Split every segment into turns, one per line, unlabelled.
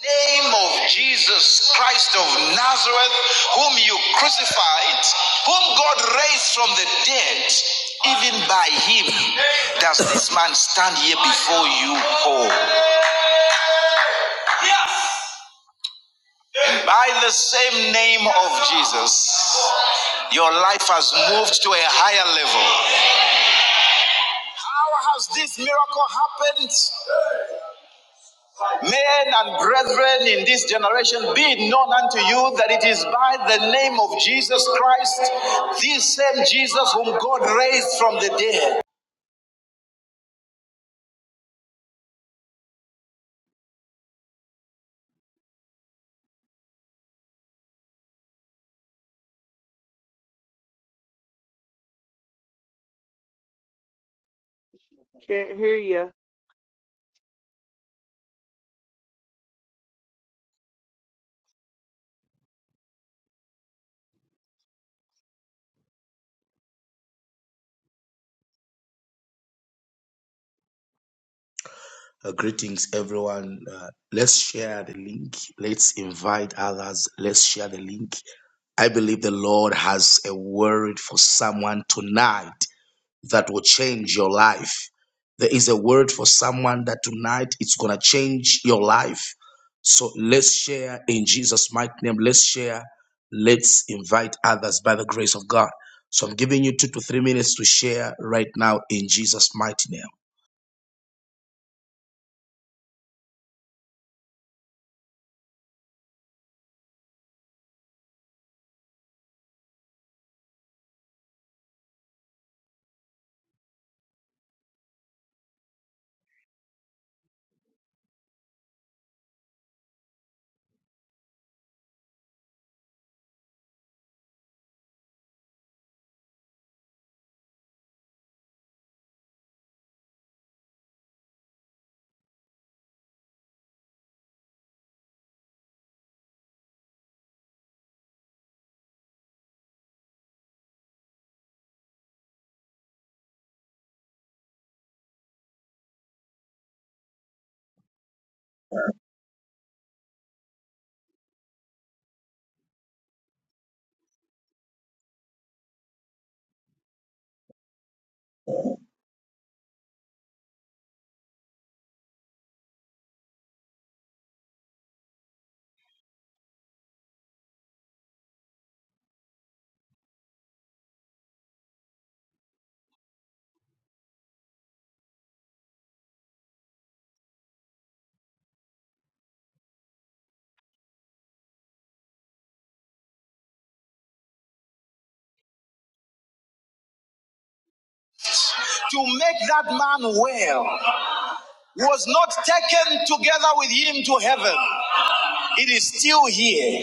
name of Jesus Christ of Nazareth, whom you crucified, whom God raised from the dead, even by him does this man stand here before you whole. By the same name of Jesus, your life has moved to a higher level. How has this miracle happened? Men and brethren in this generation, be it known unto you that it is by the name of Jesus Christ, this same Jesus whom God raised from the dead.
Can't hear you.
Uh, greetings, everyone. Uh, let's share the link. Let's invite others. Let's share the link. I believe the Lord has a word for someone tonight. that will change your life. There is a word for someone that tonight it's going to change your life. So let's share in Jesus' mighty name. Let's share. Let's invite others by the grace of God. So I'm giving you two to three minutes to share right now in Jesus' mighty name. To make that man well was not taken together with him to heaven. It is still here.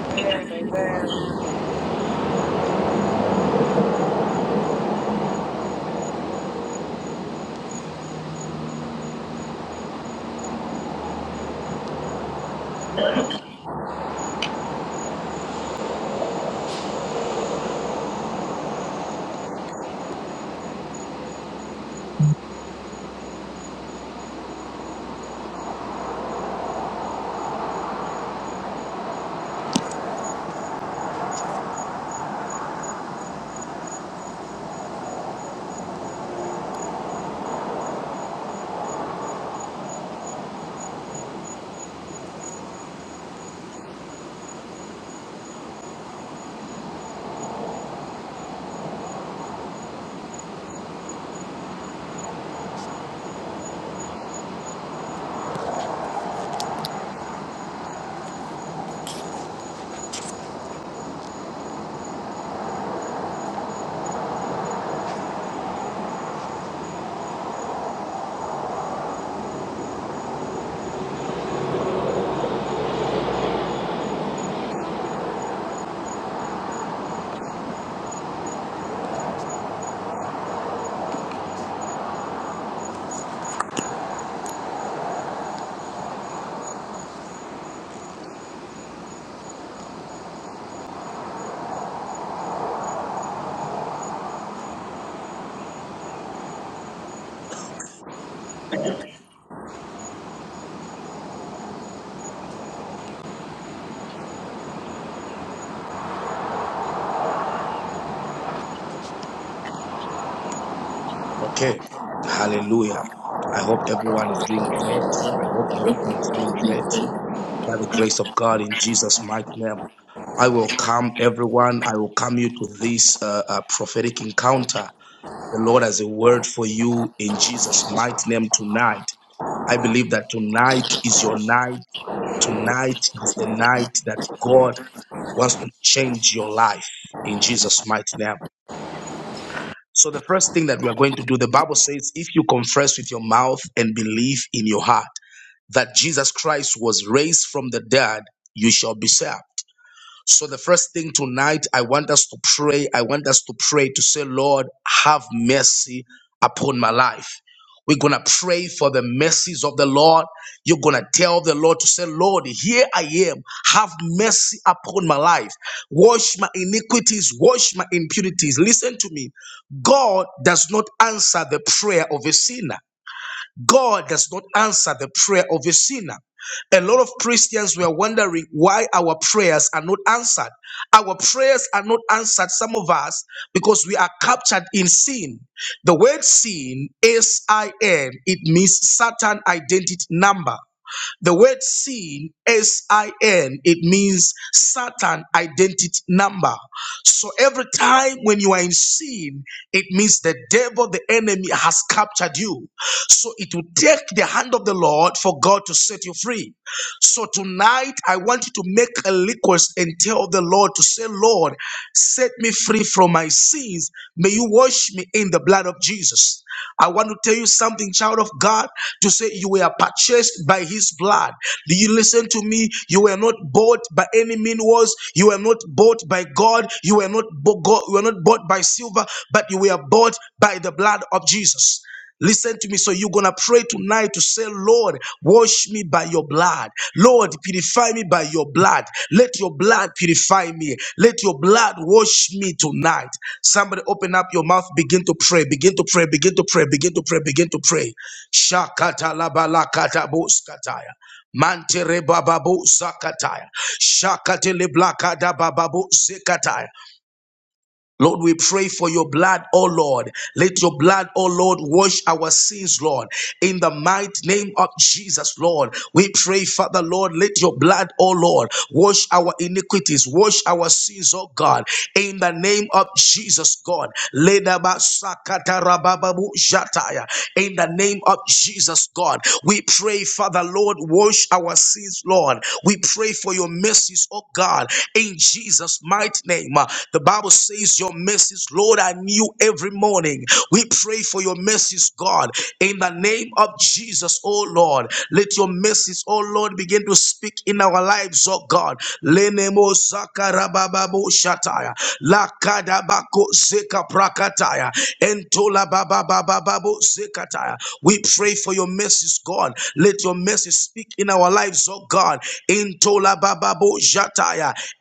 Amen. Amen.
Okay. Hallelujah. I hope everyone is doing great. I hope everyone is doing great by the grace of God in Jesus' mighty name. I welcome everyone. I welcome you to this uh, uh, prophetic encounter. The Lord has a word for you in Jesus' mighty name tonight. I believe that tonight is your night. Tonight is the night that God wants to change your life in Jesus' mighty name. So the first thing that we are going to do, the Bible says, if you confess with your mouth and believe in your heart that Jesus Christ was raised from the dead, you shall be saved. So the first thing tonight, I want us to pray. I want us to pray to say, Lord, have mercy upon my life. We're going to pray for the mercies of the Lord. You're going to tell the Lord to say, Lord, here I am. Have mercy upon my life. Wash my iniquities. Wash my impurities. Listen to me. God does not answer the prayer of a sinner. God does not answer the prayer of a sinner. A lot of Christians were wondering why our prayers are not answered. Our prayers are not answered, some of us, because we are captured in sin. The word sin, S I N, it means Satan identity number. The word sin, S I N, it means Satan identity number. So every time when you are in sin, it means the devil, the enemy has captured you. So it will take the hand of the Lord for God to set you free. So tonight, I want you to make a request and tell the Lord to say, Lord, set me free from my sins. May you wash me in the blood of Jesus. I want to tell you something, child of God, to say you were purchased by his blood. Do you listen to me? You were not bought by any mean words. You were not bought by God. You were not bo- God, you were not bought by silver, but you were bought by the blood of Jesus. Listen to me. So you're going to pray tonight to say, Lord, wash me by your blood. Lord, purify me by your blood. Let your blood purify me. Let your blood wash me tonight. Somebody open up your mouth. Begin to pray. Begin to pray. Begin to pray. Begin to pray. Begin to pray. Shakata labalakata boskataya. Mantere bababu zakataya. Shakatele blakada bababu zekataya. Lord, we pray for your blood, oh Lord. Let your blood, oh Lord, wash our sins, Lord. In the mighty name of Jesus, Lord. We pray, Father, Lord, let your blood, oh Lord, wash our iniquities, wash our sins, oh God. In the name of Jesus, God. Ledaba sakata rabababu shataya. In the name of Jesus, God. We pray, Father, Lord, wash our sins, Lord. We pray for your mercies, oh God. In Jesus' Jesus' mighty name. Uh, The Bible says, Your mercies, Lord, I knew every morning. We pray for your mercies, God, in the name of Jesus, oh Lord. Let your mercies, oh Lord, begin to speak in our lives, oh God. Lenemo zakarabababo shataya. Lakadabako zeka prakataya. Entola bababababo zekataya. We pray for your mercies, God. Let your mercies speak in our lives, oh God. Entola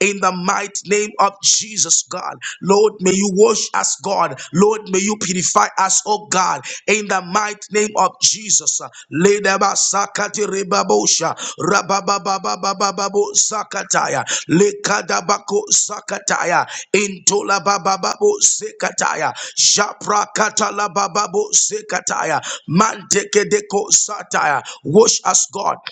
in the mighty name of Jesus, God. Lord, may you wash us, God. Lord, may you purify us, oh God. In the mighty name of Jesus. Ledaba Sakati Rebabosha. Rababababababo Sakataya. Lekadabako Sakataya. Intolabababo Sekataya. Japra Katalabababo Sekataya. Mantekedeko Sataya. Wash us, God.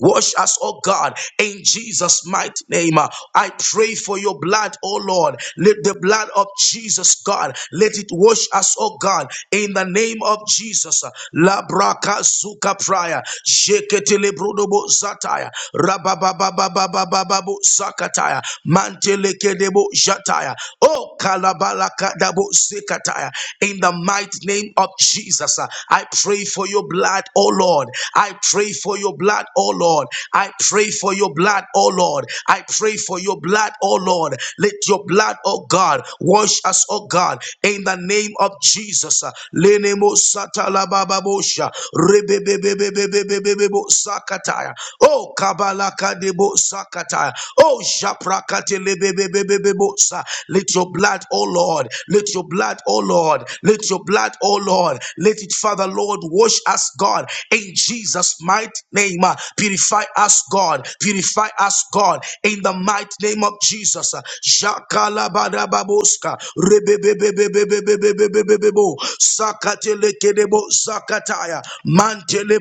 Wash us, oh God, in Jesus' mighty name. Uh, I pray for your blood, oh Lord. Let the blood of Jesus, God, let it wash us, oh God, in the name of Jesus. Uh, Labraka suka praya, sheketele brodobo zataya, rababababababababu zakataya, mantelekedebo jataya, oh kalabalakadabo zekataya. In the mighty name of Jesus, uh, I pray for your blood blood, oh Lord. I pray for your blood, oh Lord. I pray for your blood, oh Lord. I pray for your blood, oh Lord. Let your blood, oh God, wash us, oh God, in the name of Jesus. Lenemo satalabababosha. Rebebebebebebebebebo sakataya. Oh kabalaka debo sakataya. Oh japrakate lebebebebebebo sa. Let your blood, oh Lord. Let your blood, oh Lord. Let your blood, oh Oh Lord, let it, Father Lord, wash us, God, in Jesus' mighty name. uh, Purify us, God. Purify us, God, in the mighty name of Jesus. uh, Shakalabadababoska, rebebebebebebebebebebebebo, Sakatelekedebo, Sakataya, Mantele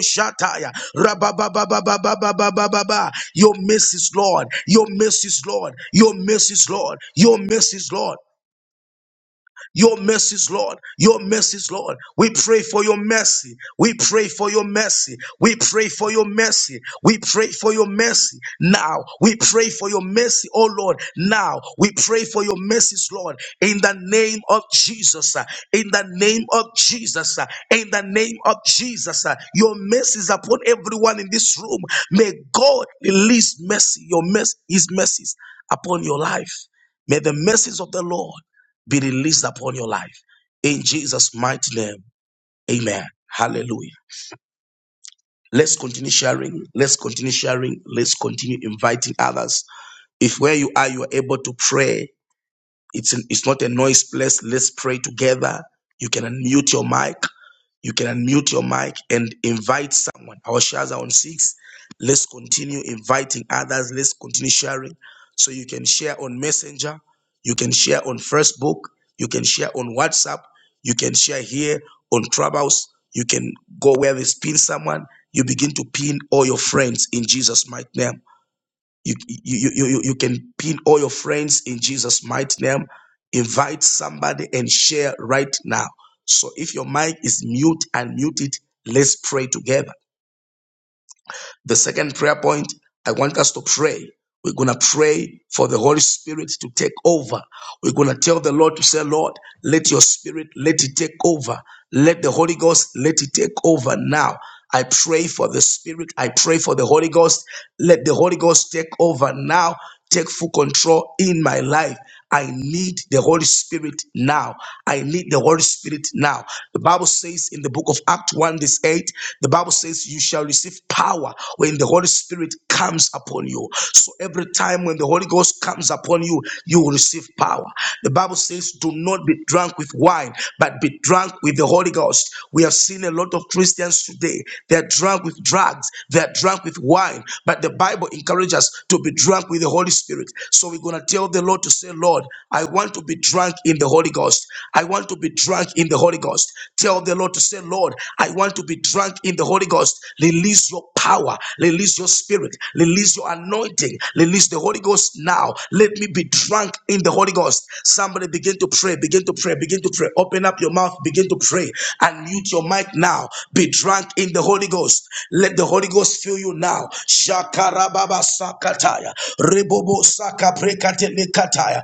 Shataya, Rabababababababababa. Your mercies, Lord. Your mercies, Lord. Your mercies, Lord. Your mercies, Lord. Your mercies, Lord. Your mercies, Lord. We pray for your mercy. We pray for your mercy. We pray for your mercy. We pray for your mercy. Now, we pray for your mercy, oh Lord. Now, we pray for your mercies, Lord. In the name of Jesus. uh, In the name of Jesus. uh, In the name of Jesus. uh, Your mercies upon everyone in this room. May God release mercy, your mercy, his mercies upon your life. May the mercies of the Lord be released upon your life. In Jesus' mighty name, amen. Hallelujah. Let's continue sharing. Let's continue sharing. Let's continue inviting others. If where you are, you are able to pray it's, it's not a noise place. Let's pray together. You can unmute your mic. You can unmute your mic and invite someone. Our shares are on six. Let's continue inviting others. Let's continue sharing. So you can share on Messenger. You can share on Facebook. You can share on WhatsApp. You can share here on Clubhouse. You can go where they pin someone. You begin to pin all your friends in Jesus' mighty name. You, you, you, you, you can pin all your friends in Jesus' mighty name. Invite somebody and share right now. So if your mic is mute and muted, let's pray together. The second prayer point, I want us to pray. We're going to pray for the Holy Spirit to take over. We're going to tell the Lord to say, Lord, let your spirit, let it take over. Let the Holy Ghost, let it take over now. I pray for the Spirit. I pray for the Holy Ghost. Let the Holy Ghost take over now Take full control in my life. I need the Holy Spirit now. I need the Holy Spirit now. The Bible says in the book of Acts 1, verse 8, the Bible says, You shall receive power when the Holy Spirit comes upon you. So every time when the Holy Ghost comes upon you, you will receive power. The Bible says, Do not be drunk with wine, but be drunk with the Holy Ghost. We have seen a lot of Christians today. They are drunk with drugs drugs, they are drunk with wine. But the Bible encourages us to be drunk with the Holy Spirit. So we're going to tell the Lord to say, Lord, I want to be drunk in the Holy Ghost. I want to be drunk in the Holy Ghost. Tell the Lord to say, Lord, I want to be drunk in the Holy Ghost. Release your power, release your spirit, release your anointing, release the Holy Ghost now. Let me be drunk in the Holy Ghost. Somebody begin to pray, begin to pray, begin to pray. Open up your mouth, begin to pray pray. Unmute your mic now. Be drunk in the Holy Ghost. Let the Holy Ghost fill you now. Shakarababa sakataya. Rebobo sakaprekatilekataya.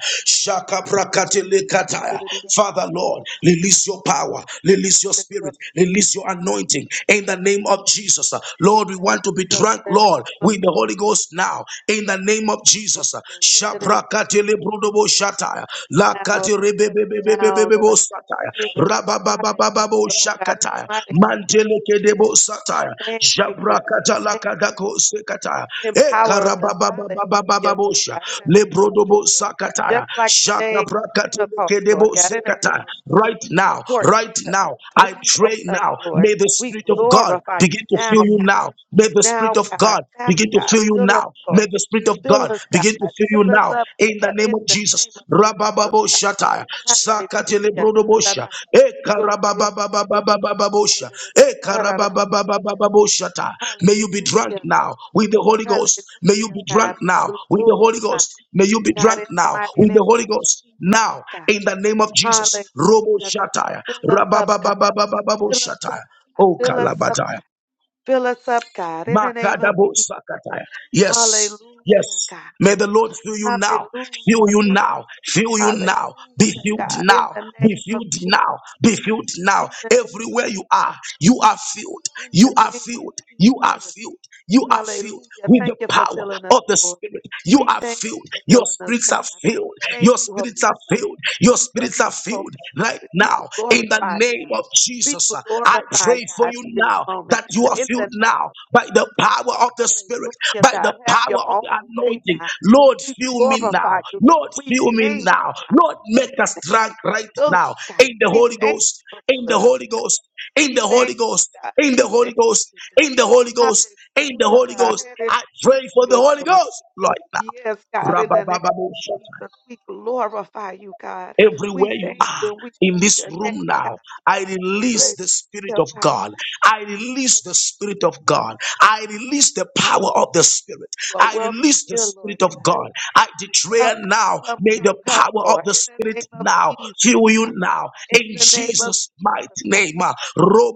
Now,
Shakaprakatelekataya. Father Lord, release your power, release your spirit, release your anointing in the name of Jesus. Lord, we want to be drunk, Lord, with the Holy Ghost now in the name of Jesus. Shaprakatele brudobo shataya. Lakati rebebebebebebebo
Lord, in the
sataya.
spirit,
Rabababababo
hallelujah, oh God, in the
shakataya.
mighty name of
Manteleke debo
Jesus.
We
sataya.
Jesus.
thank you, Lord. We
Jabrakata
thank you,
lakadako
Holy Spirit.
sekataya. Eka
Empower us. Hallelujah, Lord
rabababababababosha.
God, in the name of
Lebrodobo
Mm.
Jesus. Just
sakataya.
like the day
Shaka
of Pentecost,
brakatileke debo
Lord God, in the name
sekataya.
of
Right
Jesus.
now,
Pour
right
into us.
now, I
Breathe on
pray
us,
now.
Lord.
May the
We
Spirit of God
glorify you
begin to fill
now,
you
God.
now. May the
Now,
Spirit of
God.
God
Now,
begin to
God.
fill you
Fill us,
now.
God.
May the Spirit of
Fill
God
us, God.
begin to fill you
Fill us
now
up,
in the
God.
name
In
of
the
Jesus.
name of Jesus,
Rabababo
God.
Shataya, Zakatele
Hallelujah,
Brodobosha, Ekarabababababababosha,
God.
Ekarababababababoshata. May you be drunk
Hallelujah, God.
now with the Holy Ghost. May you
Hallelujah,
be
God.
drunk now
We
with the Holy
Glorify
Ghost. May you be
God
drunk
in the
now
mighty
with the
name
Holy
of
Ghost.
Jesus,
Now,
God.
in the name of Jesus, Robo
Hallelujah, God.
Shataya,
Fill us up, God. Fill us
Rabababababababoshataya.
up, God.
Oh,
Fill us up,
Kalabataya.
God. Fill us up, God. In the name of
Makadabo
Jesus.
Sakataya. Yes,
Hallelujah,
yes.
God.
May the Lord heal you now, heal
Hallelujah,
you
God.
now, heal you now, be
Hallelujah,
healed
God. In
now,
the
be
name of
healed
Jesus.
now, be healed now.
In the name of
Everywhere you are, you are filled,
in
you
the
are
name of
filled, you are
Jesus.
filled, you are filled
Hallelujah.
with
Thank
the
you for
power
filling us,
of the
Lord.
Spirit. You
We
are
thank you
filled,
for
your
filling us,
spirits are
God. We
filled,
thank
your
you, Holy
spirits are
Spirit.
filled,
We
your
thank
spirits are
you, Holy
filled right
Spirit. Be
now now in the
glorified,
name
God.
of
Be
Jesus. Uh, I
glorified,
pray for
God,
you
in this
now
moment,
that you
God.
are
In the
filled
name
now
of
by the
Jesus.
power of the Spirit,
Hallelujah,
by
God.
the
Have
power
your
of the
own way,
anointing.
God.
Lord,
We
fill me
glorify
now.
you, God.
Lord,
We
fill me
thank you,
now.
God.
Lord,
We
make us
thank
drunk right
you, Lord,
now
God.
in the
We
Holy
thank you
Ghost,
for
in the
filling us,
Holy
God.
Ghost, in
We
the
thank
Holy Ghost.
you, God.
In the
We
Holy
thank
Ghost,
you,
in the Holy
God.
Ghost, in the Holy Ghost. I pray for the
Hallelujah,
Holy
God.
Ghost right
Yes, God, in the name of
now.
Jesus, we glorify you, God. We
Everywhere you
thank
are
you and we
in
bless
this
your name,
room
God.
now, I release the Spirit
Hallelujah,
of
God.
God. I
Yes,
release the Spirit of God. I release the power of the Spirit.
You are
I
welcome
release the
here, Lord
Spirit of
God.
God. I
Come,
declare
come,
now,
come,
may
come,
the
come,
power of
Lord.
the
In the
Spirit
name of
now
Jesus,
fill you
God.
now
In
in
the name of
Jesus' mighty
Jesus, God.
name. Ah,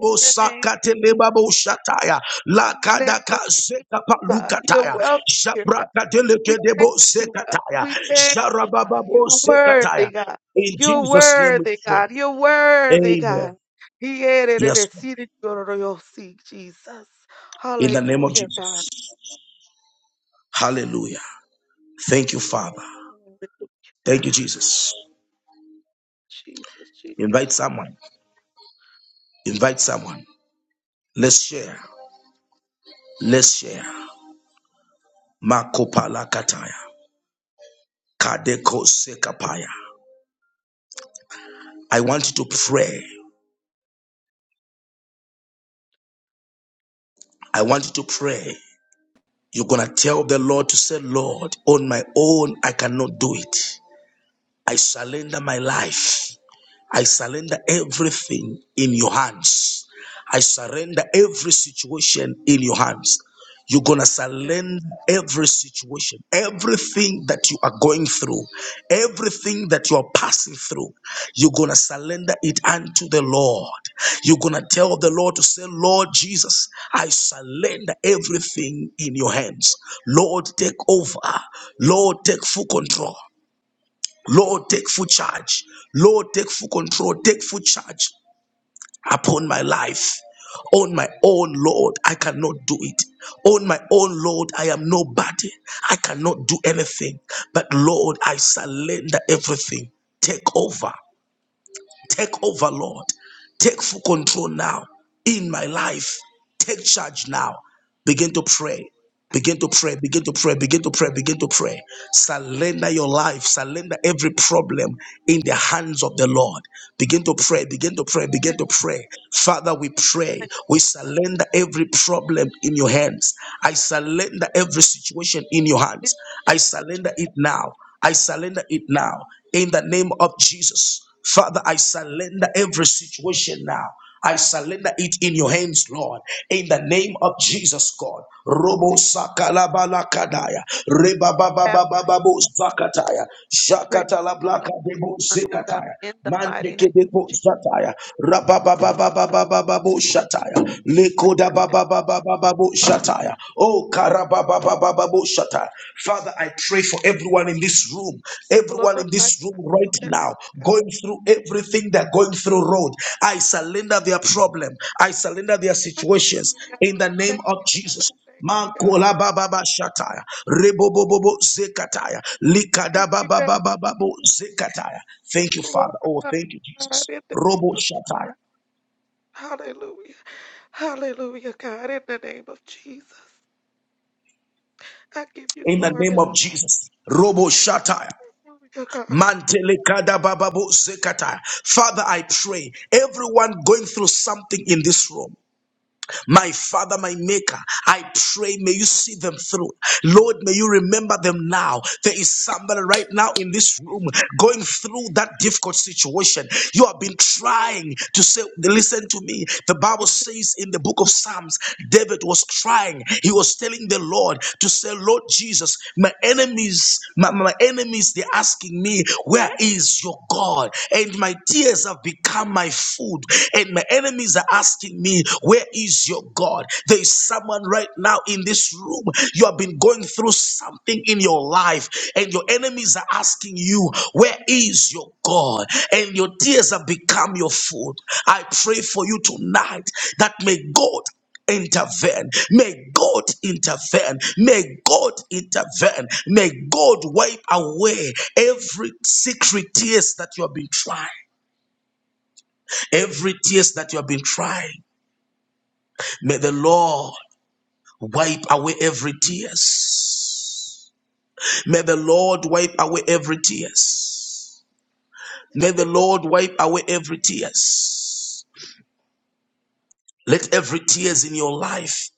In the name of
sakate
Jesus,
lebabo
God.
shataya,
In the name
lakadaka
of Jesus,
zekapa
God. You're welcome here, God.
jabrakateleke
We thank
debo
you, God.
zekataya,
We thank you, God.
jarabababo
You're worthy,
zekataya.
God.
In
You're
Jesus' name we
worthy,
pray.
God. You're worthy,
Amen.
God. He added it
Yes,
and
Lord.
seated your royal seat, Jesus.
In the name of
Hallelujah, God.
Jesus. Hallelujah. Thank you, Father.
Hallelujah.
Thank you, Jesus.
Jesus, Jesus,
Invite
Jesus.
someone. Invite someone. Let's share. Let's share. Makopala kataya. Kadeko sekapaya. I want you to pray. I want you to pray. You're going to tell the Lord to say, Lord, on my own, I cannot do it. I surrender my life. I surrender everything in your hands. I surrender every situation in your hands. You're going to
Yes.
surrender every situation, everything that you are going through, everything that you are passing through. You're going to surrender it unto the Lord. You're going to tell the Lord to say, Lord Jesus, I surrender everything in your hands. Lord, take over. Lord, take full control. Lord, take full charge. Lord, take full control. Take full charge upon my life. On my own, Lord, I cannot do it. On my own, Lord, I am nobody. I cannot do anything. But Lord, I surrender everything. Take over. Take over, Lord. Take full control now in my life. Take charge now. Begin to pray. Begin to pray, begin to pray, begin to pray, begin to pray. Surrender your life, surrender every problem in the hands of the Lord. Begin to pray, begin to pray,
In
begin to pray. Father, we
the
pray, we surrender every problem in your hands. I surrender every situation in your
in
hands.
the name
I surrender it now. I surrender it now in the name of Jesus. Father, I surrender every situation now. I surrender it in your hands, Lord, in the name of Jesus, God.
of
Robo
Jesus,
sakalabalakadaya,
have thy-
rebabababababo
I
zakataya,
pray to be
shakatalablakadebo
done, oh God,
zekataya,
in the mighty name of
mantekedebo zataya, rabababababababo shataya,
Jesus. And
lekodababababababo shataya, oh karababababababo Father, I pray for everyone in this room, everyone in
glorify
this room right
your name.
now, going through everything they're going through, road. I surrender their problem, I surrender their situations
God.
in the
I
name
thank
of
you, God. I thank you, God. I
Jesus.
thank you, God.
Mankola baba ba shataya, rebobobobo zekataya,
Thank
likada
you,
baba
God.
baba babo zekataya. Thank you,
Glorify
Father. Oh, thank
you,
you,
God,
Jesus.
in the name
Robo
of Jesus.
shataya,
Hallelujah. Hallelujah, God, in the name of Jesus. I give you
in the
glory,
name of
Lord.
Jesus. Robo shataya.
Hallelujah, God.
Mantelekada bababu zekata. Father, I pray everyone going through something in this room. My Father, my Maker, I pray, may you see them through. Lord, may you remember them now. There is somebody right now in this room going through that difficult situation. You have been trying to say, Listen to me. The
Yes,
Bible says in the book of Psalms, David was trying. He was telling the Lord to say, Lord Jesus, my enemies, my, my enemies, they're asking me, Where is your God? And my tears have become my food. And my enemies are asking me, Where is your God? There is someone right now in this room. You have been going through something in your life, and your enemies are asking you, Where is your God? And your tears have become your food. I pray for you tonight that may God intervene. May God intervene. May God intervene. May God wipe away every secret tears that you have been trying, every tears that you have been trying. May the Lord wipe away every tears. May the Lord wipe away every tears. May the Lord wipe away every tears. Let every tears in your life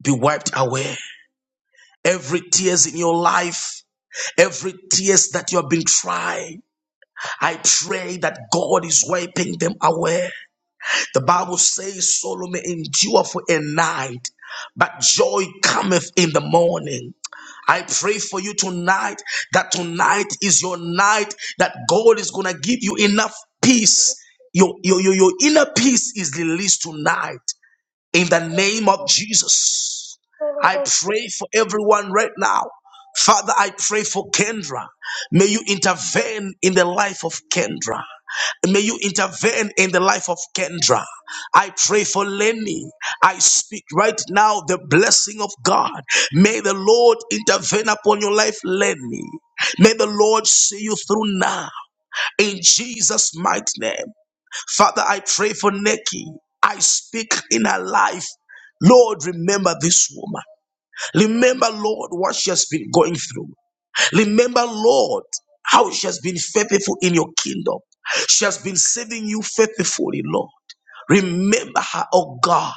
be wiped away. Every tears in your life, every tears that you have been trying, I pray that God is wiping them away. The Bible says Solomon endure for a night, but joy cometh in the morning. I pray for you tonight that tonight is your night that God is going to give you enough
yes,
peace. Your,
Lord.
your, your, your inner peace is released tonight. In the
Get out
name of
of the
Jesus,
soul of
I
our feet,
pray for everyone right now. Father, I pray for Kendra. May you intervene in the life of Kendra. May you intervene in the life of Kendra. I pray for Lenny. I speak right now the blessing of God. May the Lord intervene upon your life, Lenny. May the Lord see you through now. In Jesus' mighty name. Father, I pray for Nikki. I speak in her life. Lord, remember this woman. Remember, Lord, what she has been going through. Remember, Lord, how she has been faithful in your kingdom. She has been serving you faithfully, Lord. Remember her, oh God,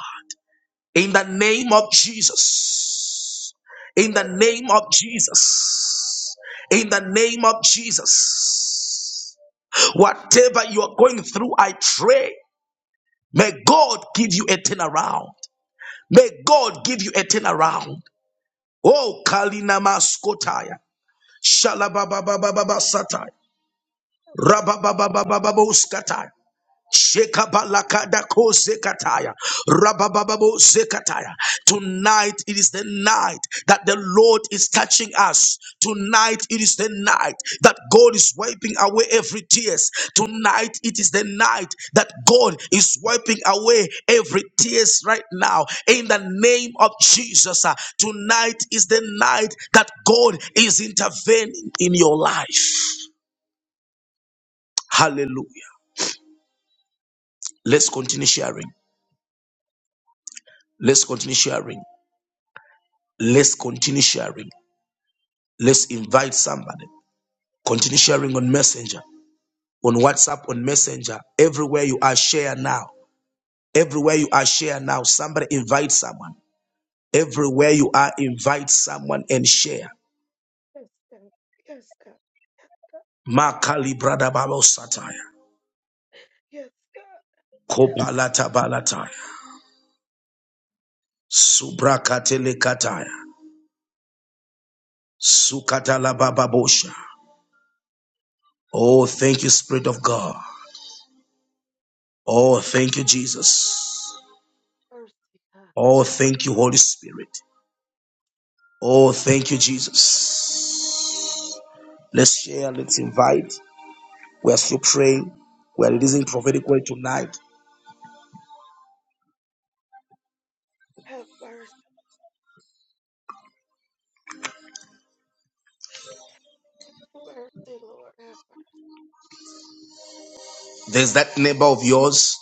in the name of Jesus. In
God,
the name of Jesus. In the name of Jesus. Whatever you are going through, I pray. May God give you a turnaround. May God give you a turnaround. Oh, Kalina Maskotaya. Shalabababababa Sataya.
I give
Rababababababa Shekabalakadako zekataya. Rabababo zekataya. Tonight it is the night that the Lord is touching us. Tonight it is the night that God is wiping away every tears. Tonight it is the night that God is wiping away every tears right now. In the name of Jesus, uh, tonight is the night that God is intervening in your life. Hallelujah. Let's continue sharing. Let's continue sharing. Let's continue sharing. Let's invite somebody. Continue sharing on Messenger, on WhatsApp, on Messenger. Everywhere you are, share now. Everywhere you are, share now. Somebody invite someone.
you
Everywhere you are, invite someone and share.
Yes, yes, God. Yes, God.
Makali brada babo satire.
Yes, God. Yes, God.
Kopalata balataya. Subrakatele kataya. Sukatala bababosha. Oh, thank you, Spirit of God. Oh, thank you, Jesus.
Mercy, God.
Oh, thank you, Holy Spirit. Oh, thank you, Jesus. Let's share,
Mercy,
let's invite. We are still praying. We are
mercy.
releasing prophetic word tonight.
Have mercy. Have mercy, Lord. Have mercy.
There's that neighbor of yours,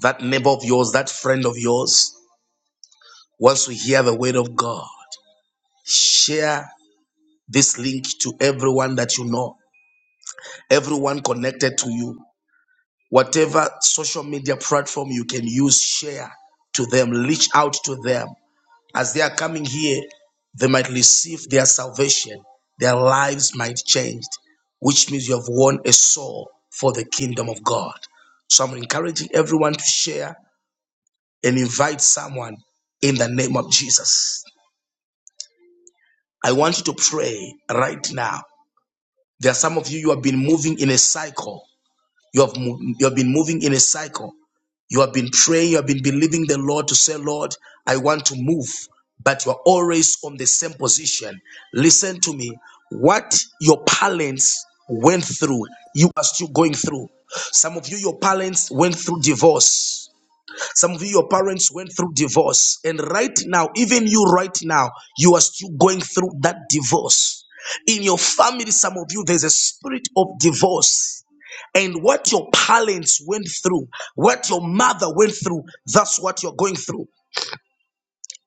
that neighbor of yours, that friend of yours wants to hear the word of God. Share this link to everyone that you know, everyone connected to you. Whatever social media platform you can use, share to them, reach out to them. As they are coming here, they might receive their salvation. Their lives might change, which means you have won a soul for the kingdom of God. So I'm encouraging everyone to share and invite someone in the name of Jesus. I want you to pray right now. There are some of you you have been moving in a cycle. You have mo- you have been moving in a cycle You have been praying, you have been believing the Lord to say, Lord, I want to move, but you are always on the same position. Listen to me. What your parents went through, you are still going through. Some of you, your parents went through divorce. Some of you, your parents went through divorce. And right now, even you right now, you are still going through that divorce. In your family, some of you, there's a spirit of divorce. And what your parents went through, what your mother went through, that's what you're going through.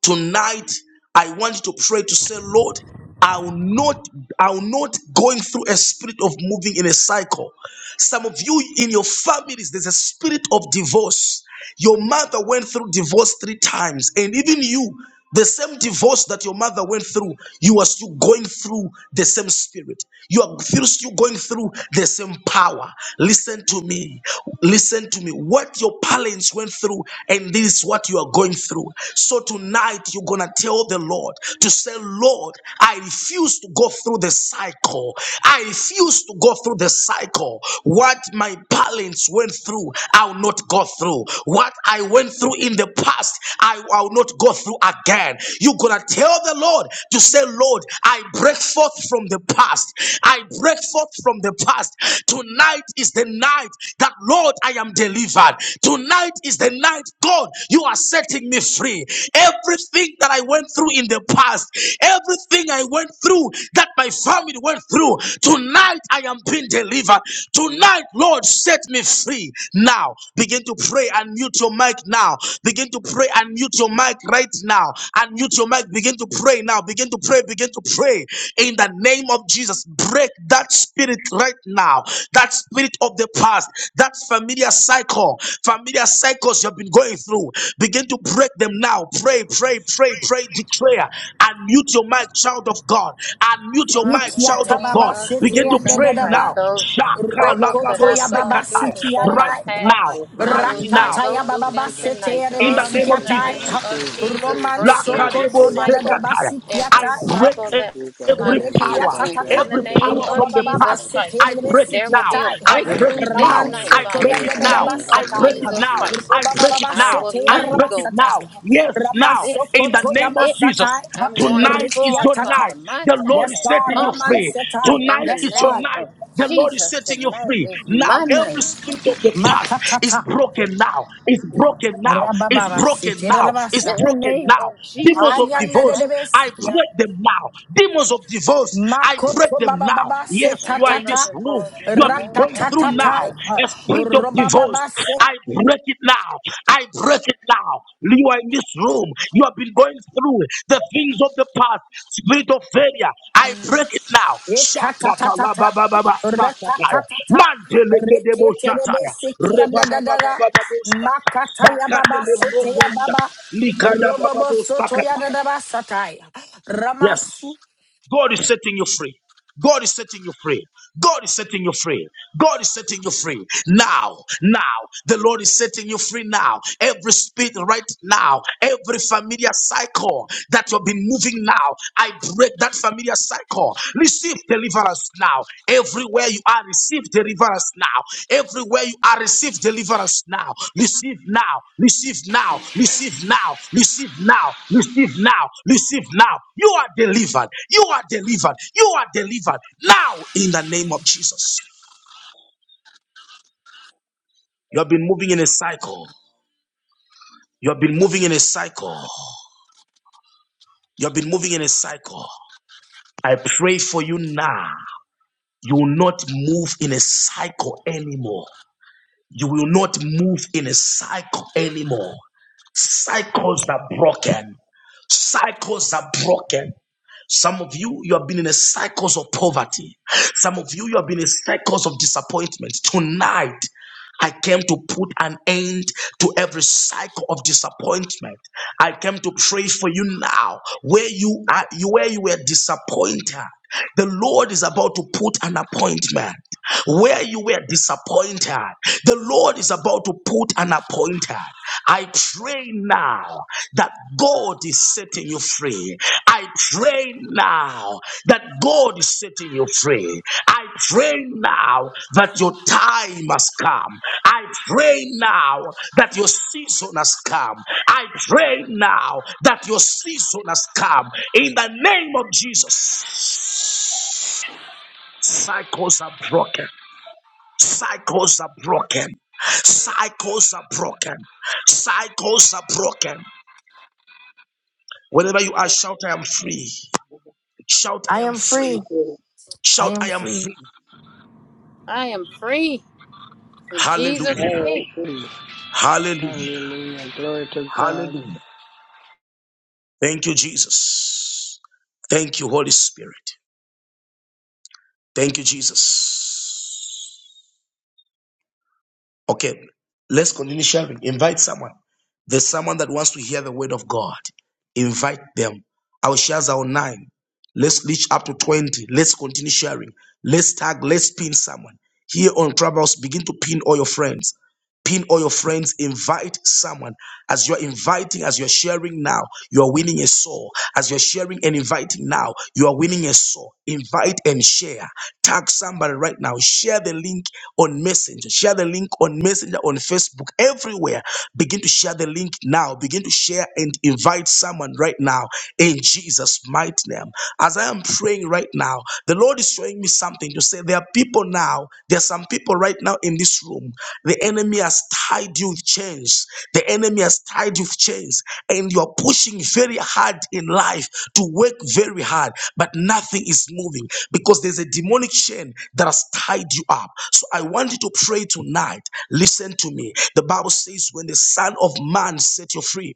Tonight, I want you to pray to say, Lord, I'll not, I'll not going through a spirit of moving in a cycle. Some of you in your families, there's a spirit of divorce. Your mother went through divorce three times, and even you. The same divorce that your mother went through, you are still going through the same spirit. You are still still going through the same power. Listen to me. Listen to me. What your parents went through, and this is what you are going through. So tonight, you're going to tell the Lord to say, Lord, I refuse to go through the cycle. I refuse to go through the cycle. What my parents went through, I'll not go through. What I went through in the past, I." I, I will not go through again. You're gonna tell the Lord to say, Lord, I break forth from the past. I break forth from the past. Tonight is the night that Lord, I am delivered. Tonight is the night, God, you are setting me free. Everything that I went through in the past, everything I went through that my family went through, tonight I am being delivered. Tonight, Lord, set me free. Now, begin to pray and mute your mic now. Begin to pray and mute your mic right now. And mute your mic. Begin to pray now. Begin to pray. Begin to pray in the name of Jesus. Break that spirit right now. That spirit of the past. That familiar cycle. Familiar cycles you've been going through. Begin to break them now. Pray, pray, pray, pray, declare. And mute your mic, child of God. And mute your
Father, in
mic, child
the
Ikiata
of
name
baba
God.
of
sete
Begin to
yanda
Jesus
pray
Christ,
dadaba.
now.
those cycles that
Rokoto
Shakalababo
ya
I've gone
baba
sekatai.
through
siki
before in
yanda.
the
Right
past,
now.
Lord
I
Right
will
Jesus,
now
not
Rakata
I
go
ya
ask
through
baba
you
ba
to
them
just
sete
tonight.
take
in
yarebe
the
everything
Father,
name
that
in
of
the
is
sikiata.
in my
name
Jesus.
spirit,
of
the
Jesus,
spirit,
Roman
the
break
spirit,
every
the
sokoto
Lakadebo
spirit.
cycle,
dadaba
zekataya.
every
I
sikiata.
break
cycle
In
that
Jesus'
my
every
name, Jesus,
parents
power,
went
I
through.
Rekiatatata.
In
ask
the
every
you to
name
power
power
from
of
of
the
Robababa
past.
Jesus
Jesus.
Christ,
I
setere
break it
there will
now.
be a
sikiatai.
I
Thank
break
breakthrough
it
you
this
in the
now.
Raman
name
night,
I
Father,
break
of
it
in
sokoyande
the
da
now.
name
I
of
Jesus.
basetai.
break it
Hallelujah,
Jesus
now.
Christ.
I
Jesus.
break it
Robababa
I
now.
will
sete
I
not
break it
go back.
now.
arabasatai.
Yes, now.
This
Ramasoko
In the
is
name of
it.
Jesus.
yamasatai.
I'm going
Tonight is
forward,
your
Rekiatata.
night.
Father. My
The
time
Lord
Yes,
is
has
God.
setting you
come.
Raman
free. Tonight
setai.
In
Tonight
the
Yes,
is your
name
God.
night.
of
The Lord is
Jesus,
setting you
tonight
free.
is
Now,
my
every
night.
spirit of the past is
Makatata.
broken now. It's broken now. It's
Rabababa
broken
setere
now. It's
rabasa.
In the
broken
name of
now. Demons
Jesus
of
Ayanda
Christ,
divorce,
thank you.
I
de
break them now. Demons of divorce, I break
Makoto
them
baba
now.
baba se
Yes,
ta
you are
ta
Cycles
in
of
ta,
this room.
divorce in
You
the
have been
name
going
of
through
rakatatatai,
Jesus
now a
Christ.
spirit of divorce.
robababa se
I break it now. I break it now. You are in this room. You have been going through the things of the past. Spirit of failure. I break it now. Shakata la
ekatatatata,
ba ba ba ba sakataya.
rekatatata,
Manteleke debo
reketerebe
shataya.
se
Reba ba ba ba
kiandadadara,
ba ba dosa.
makataya
Sakate
baba
le
se teya
brokosha.
baba,
Likada
robobo soto
baba
yadadaba satai,
Yes.
ramasu.
God is setting you free. God is setting you free. God is setting you free. God is setting you free now. Now, the Lord is setting you free now. Every spirit right now, every familiar cycle that you've been moving now, I break that familiar cycle. Receive deliverance us now. Everywhere you are, receive deliverance now. Everywhere you are, receive deliverance now. Receive now. Receive now. Receive now. Receive now. Receive now. Receive now. You are delivered. You are delivered. You are delivered now in the name of Jesus. You have been moving in a cycle. You have been moving in a cycle. You have been moving in a cycle. I pray for you now. You will not move in a cycle anymore. You will not move in a cycle anymore. Cycles are broken. Cycles are broken. Some of you, you have been in a cycles of poverty. Some of you, you have been in cycles of disappointment. Tonight, I came to put an end to every cycle of disappointment. I came to pray for you now, where you are, where you were disappointed. The Lord is about to put an appointment where you were disappointed. The Lord is about to put an appointment. I pray now that God. God is setting you free. I pray now that God is setting you free. I pray now that your time has come. I pray now that your season has come. I pray now that your season has come. In the name of Jesus, cycles are broken. Cycles are broken.
Thank
Cycles are broken. Cycles are broken.
thank
Whenever you
you,
are,
Lord.
shout, I am free. Shout, I
I
am
am
free.
Thank
free.
you.
I
Shout, I
am
am
free.
free.
I am free in Jesus'
I
Hallelujah.
am
name.
free.
Hallelujah.
Hallelujah. Glory to God.
Hallelujah. Thank you, Jesus. Thank you, Holy Spirit. Thank you, Jesus. Okay, let's continue sharing. Invite someone. There's someone that wants to hear the word of God. Invite them. Our shares are on nine. Let's reach up to 20. Let's continue sharing. Let's tag, let's pin someone. Here on Clubhouse, begin to pin all your friends. Pin all your friends, invite someone. As you're inviting, as you're sharing now, you're winning a soul. As you're sharing and inviting now, you are winning a soul. Invite and share. Tag somebody right now. Share the link on Messenger. Share the link on Messenger, on Facebook, everywhere. Begin to share the link now. Begin to share and invite someone right now in Jesus' mighty name. As I am praying right now, now. The Lord is showing me something to say there are people now, there are some people right now in this room. The enemy has tied you with chains. The enemy has tied you with chains, and you're pushing very hard in life to work very hard, but nothing is moving because there's a demonic chain that has tied you up. So I want you to pray tonight. Listen to me. The Bible says, When the Son of Man set you free,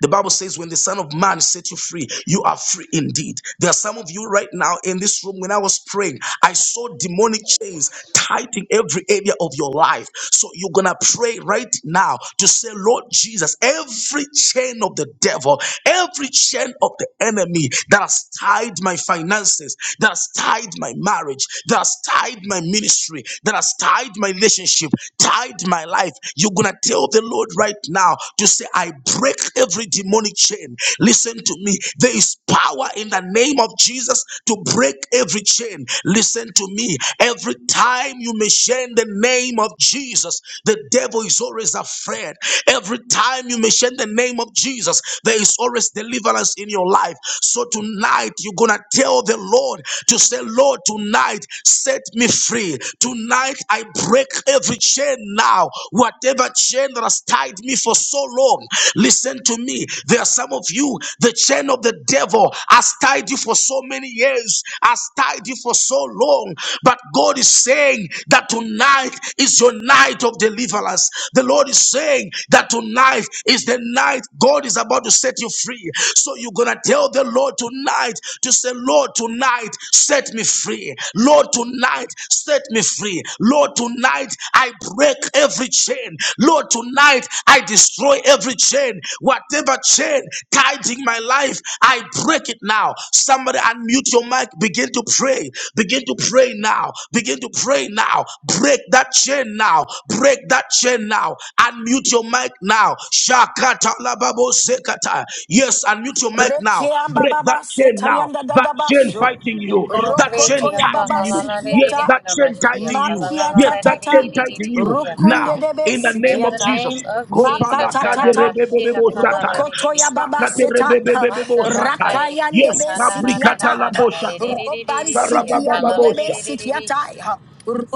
the Bible says, when the Son of Man set you free, you are free indeed. There are some of you right now in this room. When I was praying, I saw demonic chains tight in every area of your life. So you're going to pray right now to say, Lord Jesus, every chain of the devil, every chain of the enemy that has tied my finances, that has tied my marriage, that has tied my ministry, that has tied my relationship, tied my life, you're going to tell the Lord right now to say, I break every demonic chain. Listen to me. There is power in the name of Jesus to break every chain. Listen to me. Every time you mention the name of Jesus, the devil is always afraid. Every time you mention the name of Jesus, there is always deliverance in your life. So tonight, you're going to tell the Lord to say, Lord, tonight set me free. Tonight I break every chain now. Whatever chain that has tied me for so long, listen to me. There are some of you, the chain of the devil has tied you for so many years, has tied you for so long. But God is saying that tonight is your night of deliverance. The Lord is saying that tonight is the night God is about to set you free free. So you're going to tell the Lord tonight to say, Lord, tonight, set me free. Lord, tonight, set me free. Lord, tonight, I break every chain. Lord, tonight, I destroy every chain. Whatever chain guiding my life, I break it now. Somebody unmute your mic, begin to pray. Begin to pray now. Begin to pray now. Break that chain now. Break that chain now now. Unmute your mic now. Shakata lababo sekata. Yes, unmute your mic now.
Rekeamba
Break that
baba
chain now.
setayanda
That chain
dadabaso.
fighting you. That chain
Rokoto ya
tied in
baba
you. Yes,
sikiata.
that chain tied in you. Yes,
Makiata
that chain
tata.
tied in you. Now,
Rokunde debe
in the name
In
of
the
sikiata.
Jesus.
name of Jesus,
Makata tata.
Sarabashira
Kopalakaderebebebebosataya.
Rokoto ya baba seta.
Mata
Sakaterebebebebebosataya.
bakare kia
Yes,
Rakayandebe
kandara da da
sikiata.
da da da di di
kabrikatalabosataya.
di di di
Roban
di shia
sikia
kalala di
dedebe
Sarababababosha.
di di di di shia.
sikiata.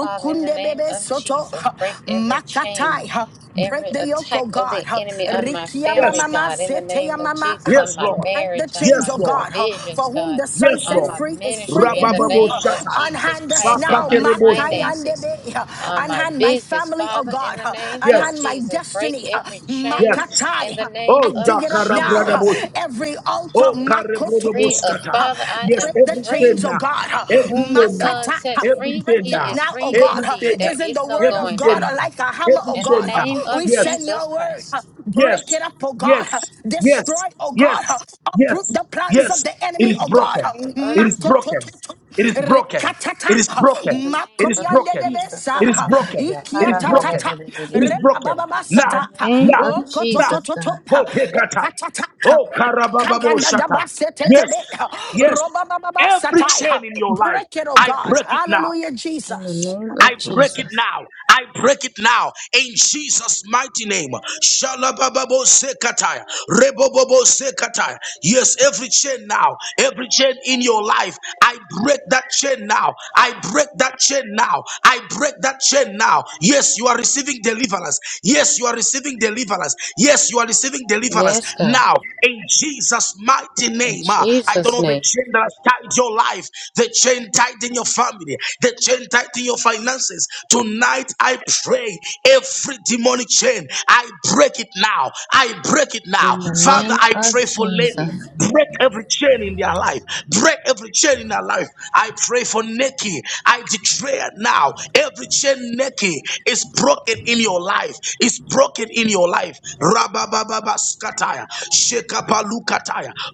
Father, in the name
bebe
of
soto
Jesus, break every chain,
makatai Break
every
the yoke,
attack
oh
of the
God. huh.
enemy on my
Rikia
Yes,
family,
mama ma
God. In the
sete ya
name of
mama,
Jesus,
huh.
on
yes,
my
Lord.
Break the
marriage, on
Yes,
chains,
my
oh
Lord.
God. huh.
provisions,
For whom
God,
the sun
Yes,
on
set
Lord.
my
free is free
ministry. In the
indeed.
Rabababo
huh.
name of
Shatan.
Jesus
Unhand us
Christ, on
now,
Sakate
my
Rebosha.
finances,
makayandebe, huh.
on my
unhand my
business,
family, oh
Father. In
God.
the
huh.
name of
Unhand
Yes.
my
Jesus, break
destiny, huh.
every chain.
Yes.
In
makatai.
the
huh.
name
I
Oh,
of
dig it up now. huh.
Jesus.
Shakarabradabosha.
Every altar,
Oh,
makototo,
Free us,
Karebrodoboskata.
huh.
Father, I
Yes,
break
am
the
every
free.
chain
chains, oh
now.
God. huh.
Every
Whom the
chain now.
Son
Makata, huh.
sets
Every
free,
chain
break
he
it
now.
is
now, oh
free
God.
Every
huh.
indeed.
chain
There
now.
Isn't
is
the
no
word
Every
of
going
God
chain
back.
uh, like a
now.
hammer,
Every
oh
In the
God?
chain
huh?
now.
name
We
of
Yes.
send
Jesus
your word, huh.
Christ.
Yes,
break it up, oh
yes,
God. huh.
yes,
Destroy, oh
yes,
God. huh. Uproot
yes,
the plans of
yes.
the
It
enemy,
is
In
oh
the
God.
broken.
name of
It is broken.
Jesus.
Matototo,
It is broken.
rekatata,
It is
In
broken.
the name
It is
of
makoyande de
broken.
Jesus.
besa,
uh,
It is broken. It is
hallelujah.
ikiatatata,
broken. It is
Hallelujah.
broken.
In
Now,
rebababasata,
the name
now,
of
now.
Jesus, God.
okototototo,
Go take our time.
ekatata,
Oh, Karabababo
kaganda da
Shaka. Yes,
basetetebe,
yes.
robababa
Every
sata.
chain in your life,
Break it, oh
I
God.
break it now.
Hallelujah,
In the
Jesus.
name
I
of
break it
Jesus.
now. I break it now in Jesus' mighty name. Shalabababo sekataya. Rebobobo sekataya. Yes, every chain now, every chain in your life, I break that chain now. I break that chain now. I break that chain now. Yes, you are receiving deliverance. Yes, you are receiving deliverance. Yes, you are receiving deliverance
Yes, God.
now in Jesus' mighty
In
name. Ah, I don't
Jesus'
know the
name.
chain that has tied your life, the chain tied in your in your family, the chain tight in your finances. Tonight, I pray every demonic chain, I break it now. I break it now.
In the
Father,
name
I
of
pray for Lenny.
Jesus.
Break every chain in their life. Break every chain in their life. I pray for Nikki. I declare now every chain, Nikki, is broken in your life. Is broken in your life. Rabababa skataya.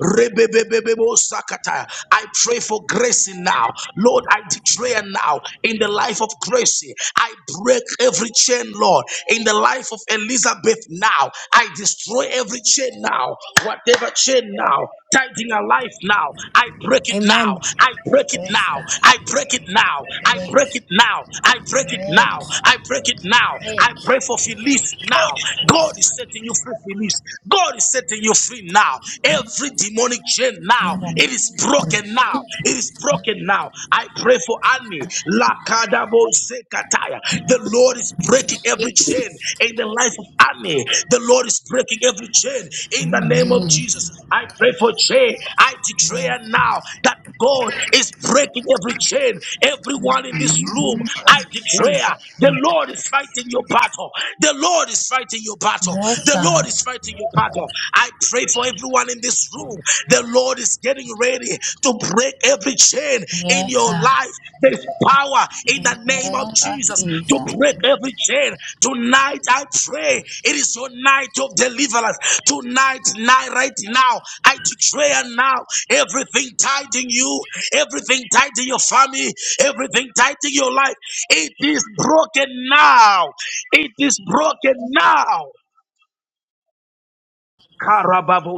Rebebebebebo sakataya. I pray for Gracie now. Lord, I declare now in the life of Gracie, I break every chain, Lord. In the life of Elizabeth now, I destroy every chain now. Whatever chain now, tighten her life now. I break it
Amen.
now. I break it
Yes,
now.
God.
I break it now. I break
Break,
it now. I break it
break,
now. I break it now. I
break.
pray for Felice now. God is setting you free, Felice. God is setting you free now. Every demon demonic chain now.
In the name
It is
of
broken now.
Jesus.
It is broken now. I pray for Annie. Lakadabo Zekataya. The Lord is breaking every chain
Jesus.
in the life of Annie. The Lord is breaking every chain in the name of
Amen.
Jesus. I pray for Jay. I
Yeah.
declare now that God is breaking every chain. Everyone in this
In the
room,
name of
I declare
Jesus.
the Lord is fighting your battle. The Lord is fighting your battle.
Yes,
The
God.
Lord is fighting your battle. I pray for everyone in this room. The Lord is getting ready to break every chain in
Yes,
your
God.
life. There's power in
In
the
the
name of
name of
Jesus to
Jesus.
break every chain. Tonight, I pray it is your night of deliverance. Tonight, night, right now, I declare now everything tied in you, everything tied in your family, everything tied in your life, it is broken now. It is broken now.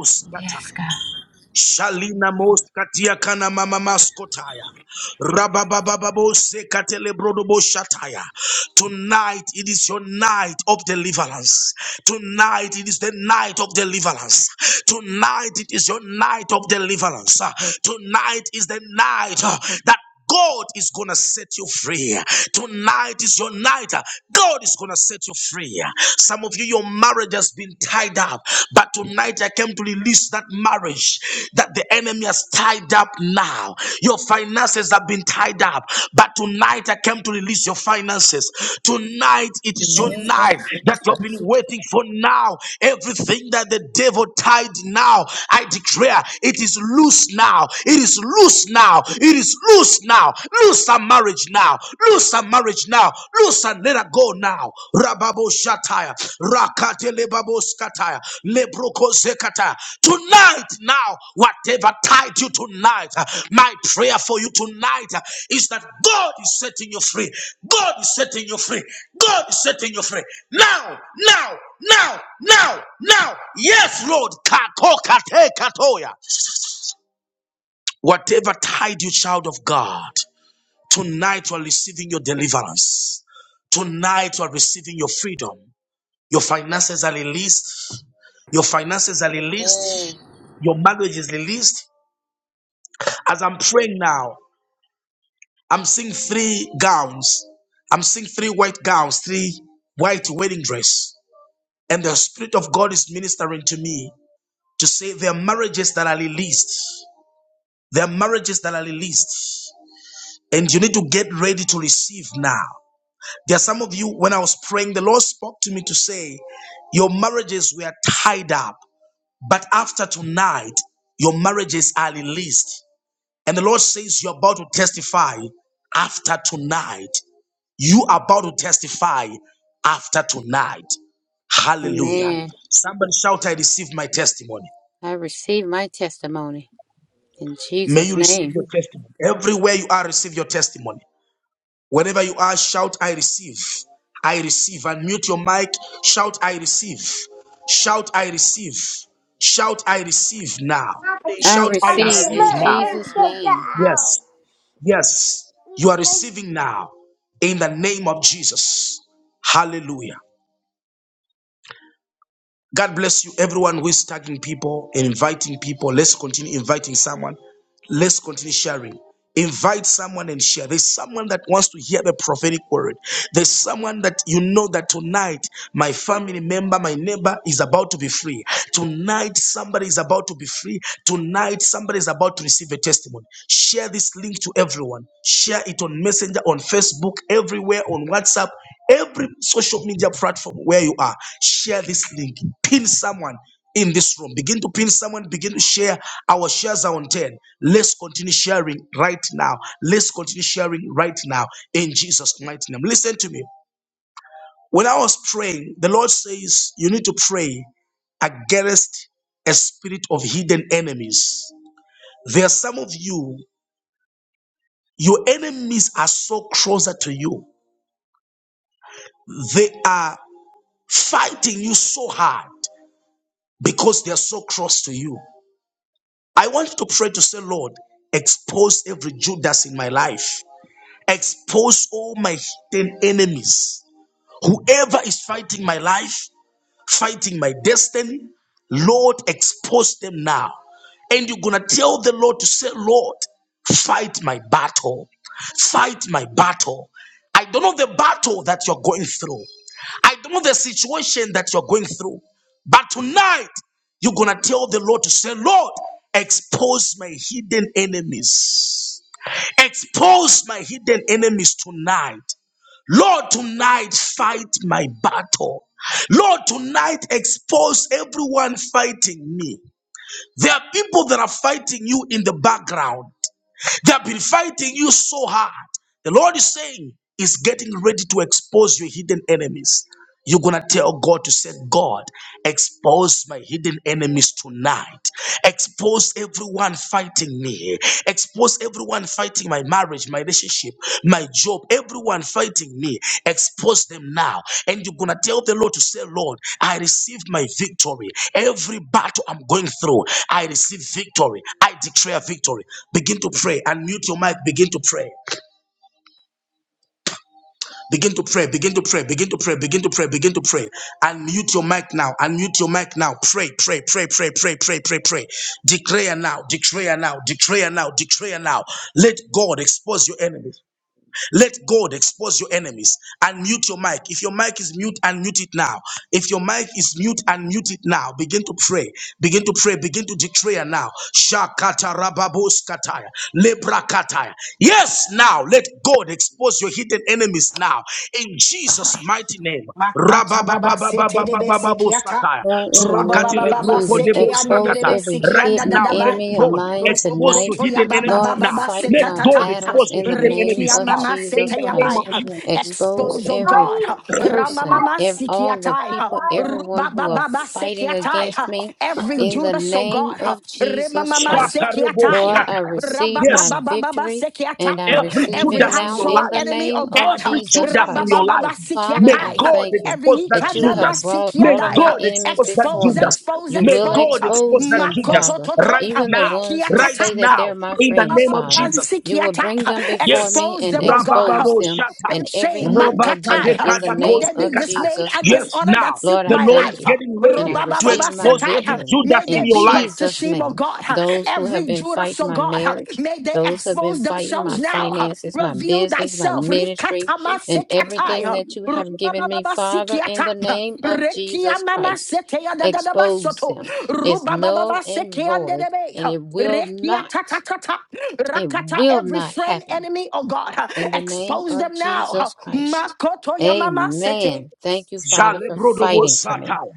Karababos
Yes, God.
Shalina moskatia kana mama maskotaya. Rababababo sekatele brodobo shataya. Tonight it is your night of deliverance. Tonight it is the night of deliverance. Tonight it is your night of deliverance. Tonight is the night uh, that God is gonna set you free. Tonight is your night. God is gonna set you free. Some of you, your marriage has been tied up, but tonight I came to release that marriage that the enemy has tied up now. Your finances have been tied up, but tonight I came to release your finances. Tonight it
In
is
the
your
name of
night that you've been
Jesus.
waiting for now. Everything that the devil tied now, I declare it is loose now. It is is loose now. It is loose now. Loose our marriage now. Loose our marriage now. Loose and let her go now. Rababo shataya. Rakate lebabo skataya. Lebroko zekataya. Tonight now, whatever tied you tonight, uh, my prayer for you tonight uh, is that God is setting you free. God is setting you free. God is setting you free. Now, now, now, now, now. Yes, Lord. Kako kate katoya. Whatever tied you, child of God, tonight you are receiving your deliverance. Tonight you are receiving your freedom. Your finances are released. Your finances are released.
Amen.
Your marriage is released. As I'm praying now, I'm seeing three gowns. I'm seeing three white gowns, three white wedding dress. And the Spirit of God is ministering to me to say there are marriages that are released. There are marriages that are released. And you need to get ready to receive now. There are some of you, when I was praying, the Lord spoke to me to say, Your marriages were tied up, but after tonight, your marriages are released. And the Lord says, You're about to testify after tonight. You are about to testify after tonight. Hallelujah.
Amen.
Somebody shout, I receive my testimony.
I receive my testimony in
May
Jesus'
you receive
name.
your testimony. Everywhere you are, receive your testimony. Wherever you are, shout, I receive. I receive. Unmute your mic. Shout, I receive. Shout, I receive. Shout, I receive now.
I
Shout, I
I
receive
receive
in
receive
now.
it
Jesus'
now.
get
name.
out.
Yes, yes. You are receiving now in the name of Jesus. Hallelujah. God bless you, everyone who is tagging people, and inviting people. Let's continue inviting someone. let's continue sharing. Invite someone and share. There's someone that wants to hear the prophetic word. There's someone that you know that tonight my family member, my neighbor is about to be free. Tonight somebody is about to be free. Tonight somebody is about to receive a testimony. Share this link to everyone. Share it on Messenger, on Facebook, everywhere, on WhatsApp, every social media platform where you are. Share this link. Pin someone in this room. Begin to pin someone, begin to share. Our shares are on 10. Let's continue sharing right now. Let's continue sharing right now in Jesus' mighty name. Listen to me. When I was praying, the Lord says you need to pray against a spirit of hidden enemies. There are some of you, your enemies are so closer to you. They are fighting you so hard because they are so close to you. I want you to pray to say, Lord, expose every Judas in my life. Expose all my hidden enemies. Whoever is fighting my life, fighting my destiny. Lord, expose them now. And you're going to tell the Lord to say, Lord, fight my battle. Fight my battle. I don't know the battle that you're going through. I don't know the situation that you're going through. But tonight, you're going to tell the Lord to say, Lord, expose my hidden enemies. Expose my hidden enemies tonight. Lord, tonight fight my battle. Lord, tonight expose everyone fighting me. There are people that are fighting you in the background. They have been fighting you so hard. The Lord is saying, is getting ready to expose your hidden enemies. You're going to tell God to say, God, expose my hidden enemies tonight. Expose everyone fighting me. Expose everyone fighting my marriage, my relationship, my job, everyone fighting me. Expose them now. And you're going to tell the Lord to say, Lord, I received my victory. Every battle I'm going through, I receive victory. I declare victory. Begin to pray. Unmute your mic. Begin to pray. Begin to pray, begin to pray, begin to pray, begin to pray, begin to pray. Unmute your mic now, unmute your mic now. Pray, pray, pray, pray, pray, pray, pray, pray. Declare now, declare now, declare now, declare now. Let God expose your enemies. Let God expose your enemies. Unmute your mic. If your mic is mute, unmute it now. If your mic is mute, unmute it now. Begin to pray, begin to pray, begin to declare now. Shakata rababos kataya, lebra kataya. Yes, now let God expose your hidden defeated enemies now. In Jesus' mighty name.
Makata baba sete de besikiata.
Rabababababababababosataya.
Lord, in the
Roba
name of
Robababa
Jesus,
seki ande
expose
Sakatelebrokodebosakata.
derebe
every
siki
Right
anda da
hidden
da
now, let
ba.
enemy of
God
mine
expose
tonight.
your
Rokoto ya
hidden
baba
enemies
Lord,
baba
now.
ba
fight
Let
ta.
my
God
ta.
battles
expose your
in the
hidden
name
Riki ya
enemies
of
now.
mama
In
Jesus
seta
the
ya ba.
name
Christ.
of Jesus.
Expose
Expose, oh
every
God.
person,
Ramamama
ev-
siki
all the
atai.
people, everyone who are
Rubababa seki
fighting
atai.
against me
Every
in the
Judas, oh
name
God.
of Jesus
Remamama
Christ.
seki atai.
Lord, I receive my
Yes,
victory
Rabba-ba-ba-ba-ba-ba-sikiata.
and I
Every
receive it
Every
Judas in
now
your
household
in
life,
the
enemy,
name
oh
of
God.
every
Jesus
Judas in your
Christ.
life,
Father,
may
I
Rabba-ba-ba-ba-sikiata.
God
thank you
Every
expose that
that you have
Judas.
brought
ikanamasikia
May
all of
die.
my
huh?
God
enemies
expose that
before
Expose,
Judas.
me.
expose,
You
May
will
expose.
God
huh?
expose
expose
that
them,
Judas
Father,
Makotototo.
right
huh?
even the
now,
ones who
right
Rekiatata.
say that
huh?
they're
now,
my
in the
friends,
name of
Father.
Jesus.
You will
Robababansikiata,
bring
huh?
them before
Yes.
me
Expose
and
them, oh God. huh?
expose
Rabababo
them
Open
in
Shatai.
every
shame.
hidden agenda
Makatai. huh?
in the
May
name
they be
of
Robakadekadakosekata.
dismayed
Jesus
and
Yes,
Christ.
dishonored that
now
seek
Lord,
the
I
my
Lord
thank
is
life. huh?
you
getting
and I
ready to
receive my
expose
Robabababasatai, huh?
every
victory
Judas
May they
in
in
your
be
life.
brought to
Jesus'
shame, oh
name.
God. huh?
Those who have
Every
been
Judas,
fighting
oh
my
God. huh?
marriage,
May they
those who have been
expose
fighting my
themselves now. huh?
finances, my
Reveal
business, my
thyself.
ministry, in
Rikatamasekiatai,
everything
huh?
that you have given me,
Rubaba
Father, in
Sikiata
the name of Jesus
Rekiana
Christ.
Masetea da da
Expose
basoto
them. It's null and void, and
Rubabababasikiata.
it
Rekianamaseteya dadadabasoto. Rubabababasekeandedebe.
will not,
Rekiatatatata.
it
Rakata
will
every
not
friend
happen
enemy oh God
in the name
expose
of
them now
Jesus Christ.
makoto yamama Sete
Amen. Thank you, Father, for
Jalebrodobo
fighting for me.
sataya.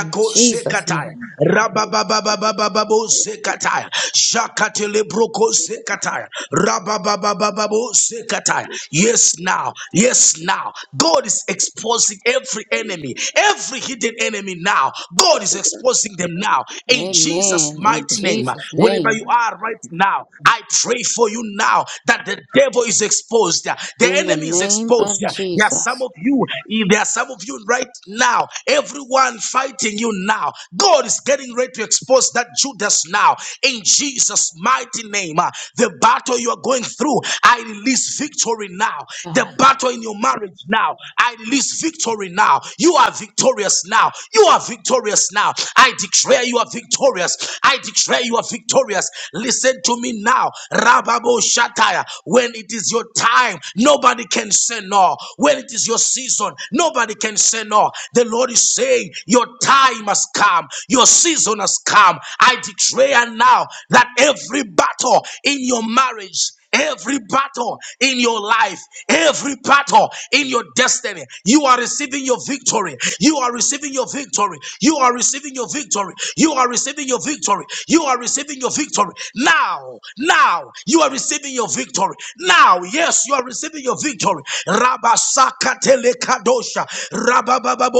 In Jesus'
sekataya.
name.
Rababababababo sekataya. Shakatelebroko sekataya. Rabababababo sekataya. Yes, now. Yes, now. God is exposing every enemy, every hidden enemy now. God is exposing them now. In Jesus'
Amen. In
mighty name,
Jesus'
wherever
name.
you are right now, I pray for you now that the devil is exposed. The
In the
enemy is
name
exposed.
of
There are some
Jesus.
of you, eh, there are some of you right now, everyone fighting you now. God is getting ready to expose that Judas now in Jesus' mighty name. uh, The battle you are going through, I release victory now. The
God.
battle in your marriage now, I release victory now. You are victorious now. You are victorious now. I declare you are victorious. I declare you are victorious. Listen to me now. Rababo Shataya. When it is your time, nobody can say no. When it is your season, nobody can say no. The Lord is saying, Your time has come, your season has come. I declare now that every battle in your marriage, Every battle in your life, every battle in your destiny, you are receiving your victory. You are receiving your victory. You are receiving your victory. You are receiving your victory. You are receiving your victory. Now, now, you are receiving your victory. Now, yes, you are receiving your victory. Rabasaka telekadosha.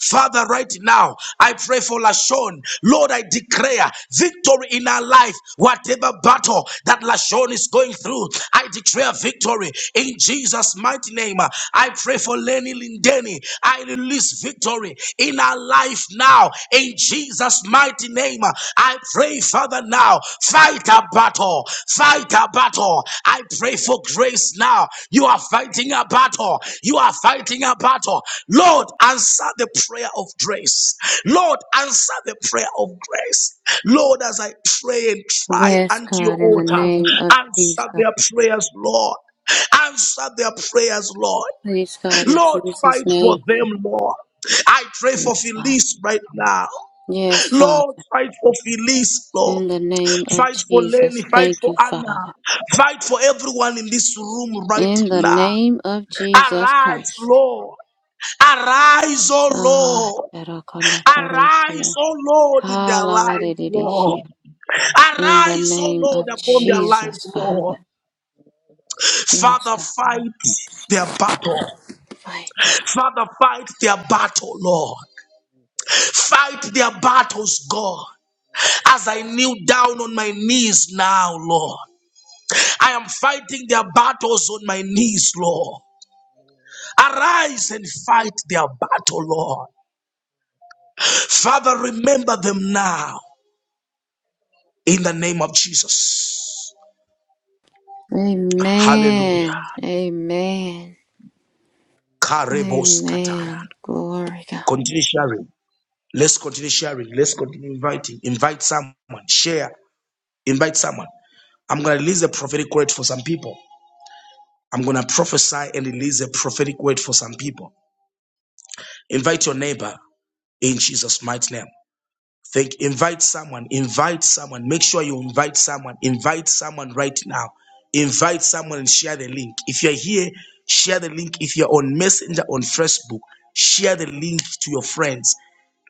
Father, right now, I pray for Lashon. Lord, I declare victory in our life, whatever battle that Lashon is going through, I declare victory in Jesus' mighty name. I pray for Lenny Lindeni. I release victory in our life now in Jesus' mighty name. I pray, Father, now. Fight a battle. Fight a battle. I pray for grace now. You are fighting a battle. You are fighting a battle. Lord, answer the prayer of grace. Lord, answer the prayer of grace. Lord, as I pray and cry
Yes,
unto your
God, in the
altar,
name of
answer
Jesus.
their prayers, Lord. Answer their prayers, Lord.
Please, God, in
Lord,
Jesus'
fight for
name.
them, Lord. I pray
you,
for
Father.
Felice right now.
Yes,
Lord,
Father.
fight for Felice, Lord.
In the name of
Fight for Lenny.
Jesus.
Fight
Thank
for
you,
Anna.
Father.
Fight for everyone in this room right
In the
now.
name of Jesus
Arise,
Christ.
Lord. Arise, oh
Ah,
Lord. Arise,
Erakondokorekia.
oh Lord, in their life, Lord.
Halaladididishia. In the
Arise, oh
name
Lord,
of
upon their life,
Jesus,
Lord.
Father. Yes,
Father,
God.
fight their battle.
My God.
Father, fight their battle, Lord. Fight their battles, God. As I kneel down on my knees now, Lord. I am fighting their battles on my knees, Lord. Arise and fight their battle, Lord. Father, remember them now in the name of Jesus. Hallelujah.
Amen. Amen.
Karebos katara.
Amen. Glory, God.
Continue sharing. Let's continue sharing. Let's continue inviting. Invite someone. Share. Invite someone. I'm going to release a prophetic word for some people. I'm going to prophesy and release a prophetic word for some people. Invite your neighbor in Jesus' mighty name. Think, invite someone, invite someone. Make sure you invite someone, invite someone right now. Invite someone and share the link. If you're here, share the link. If you're on Messenger, on Facebook, share the link to your friends.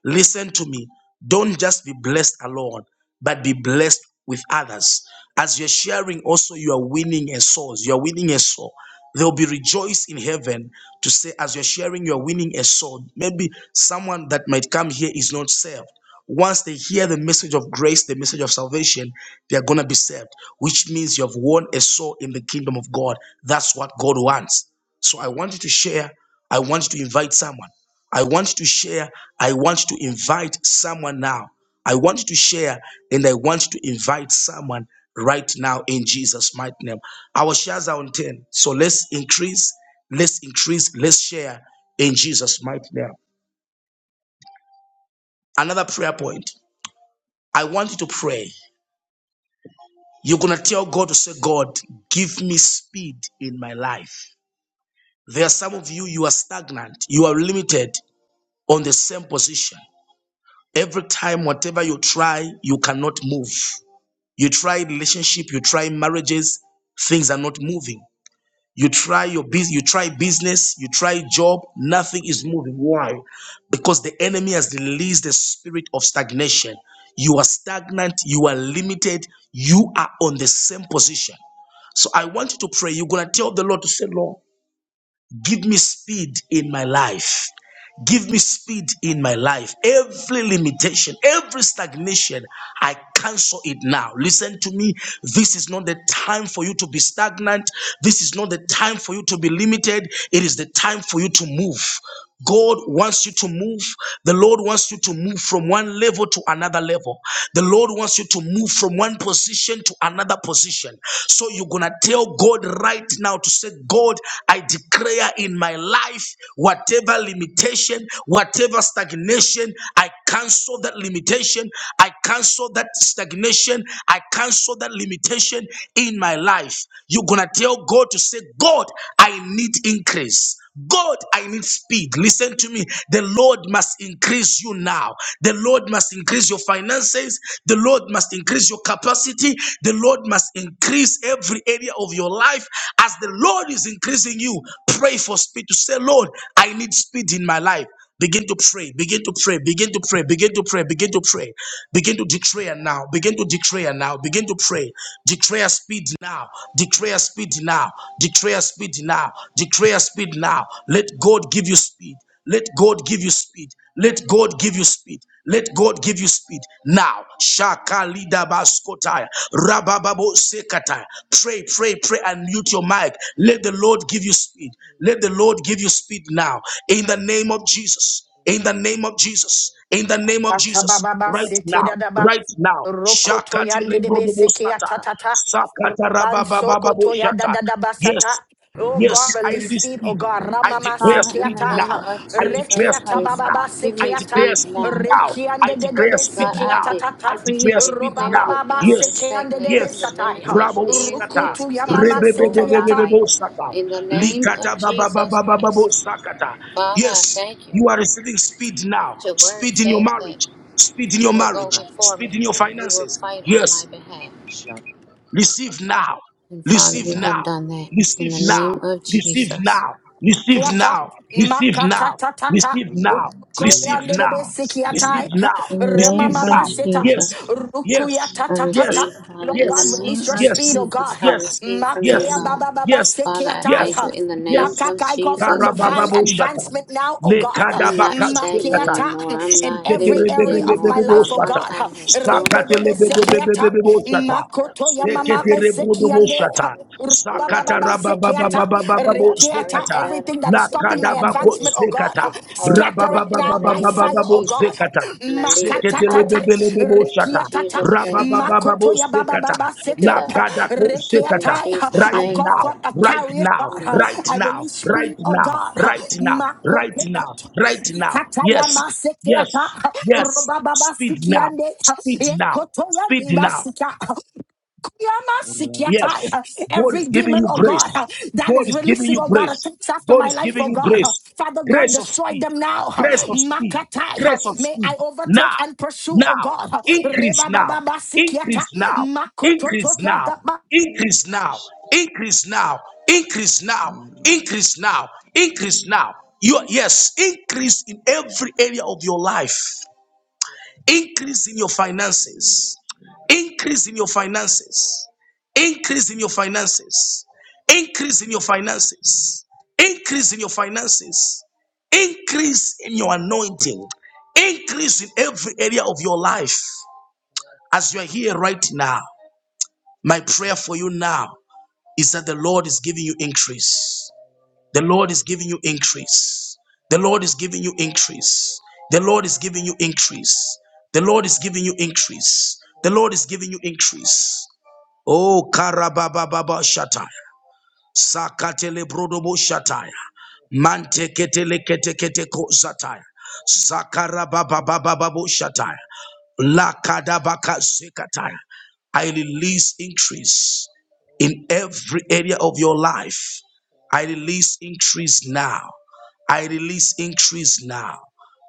Listen to me. Don't just be blessed alone, but be blessed with others. As you're sharing, also you are winning a soul. You are winning a soul. They'll be rejoiced in heaven to say, as you're sharing, you're winning a soul. Maybe someone that might come here is not saved. Once they hear the message of grace, the message of salvation, they are going to be saved, which means you have won a soul in the kingdom of God. That's what God wants. So I want you to share. I want you to invite someone. I want to share. I want to invite someone now. I want to share and I want to invite someone right now in Jesus' mighty name. Our shares are on 10. So let's increase, let's increase, let's share in Jesus' mighty name. Another prayer point. I want you to pray. You're going to tell God to say, God, give me speed in my life. There are some of you, you are stagnant, you are limited on the same position. Every time, whatever you try, you cannot move. You try relationship, you try marriages, things are not moving. You try your business, you try business, you try job, nothing is moving. Why? Because the enemy has released the spirit of stagnation. You are stagnant, you are limited, you are on the same position. So I want you to pray. You're gonna tell the Lord to say, Lord, Give me speed in my life. Give me speed in my life. Every limitation, every stagnation, I cancel it now. Listen to me. This is not the time for you to be stagnant. This is not the time for you to be limited. It is the time for you to move. God wants you to move. The Lord wants you to move from one level to another level. The Lord wants you to move from one position to another position. So you're going to tell God right right now to say, God, I declare in my life whatever limitation, whatever stagnation, I cancel that limitation. I cancel that stagnation. I cancel that limitation in my life. You're going to tell God to say, God, I need increase. God, I need speed. Listen to me. The Lord must increase you now. The Lord must increase your finances. The Lord must must increase your capacity. The Lord must increase every area of your life. As the Lord is increasing you, pray for speed to say, Lord, I need speed in my life. Begin to pray, begin to pray, begin to pray, begin to pray, begin to pray, begin to declare now, begin to declare now, begin to pray, declare speed now, declare speed now, declare speed now, declare speed now. Let God give you speed. Let God give you speed. Let God give you speed. Let God give you speed now. Shaka lida baskotaya, rabababo sekataya. Pray, pray, pray, and mute your mic. Let the Lord give you speed. Let the Lord give you speed now. In the name of Jesus. In the name of Jesus. In the name of Jesus.
Atababa
Right
sete
now.
dadaba.
Right now.
Rokoto
Shakati
yande de
rebrodobo
beseke
sataya.
atatata.
Sakata
Roban
rabababo
sokoto yada
jata.
dadaba sata.
Yes,
Oh God,
Yes, I
release
release
speed. Oh
speed.
God,
I
ramama
declare
Father, in
speed
the
sekiata.
name
now.
of
I
Jesus
declare
Rekiata
speed
Christ,
now.
bababa
give
I
me
sekiata.
declare
speed
speed
now.
now. I
Rekiande de
declare
debe
speed
God, I
now.
sekiata
I
tata.
decree
declare
and
speed
declare
now.
Robababa
whatever the
Yes,
sekiande debe
stagnation, the
yes.
satai.
limitation
Rabo
is, it
sata.
is
Rukutu yamama
canceled over my
setayata.
life.
Rebebebebebebo sata.
In the name
Likata
of Jesus
babababababo
Christ.
sakata.
Father, I
Yes,
thank you.
you are receiving speed now.
Your word
Speed in your
says that
marriage. Speed in
you
your
will go
marriage.
before
Speed
me,
in your
you
Baptist,
will
finances.
fight on
Yes.
my behalf.
Jabba,
Receive now.
And Father,
Receive
you have
Rabba,
now.
done that. In
Receive
the name
now.
of
Receive
Salatis,
Jesus.
now. Receive
Kiata,
now.
Mokosatis,
Receive
Makata
now.
Tatata,
Receive now. Receive
Rientina
Koyande de
now. Receive
Besikiatai,
Tamasina,
now.
In the
Receive
name
Remama
of
now.
Essin,
Seta,
Yes.
Jesus.
Acres,
Rukuya
Yes.
I
Yes.
Tatata.
receive, Father,
Lord
in the
God,
Yes.
release
name
your
Egos,
of
the
speed,
Yes.
oh God.
Jesus,
Cabin,
I
Yes.
receive from you,
Bella,
Makea
Yes.
God.
Baba
the
Baba
Yes.
Father, I thank you
Yes.
Sekiatai.
in the name
Yes.
of
Makakai, call for
Jesus
divine
Christ.
Karabababushata
Castellan,
advancement now, oh God.
I'm not stagnant
lekadabakasekata
Makiata
anymore. I'm
in
not
every
limited
area of
anymore,
my life,
Father.
oh
My
siketerebebebebebebosata
God.
time has come,
Rebebebe
and I
Sekiata,
cancel every
sakatelebebebebebebosata
witchcraft
Makoto
spirit,
Yamama
every witchcraft
Sekiande,
seketerebrodobosata
altar. In the
Baba Baba
name of Jesus
Sekiata.
Christ, I
Rekiata,
burn
sakatarababababababozekata
it down. I
everything that is
take
stopping my
dominion over
advancement, oh God,
lakadabakozekata
huh,
the power of
scatter
it
it
in the
now by
name of
fire, oh God.
Jesus,
huh.
rabababababababozekata
and I leave it
Makatatata,
powerless.
Seketelebebelebebo
In
shaka.
rekiatata,
Jesus' name, Father.
Rababababo
makotoya baba
sekata.
baba
Thank you,
sete,
God.
huh,
Lakadako
In
sekata.
rekiatai, huh.
Jesus'
Right
I
name,
call
now,
for a
right
carrier,
now,
God. huh.
amen.
right
I
now,
release speed,
right
oh
now,
God. huh.
right now, right
Makototo,
now, right now.
ikataya
Yes, yes,
masekeata, huh,
yes.
robababa
Speed now,
sukiande, huh,
speed now, speed
ekotoyande
now,
basika,
Rama,
Yes,
Yamasikiatai.
God
Every
is giving
demon,
you
the
oh God,
grace.
uh,
Saving,
that
God
is
is giving
releasing,
you
oh God,
grace.
attempts after
God
my
is
the
life, oh
giving you
God. uh,
grace.
Father God,
Grace of
destroy
speed.
them now. uh,
Grace of
Meaning,
speed.
Makatai. uh,
Grace of
May
speed.
I overtake
Now,
and pursue, oh
now,
God. uh,
increase now.
Rebabababasikiata.
Increase now. Increase now.
Makotototiadaba.
the
Increase now. Increase now. Increase now.
Meaning,
Increase now. Increase now. You yes, increase in every area of your life increase in your finances increase in your finances increase in your finances increase in your finances increase in your finances increase in your anointing increase in every area of your life as you are here right now my prayer for you now is that the lord is giving you increase the Lord is giving you increase. The Lord is giving you increase. The Lord is giving you increase. The Lord is giving you increase. The Lord is giving you increase. Oh, karabababa shata. Sakatele brodobo shataya. Mante ketele kete kete ko zataya. Zakara baba baba shataya. Lakadabaka sekataya. I release increase in every area of your life. I release increase now. I release increase now.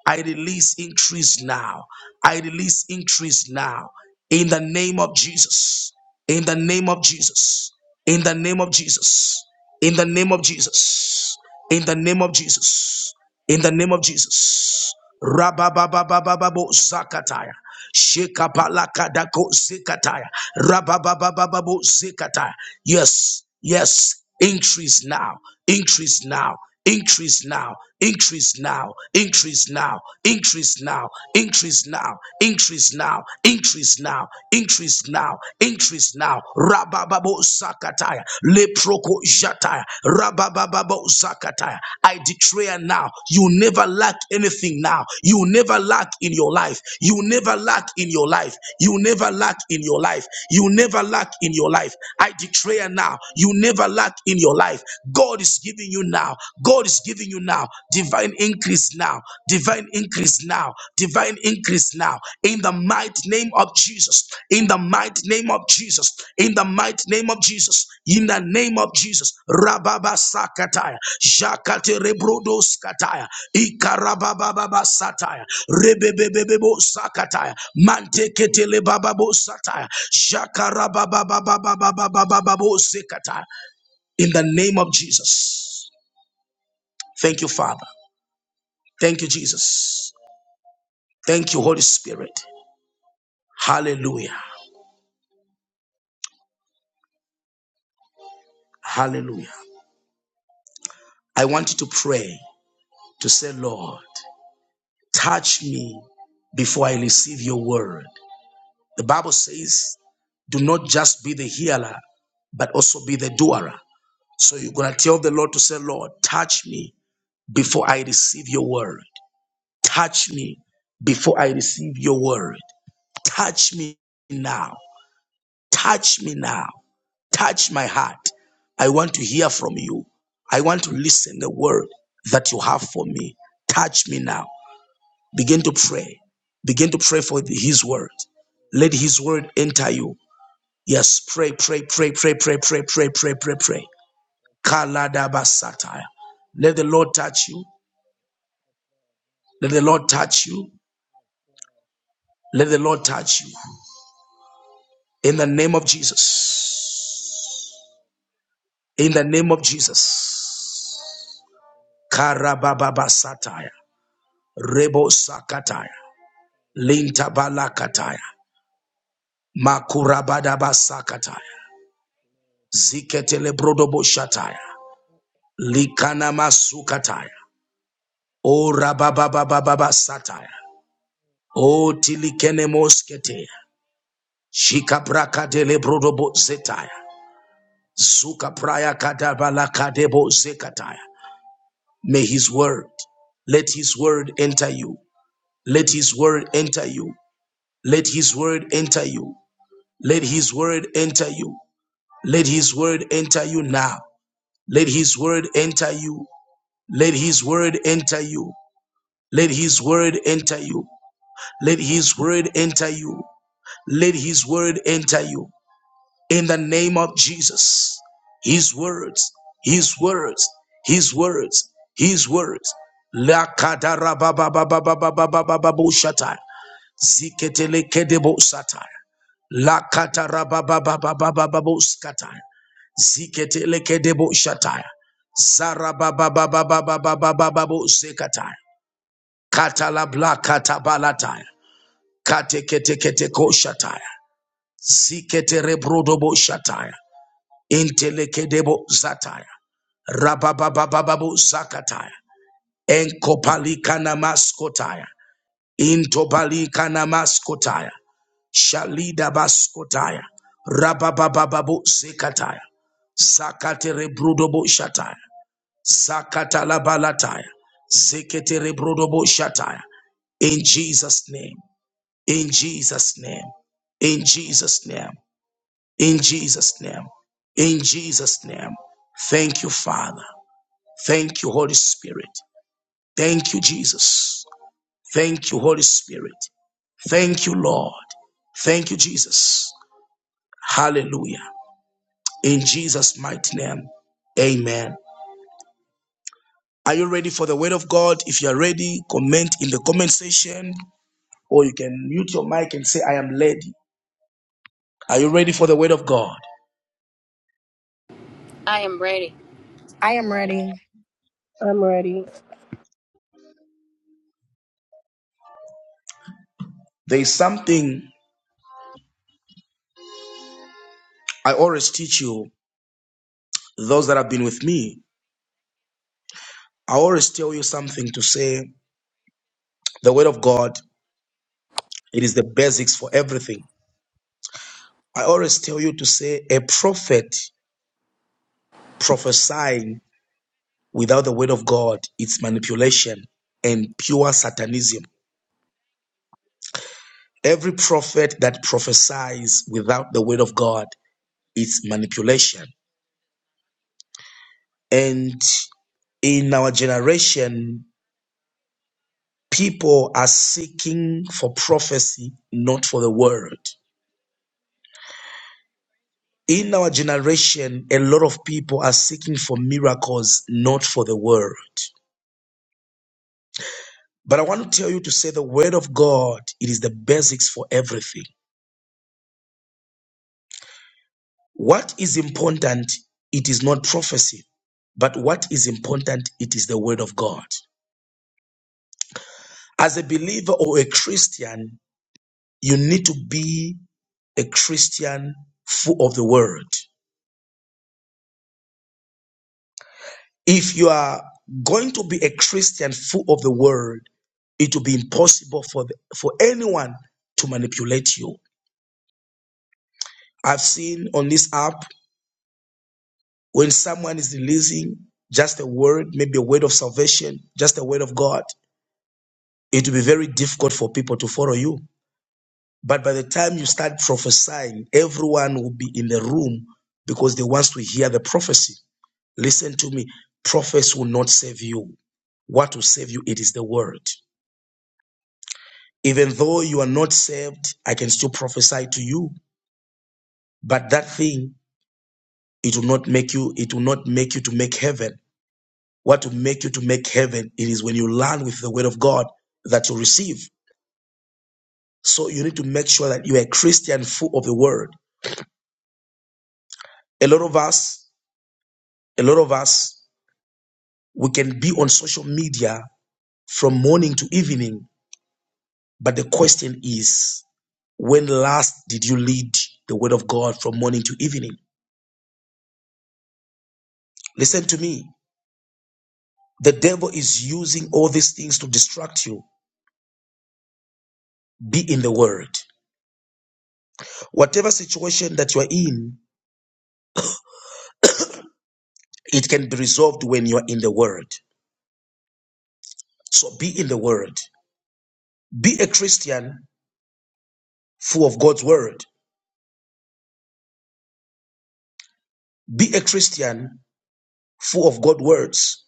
I release increase now. I release increase now. In the name of Jesus. In the name of Jesus. In the name of Jesus. In the name of Jesus. In the name of Jesus. In the name of Jesus. Rababababababo zakataya. Shekapalakadako zikataya. Rabababababu zikataya. Yes, yes. Increase now. Increase now. Increase now, increase now, increase now, increase now, increase now, increase now, increase now, increase now, increase now. Rabababo sakataya, leproko Jata. Zakataya. Rabababo Zakataya. I declare now, you never lack anything now. You never lack in your life. You never lack in your life. You never lack in your life. You never lack in your life. I declare now, you never lack in your life. God is giving you now. God is giving you now divine increase now. Divine increase now. Divine increase increase now in the mighty name of Jesus. In the mighty name of Jesus. In the mighty name of Jesus. In the name of Jesus. Rababa sakataya. Jakate rebrodo skataya. Ikarabababa sataya. Rebebebebebo sakataya. Mante ketele sataya. Jakarabababababababababo sekataya. In the name of Jesus. Thank you, Father. Thank you, Jesus. Thank you, Holy Spirit. Hallelujah. Hallelujah. I want you to pray to say, Lord, touch me before I receive your word. The Bible says, do not just be the hearer, but also be the doer. So you're going to tell the Lord to say, Lord, touch me before I receive your word. Touch me before I receive your word. Touch me now. Touch me now. Touch my heart. I want to hear from you. I want to listen the word that you have for me. Touch me now. Begin to pray. Begin to pray for His word. Let His word enter you. Yes, pray, pray, pray, pray, pray, pray, pray, pray, pray, pray. Kaladabasataya. Let the Lord touch you. Let the Lord touch you. Let the Lord touch you. In the name of Jesus. In the name of Jesus. Karabababasataya. Rebo sakataya. Lintabalakataya. Makurabadabasakataya. Ziketelebrodoboshataya. Likana masukataya. O rabababababa sataya. O tilikene mosketeya. Shika braka dele brodobo zetaya. Zuka praya kadabala kadebo zekataya. May his word, let his word enter you. Let his word enter you. Let his word enter you. Let his word enter you. Let his word enter you now. Let his word enter you. Let his word enter you. Let his word enter you. Let His word enter you. Let His word enter you in the name of Jesus. His words. His words. His words. His words. La katarababababababababababoshatay ziketelekebooshatay la katarabababababababababoskhatay ziketelekebooshatay zara babababababababababosekhatay katalabla katabalatay katekekekekooshatay. Ziketere brodobo shataya. Intelekedebo zataya. Rabababababo zakataya. Enkopalikana maskotaya. Intopalikana maskotaya. Shalida baskotaya. Rabababababo zekataya. Zakatere brodobo shataya. Zakatalabalataya. Zeketere brodobo shataya. In Jesus' name. In Jesus' name. In Jesus' name. In Jesus' name. In Jesus' name. Thank you, Father. Thank you, Holy Spirit. Thank you, Jesus. Thank you, Holy Spirit. Thank you, Lord. Thank you, Jesus. Hallelujah. In Jesus' mighty name. Amen. Are you ready for the word of God? If you are ready, comment in the comment section or you can mute your mic and say, I am ready. Are you ready for the word of God?
I am ready.
I am ready.
I'm ready.
There is something I always teach you, those that have been with me. I always tell you something to say the word of God, it is the basics for everything. I always tell you to say a prophet prophesying without the word of God, it's manipulation and pure satanism. Every prophet that prophesies without the word of God, it's manipulation. And in our generation, people are seeking for prophecy, not for the word. In our generation, a lot of people are seeking for miracles, not for the word. But I want to tell you to say the word of God, it is the basics for everything. What is important, it is not prophecy, but what is important, it is the word of God. As a believer or a Christian, you need to be a Christian full of the word. If you are going to be a Christian full of the word, it will be impossible for, the, for anyone to manipulate you. I've seen on this app when someone is releasing just a word, maybe a word of salvation, just a word of God, it will be very difficult for people to follow you. But by the time you start prophesying, everyone will be in the room because they want to hear the prophecy. Listen to me. Prophets will not save you. What will save you? It is the word. Even though you are not saved, I can still prophesy to you. But that thing, it will not make you, it will not make you to make heaven. What will make you to make heaven, it is when you learn with the word of God that you receive. So you need to make sure that you are a Christian full of the word. A lot of us, a lot of us, we can be on social media from morning to evening. But the question is, when last did you lead the word of God from morning to evening? Listen to me. The devil is using all these things to distract you. Be in the word. Whatever situation that you are in, it can be resolved when you are in the word. So be in the word. Be a Christian full of God's word. Be a Christian full of God's words.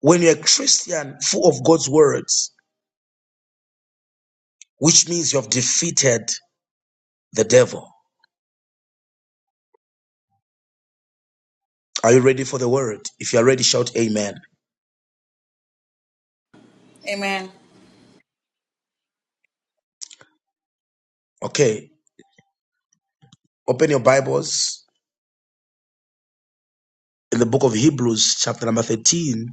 When you're a Christian full of God's words, which means you have defeated the devil. Are you ready for the word? If you are ready, shout amen.
Amen.
Okay, open your Bibles in the book of Hebrews, chapter number 13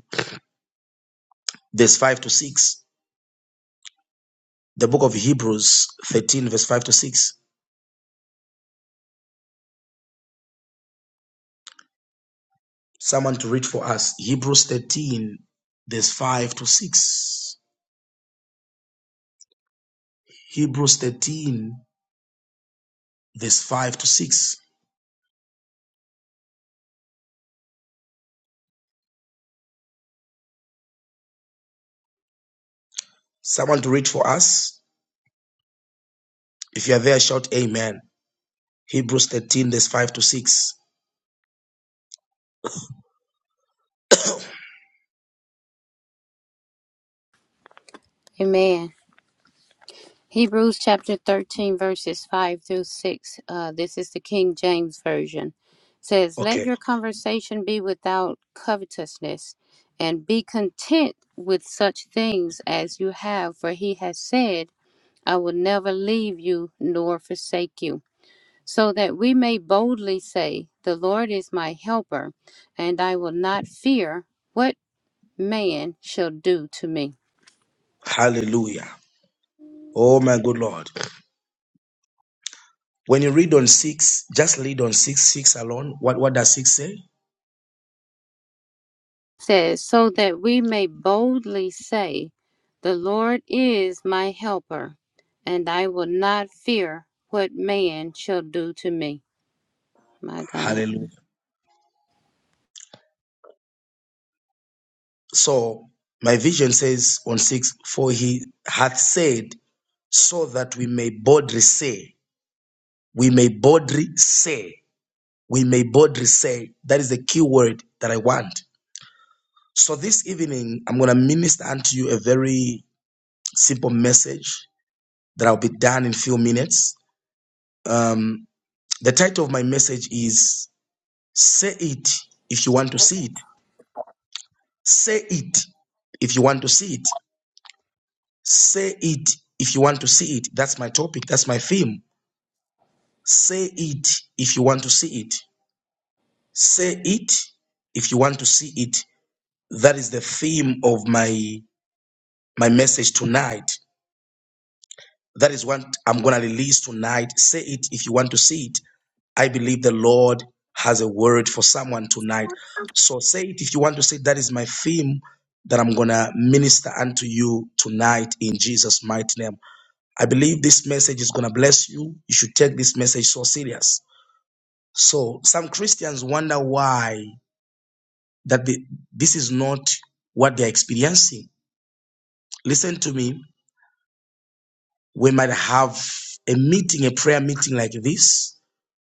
verse 5 to 6. The book of Hebrews 13, verse 5 to 6. Someone to read for us. Hebrews 13, verse 5 to 6. Hebrews 13, verse 5 to 6. Someone to read for us. If you are there, shout Amen. Hebrews 13, verse 5 to 6.
Amen. Hebrews chapter 13, verses 5 through 6. Uh, this is the King James Version. Says, Let
Okay.
your conversation be without covetousness, and be content with such things as you have, for he has said, I will never leave you nor forsake you. So that we may boldly say, The Lord is my helper, and I will not fear what man shall do to me.
Hallelujah. Oh my good Lord. When you read on 6, just read on 6, 6 alone. What, what does 6 say?
says, So that we may boldly say, The Lord is my helper, and I will not fear what man shall do to me. My God.
Hallelujah. So my vision says on six, for he hath said, so that we may boldly say, we may boldly say, we may boldly say. That is the key word that I want. So this evening, I'm going to minister unto you a very simple message that I'll be done in few minutes. Um, the title of my message is "Say it if you want to see it. Say it if you want to see it. Say it if you want to see it. That's my topic. That's my theme. Say it if you want to see it. Say it if you want to see it. That is the theme of my my message tonight. That is what I'm gonna release tonight. Say it if you want to see it. I believe the Lord has a word for someone tonight. So say it if you want to say it. that is my theme that I'm gonna minister unto you tonight in Jesus' mighty name. I believe this message is going to bless you. You should take this message so serious. So some Christians wonder why that the, this is not what they're experiencing. Listen to me. We might have a meeting, a prayer meeting like this.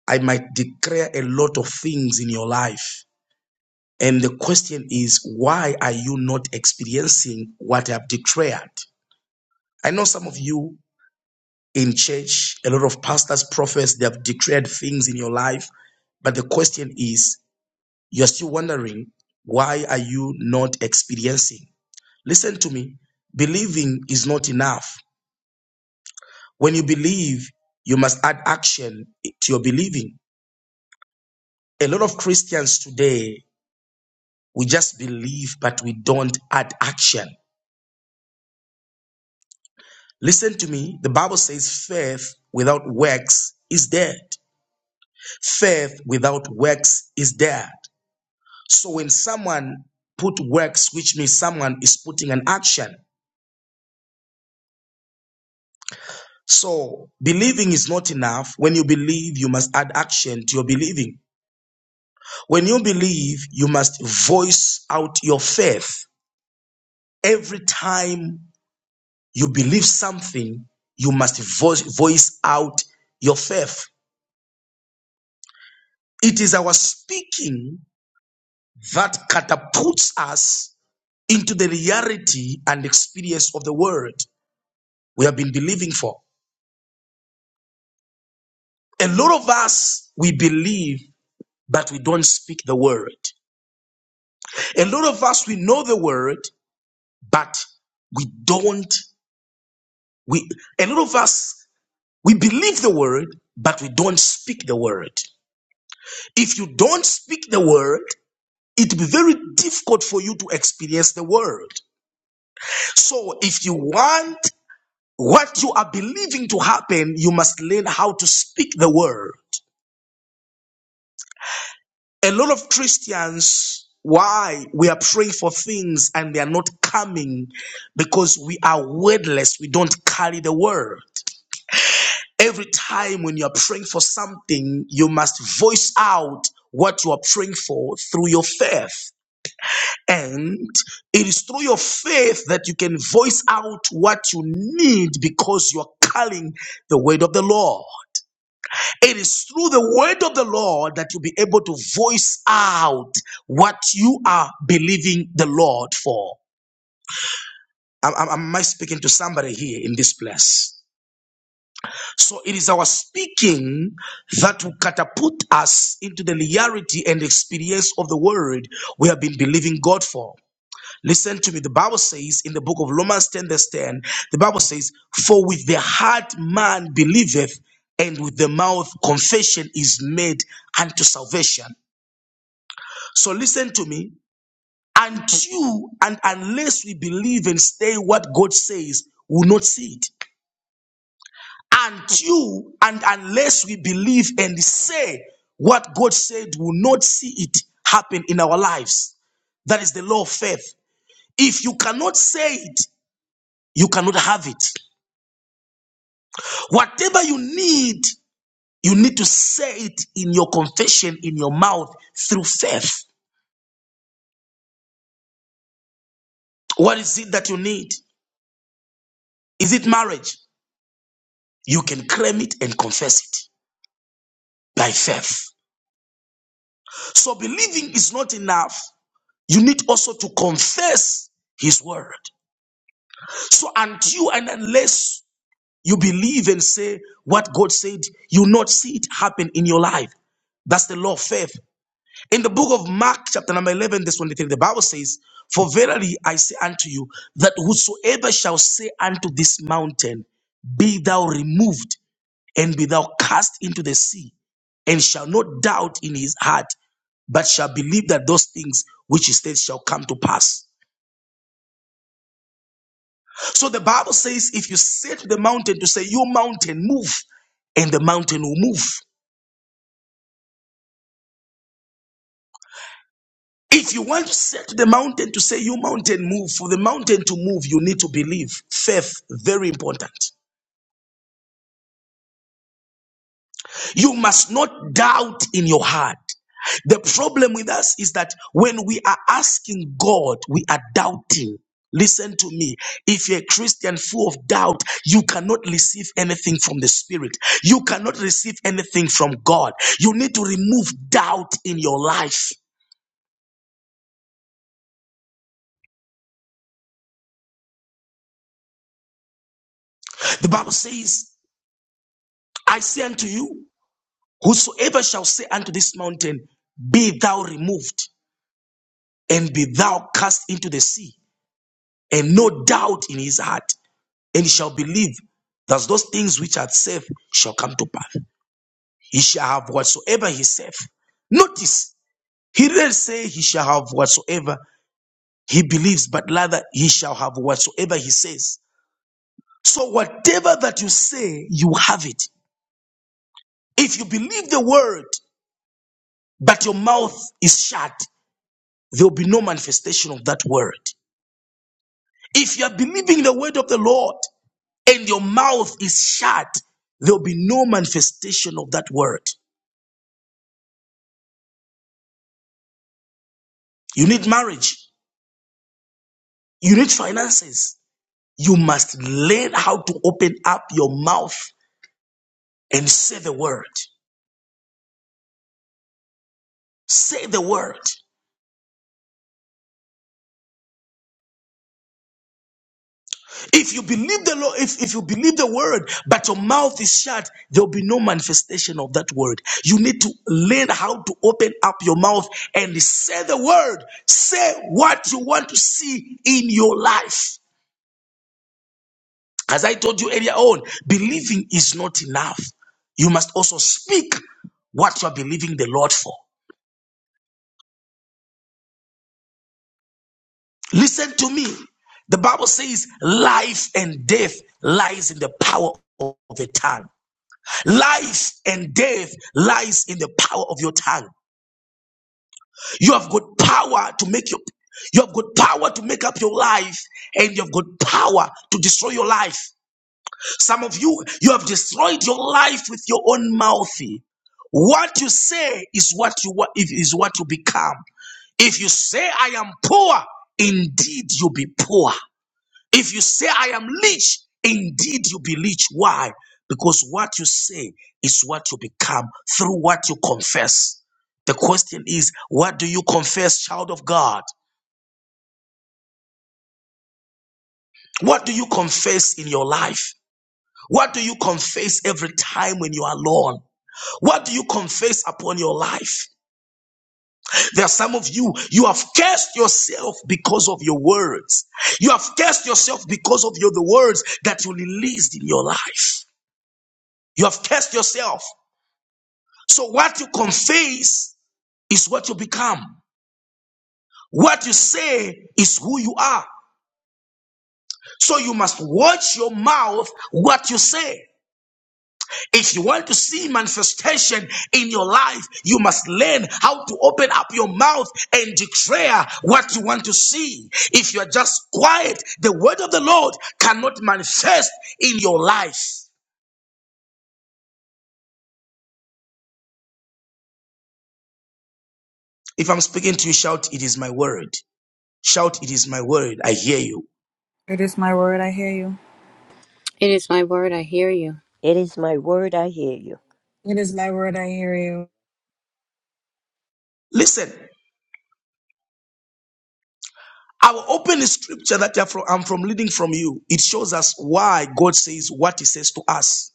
I might declare a lot of things in your life. And the question is, why are you not experiencing what I've declared? I know some of you in church. A lot of pastors, prophets, they have declared things in your life. But the question is, you're still wondering, why are you not experiencing? Listen to me. Believing is not enough. When you believe, you must add action to your believing. A lot of Christians today, we just believe, but we don't add action. Listen to me. The Bible says faith without works is dead. Faith without works is dead. So when someone put works, which means someone is putting an action. So believing is not enough. When you believe, you must add action to your believing. When you believe, you must voice out your faith. Every time you believe something, you must voice, voice out your faith. It is our speaking that catapults us into the reality and experience of the word we have been believing for. A lot of us, we believe, but we don't speak the word. A lot of us, we know the word, but we don't, we, a lot of us, we believe the word, but we don't speak the word. If you don't speak the word, it will be very difficult for you to experience the word. So if you want what you are believing to happen, you must learn how to speak the word. A lot of Christians, why we are praying for things and they are not coming because we are wordless, we don't carry the word. Every time when you're praying for something, you must voice out what you are praying for through your faith. And it is through your faith that you can voice out what you need because you're calling the word of the Lord. It is through the word of the Lord that you'll be able to voice out what you are believing the Lord for. Am, am, am I speaking to somebody here in this place? So it is our speaking that will catapult us into the reality and experience of the word we have been believing God for. Listen to me. The Bible says in the book of Romans 10, verse 10, the Bible says, For with the heart man believeth, and with the mouth confession is made unto salvation. So listen to me. And you, and unless we believe and stay what God says, will not see it. And you, and unless we believe and say what God said, will not see it happen in our lives. That is the law of faith. If you cannot say it, you cannot have it. Whatever you need, you need to say it in your confession, in your mouth, through faith. What is it that you need? Is it marriage? You can claim it and confess it by faith. So believing is not enough. You need also to confess his word. So until and unless you believe and say what God said, you will not see it happen in your life. That's the law of faith. In the book of Mark, chapter number 11, verse 23, the Bible says, For verily I say unto you, that whosoever shall say unto this mountain, Be thou removed and be thou cast into the sea, and shall not doubt in his heart, but shall believe that those things which he said shall come to pass. So the Bible says, if you say to the mountain to say, You mountain, move, and the mountain will move. If you want to say to the mountain to say, You mountain, move, for the mountain to move, you need to believe. Faith, very important. You must not doubt in your heart. The problem with us is that when we are asking God, we are doubting. Listen to me. If you're a Christian full of doubt, you cannot receive anything from the Spirit. You cannot receive anything from God. You need to remove doubt in your life. The Bible says, I say unto you, whosoever shall say unto this mountain, Be thou removed, and be thou cast into the sea, and no doubt in his heart. and he shall believe that those things which are said shall come to pass. He shall have whatsoever he saith. Notice, he didn't say he shall have whatsoever he believes, but rather he shall have whatsoever he says. So, whatever that you say, you have it. If you believe the word, but your mouth is shut, there will be no manifestation of that word. If you are believing the word of the Lord and your mouth is shut, there will be no manifestation of that word. You need marriage. You need finances. You must learn how to open up your mouth and say the word. Say the word. If you believe the law, if, if you believe the word, but your mouth is shut, there'll be no manifestation of that word. You need to learn how to open up your mouth and say the word. Say what you want to see in your life. As I told you earlier on, believing is not enough. You must also speak what you are believing the Lord for. Listen to me. The Bible says life and death lies in the power of the tongue. Life and death lies in the power of your tongue. You have got power to make your you have got power to make up your life and you have got power to destroy your life. Some of you, you have destroyed your life with your own mouth. What you say is what you wa- is is what you become. If you say I am poor, indeed you be poor. If you say I am rich, indeed you be rich. Why? Because what you say is what you become through what you confess. The question is, what do you confess, child of God? What do you confess in your life? What do you confess every time when you are alone? What do you confess upon your life? There are some of you, you have cursed yourself because of your words. You have cursed yourself because of your, the words that you released in your life. You have cursed yourself. So what you confess is what you become. What you say is who you are. So you must watch your mouth, what you say. If you want to see manifestation in your life, you must learn how to open up your mouth and declare what you want to see. If you are just quiet, the word of the Lord cannot manifest in your life. If I'm speaking to you, shout, It is my word. Shout, It is my word. I hear you.
It is my word, I hear you.
It is my word. I hear you.
It is my word, I hear you.
Listen, our open scripture that I'm from, I'm from leading from you, it shows us why God says what He says to us.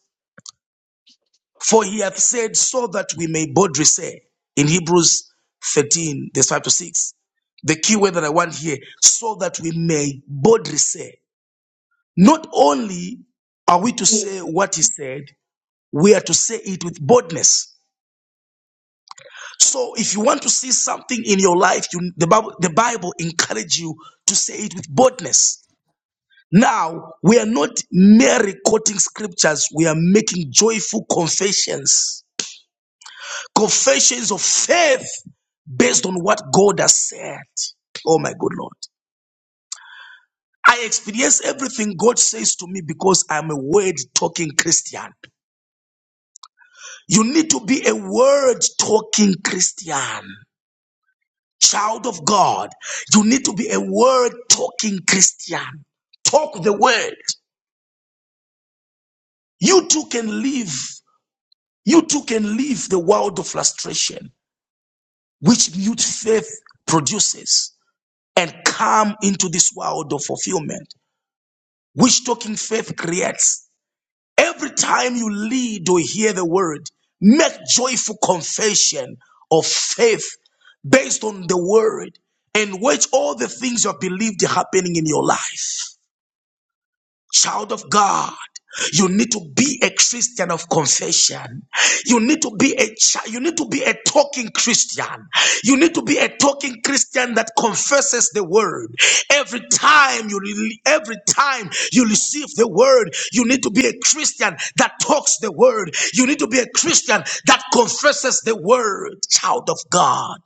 For he hath said, so that we may boldly say, in Hebrews 13, verse 5 to 6, the key word that I want here, so that we may boldly say, not only are we to
Amen.
say what he said, we are to say it with boldness. So if you want to see something in your life, you, the, Bible, the Bible encourage you to say it with boldness. Now, we are not merely quoting scriptures, we are making joyful confessions, confessions of faith based on what God has said. Oh my good Lord. I experience everything God says to me because I'm a word talking Christian. You need to be a word talking Christian. Child of God, you need to be a word talking Christian. Talk the word. You too can live. You too can leave the world of frustration, which mute faith produces, and come into this world of fulfillment, which talking faith creates. Every time you lead or hear the word, make joyful confession of faith based on the word in which all the things you have believed are happening in your life. Child of God, you need to be a Christian of confession. You need to be a chi- you need to be a talking Christian. You need to be a talking Christian that confesses the word. Every time you re- every time you receive the word, you need to be a Christian that talks the word. You need to be a Christian that confesses the word. Child of God.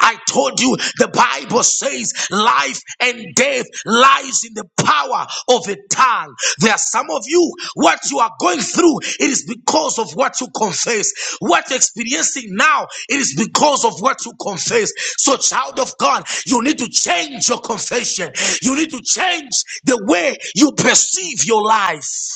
I told you the Bible says life and death lies in the power of a tongue. There are some of you, what you are going through, it is because of what you confess. What you're experiencing now, it is because of what you confess. So, child of God, you need to change your confession. You need to change the way you perceive your life.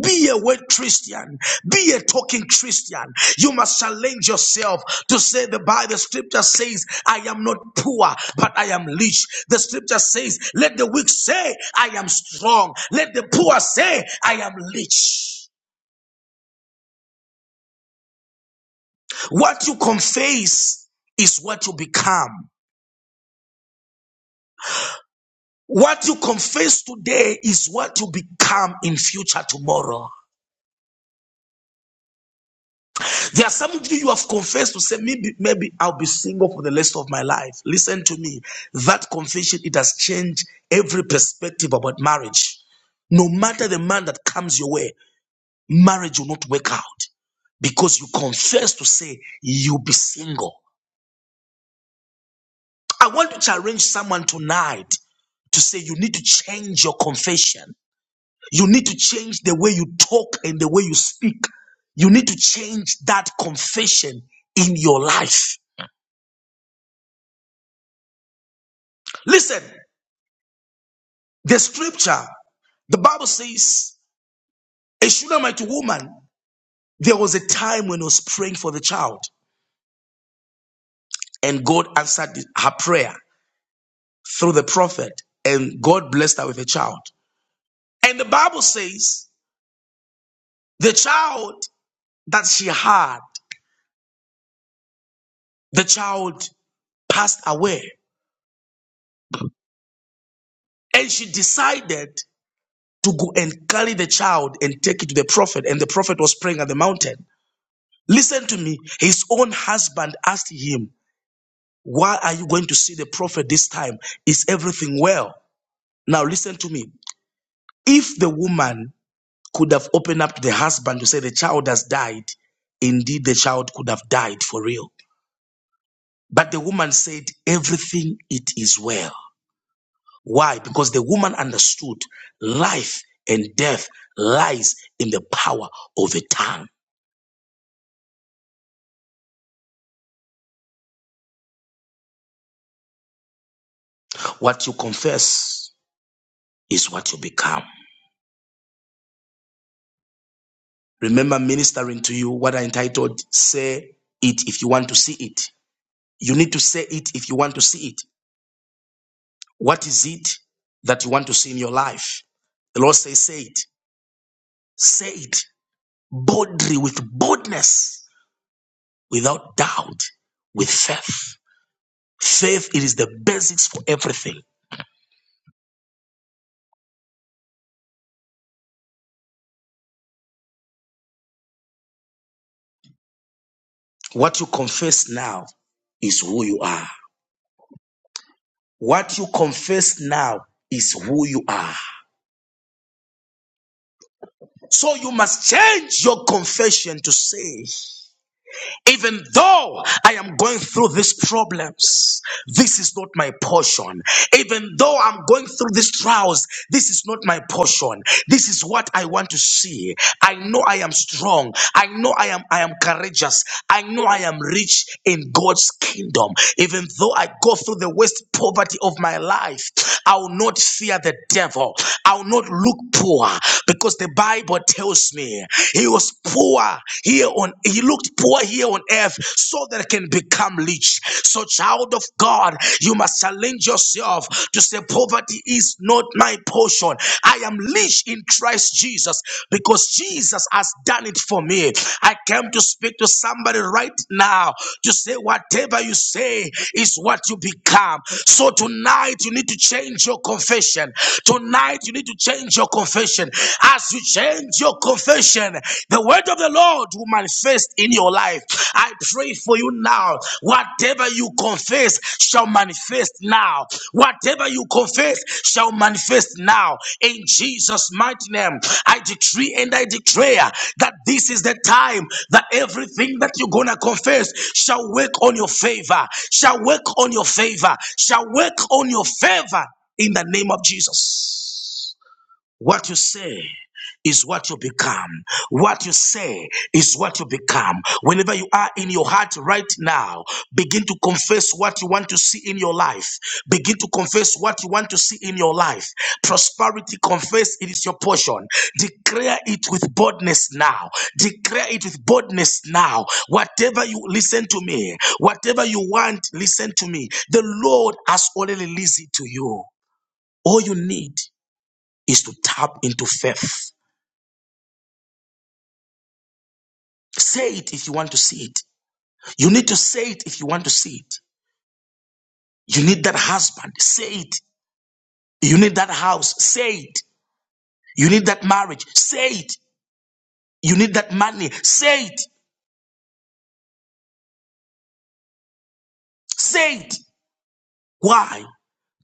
Be a word Christian. Be a talking Christian. You must challenge yourself to say the Bible The scripture says, I am not poor, but I am rich. The scripture says, let the weak say, I am strong. Let the poor say, I am rich. What you confess is what you become. What you confess today is what you become in future tomorrow. There are some of you you have confessed to say, maybe, maybe I'll be single for the rest of my life. Listen to me. That confession, it has changed every perspective about marriage. No matter the man that comes your way, marriage will not work out because you confess to say you'll be single. I want to challenge someone tonight to say you need to change your confession. You need to change the way you talk and the way you speak. You need to change that confession in your life. Listen, the scripture, the Bible says, a Shunammite woman, there was a time when she was praying for the child, and God answered her prayer through the prophet, and God blessed her with a child. And the Bible says, the child that she had, the child passed away, and she decided to go and carry the child and take it to the prophet, and the prophet was praying at the mountain. Listen to me. His own husband asked him, Why are you going to see the prophet this time? Is everything well? Now, listen to me. If the woman could have opened up to the husband to say the child has died, indeed the child could have died for real. But the woman said, Everything it is well. Why? Because the woman understood life and death lies in the power of the tongue. What you confess is what you become. Remember ministering to you what I entitled, Say It If You Want to See It. You need to say it if you want to see it. What is it that you want to see in your life? The Lord says, say it. Say it boldly with boldness, without doubt, with faith. Faith, it is the basics for everything. What you confess now is who you are. What you confess now is who you are. So you must change your confession to say Even though I am going through these problems, this is not my portion. Even though I'm going through these trials, this is not my portion. This is what I want to see. I know I am strong. I know I am I am courageous. I know I am rich in God's kingdom. Even though I go through the worst poverty of my life, I will not fear the devil. I will not look poor because the Bible tells me he was poor here on he looked poor here on earth so that it can become rich so child of god you must challenge yourself to say poverty is not my portion i am rich in christ jesus because jesus has done it for me i came to speak to somebody right now to say whatever you say is what you become so tonight you need to change your confession tonight you need to change your confession as you change your confession, the word of the Lord will manifest in your life. I pray for you now. Whatever you confess shall manifest now. Whatever you confess shall manifest now. In Jesus' mighty name, I decree and I declare that this is the time that everything that you're gonna confess shall work on your favor, shall work on your favor, shall work on your favor in the name of Jesus. What you say is what you become. What you say is what you become. Whenever you are in your heart right now, begin to confess what you want to see in your life. Begin to confess what you want to see in your life. Prosperity, confess it is your portion. Declare it with boldness now. Declare it with boldness now. Whatever you listen to me, whatever you want, listen to me. The Lord has already released it to you. All you need is to tap into faith. Say it if you want to see it. You need to say it if you want to see it. You need that husband. Say it. You need that house. Say it. You need that marriage. Say it. You need that money. Say it. Say it. Why?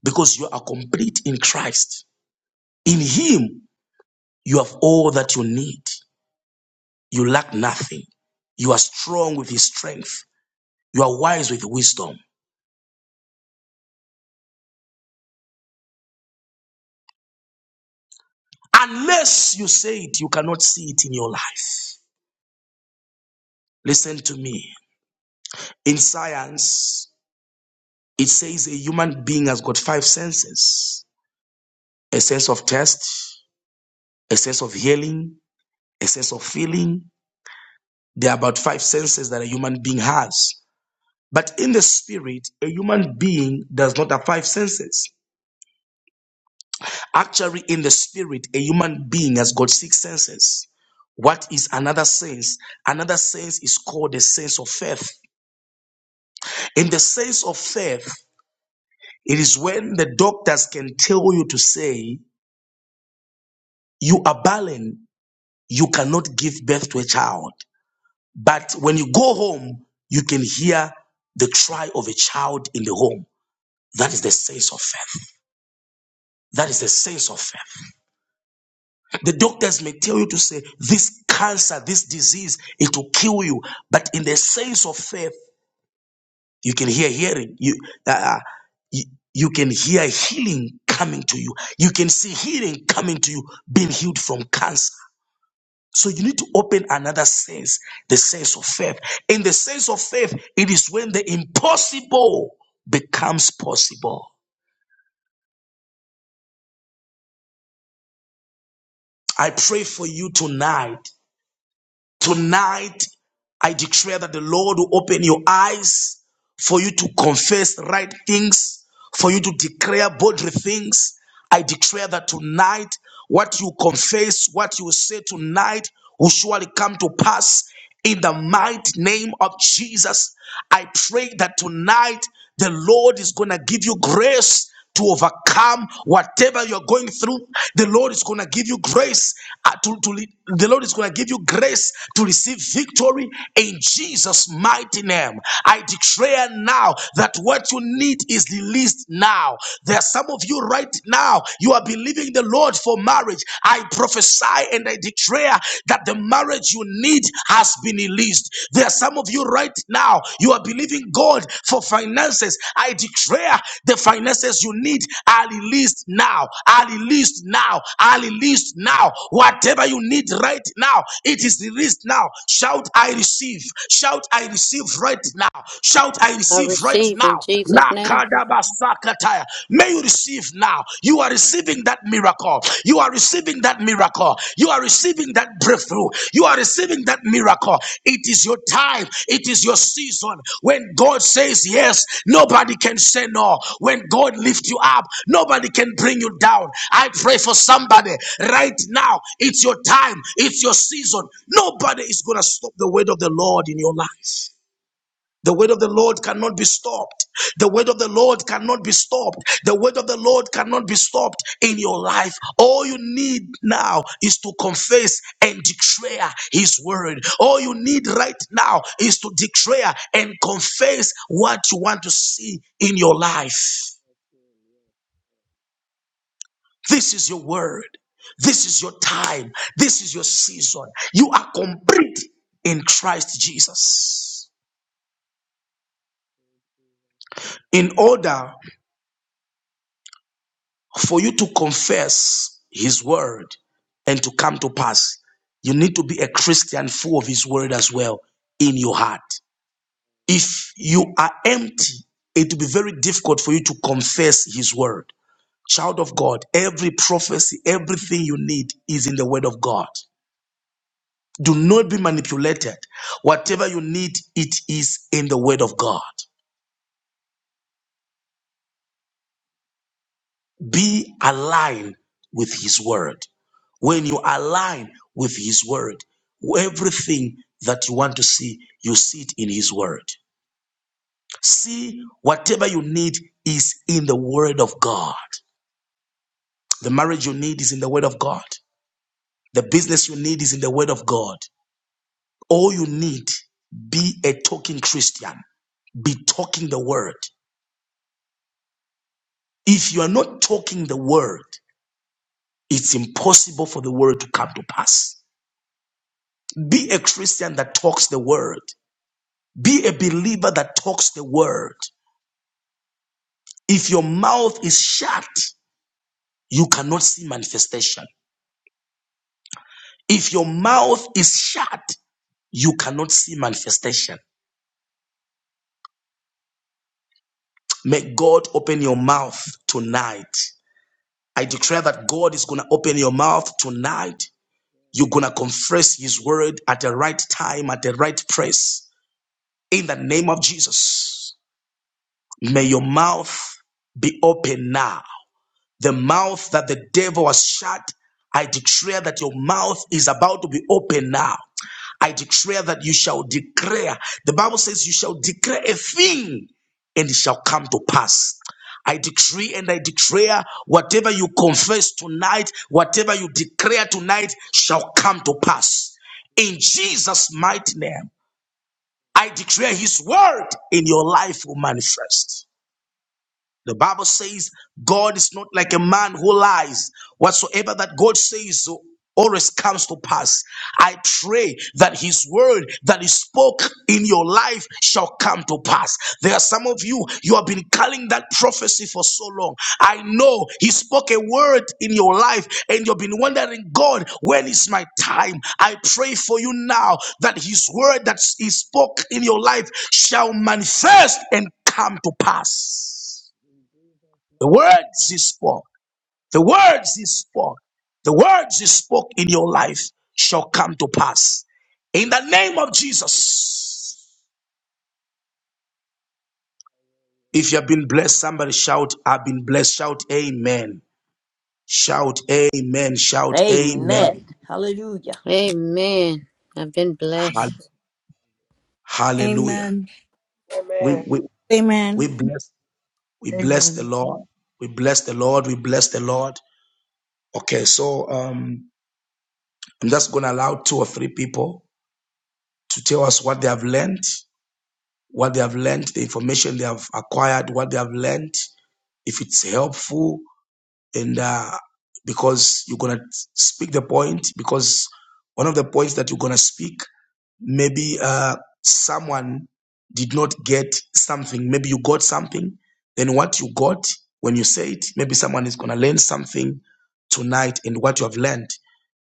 Because you are complete in Christ. In Him, you have all that you need. You lack nothing. You are strong with His strength. You are wise with wisdom. Unless you say it, you cannot see it in your life. Listen to me. In science, it says a human being has got five senses a sense of taste, a sense of hearing, a sense of feeling. There are about five senses that a human being has. But in the spirit, a human being does not have five senses. Actually, in the spirit, a human being has got six senses. What is another sense? Another sense is called the sense of faith. In the sense of faith, It is when the doctors can tell you to say, you are barren, you cannot give birth to a child. But when you go home, you can hear the cry of a child in the home. That is the sense of faith. That is the sense of faith. The doctors may tell you to say, this cancer, this disease, it will kill you. But in the sense of faith, you can hear hearing. You, uh, uh, you, you can hear healing coming to you. You can see healing coming to you, being healed from cancer. So you need to open another sense, the sense of faith. In the sense of faith, it is when the impossible becomes possible. I pray for you tonight Tonight, I declare that the Lord will open your eyes for you to confess right things, for you to declare boldly things. I declare that tonight, what you confess, what you say tonight, will surely come to pass in the mighty name of Jesus. I pray that tonight the Lord is going to give you grace to overcome whatever you're going through. The Lord is going to give you grace uh, to, to lead- the Lord is going to give you grace to receive victory in Jesus mighty name. I declare now that what you need is released now. There are some of you right now you are believing the Lord for marriage. I prophesy and I declare that the marriage marriage you need has been released. There are some of you right now, you are believing God for finances. I declare the finances you need are released now, are released now, are released now. Whatever you need right now, it is released now. Shout, I receive. Shout, I receive right now. Shout, I
I
receive right
receive in
now.
Jesus' name.
Lakadabasakataya. May you receive receive now. You are receiving that miracle. You are receiving that miracle. You are receiving that breakthrough. You are receiving that miracle. It is your time. It is your season. When God says yes, nobody can say no. When God lifts you up, nobody can bring you down. I pray for somebody right now. It's your time. It's your season. Nobody is going to stop the word of the Lord in your life. The word of the Lord cannot be stopped. The word of the Lord cannot be stopped. The word of the Lord cannot be stopped in your life. All you need now is to confess and declare His word. All you need right now is to declare and confess what you want to see in your life. This is your word. This is your time. This is your season. You are complete in Christ Jesus. In order for you to confess his word and to come to pass, you need to be a Christian full of his word as well in your heart. If you are empty, it will be very difficult for you to confess his word. Child of God, every prophecy, everything you need is in the word of God. Do not be manipulated. Whatever you need, it is in the word of God. Be aligned with His Word. When you align with His Word, everything that you want to see, you see it in His Word. See, whatever you need is in the Word of God. The marriage you need is in the Word of God. The business you need is in the Word of God. All you need, be a talking Christian, be talking the Word. If you are not talking the Word, it's impossible for the Word to come to pass. Be a Christian that talks the word. Be a believer that talks the word. If your mouth is shut, you cannot see manifestation. If your mouth is shut, you cannot see manifestation. May God open your mouth tonight. I declare that God is going to open your mouth tonight. You're going to confess His word at the right time, at the right place. In the name of Jesus, may your mouth be open now The mouth that the devil has shut, I declare that your mouth is about to be open now. I declare that you shall declare. The Bible says you shall declare a thing and it shall come to pass. I decree and I declare whatever you confess tonight, whatever you declare tonight shall come to pass. In Jesus' mighty name, I declare his word in your life will manifest. The Bible says God is not like a man who lies. Whatsoever that God says always comes to pass. I pray that his word that he spoke in your life shall come to pass. There are some of you, you have been calling that prophecy for so long. I know he spoke a word in your life and you've been wondering, God, when is my time? I pray for you now that his word that he spoke in your life shall manifest and come to pass. The words he spoke, the words he spoke, the words he spoke in your life shall come to pass. In the name of Jesus. If you have been blessed, somebody shout, I've been blessed. Shout, Amen. Shout, Amen. Shout, Amen.
Amen. Hallelujah.
Amen. I've been
Hall-
blessed.
Hallelujah.
Amen.
We,
Amen.
we, we
Thank you,
bless, we bless the
Amen.
Lord. We bless the Lord. We bless the Lord. Okay. So, um, I'm just going to allow two or three people to tell us what they have learned what they have learned, the information they have acquired, what they have learned, if it's helpful, and uh, because you're gonna speak the point, because one of the points that you're gonna speak, maybe uh, someone did not get something, maybe you got something, then what you got when you say it, maybe someone is gonna learn something tonight in what you have learned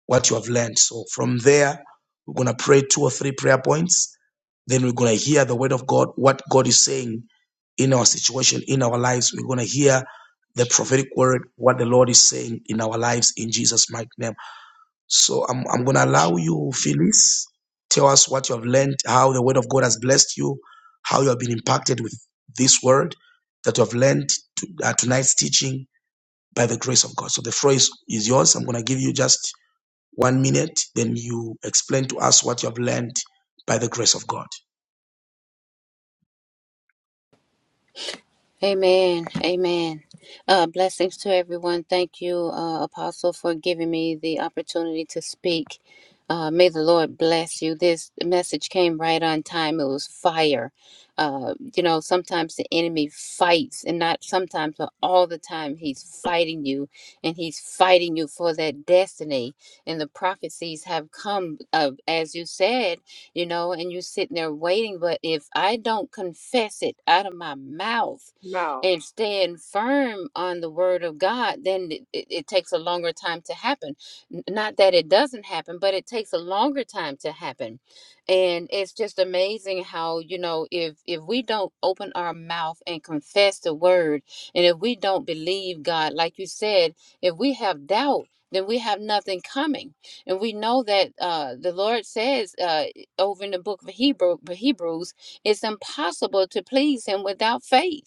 what you have learned. So from there, we're going to pray two or three prayer points. Then we're going to hear the word of God, what God is saying in our situation, in our lives. We're going to hear the prophetic
Jesus.
word, what the Lord is saying in our lives in Jesus' mighty name. So I'm, I'm going to allow you, Phyllis, tell us what you have learned, how the word of God has blessed you, how you have been impacted with this word that you have learned to, uh, tonight's teaching by the grace of God. So the floor is, is yours. I'm going to give you just one minute, then you explain to us what you have learned by the grace of God.
Amen. Amen. Uh, blessings to everyone. Thank you, uh, Apostle, for giving me the opportunity to speak. Uh, may the Lord bless you. This message came right on time. It was fire. Uh, you know, sometimes the enemy fights, and not sometimes, but all the time, he's fighting you, and he's fighting you for that destiny. And the prophecies have come, uh, as you said, you know, and you're sitting there waiting. But if I don't confess it out of my mouth,
Now.
and stand firm on the word of God, then it, it, it takes a longer time to happen. N- Not that it doesn't happen, but it takes a longer time to happen. And it's just amazing how, you know, if if we don't open our mouth and confess the word, and if we don't believe God, like you said, if we have doubt, then we have nothing coming. And we know that uh, the Lord says uh, over in the book of Hebrew, Hebrews, it's impossible to please Him without faith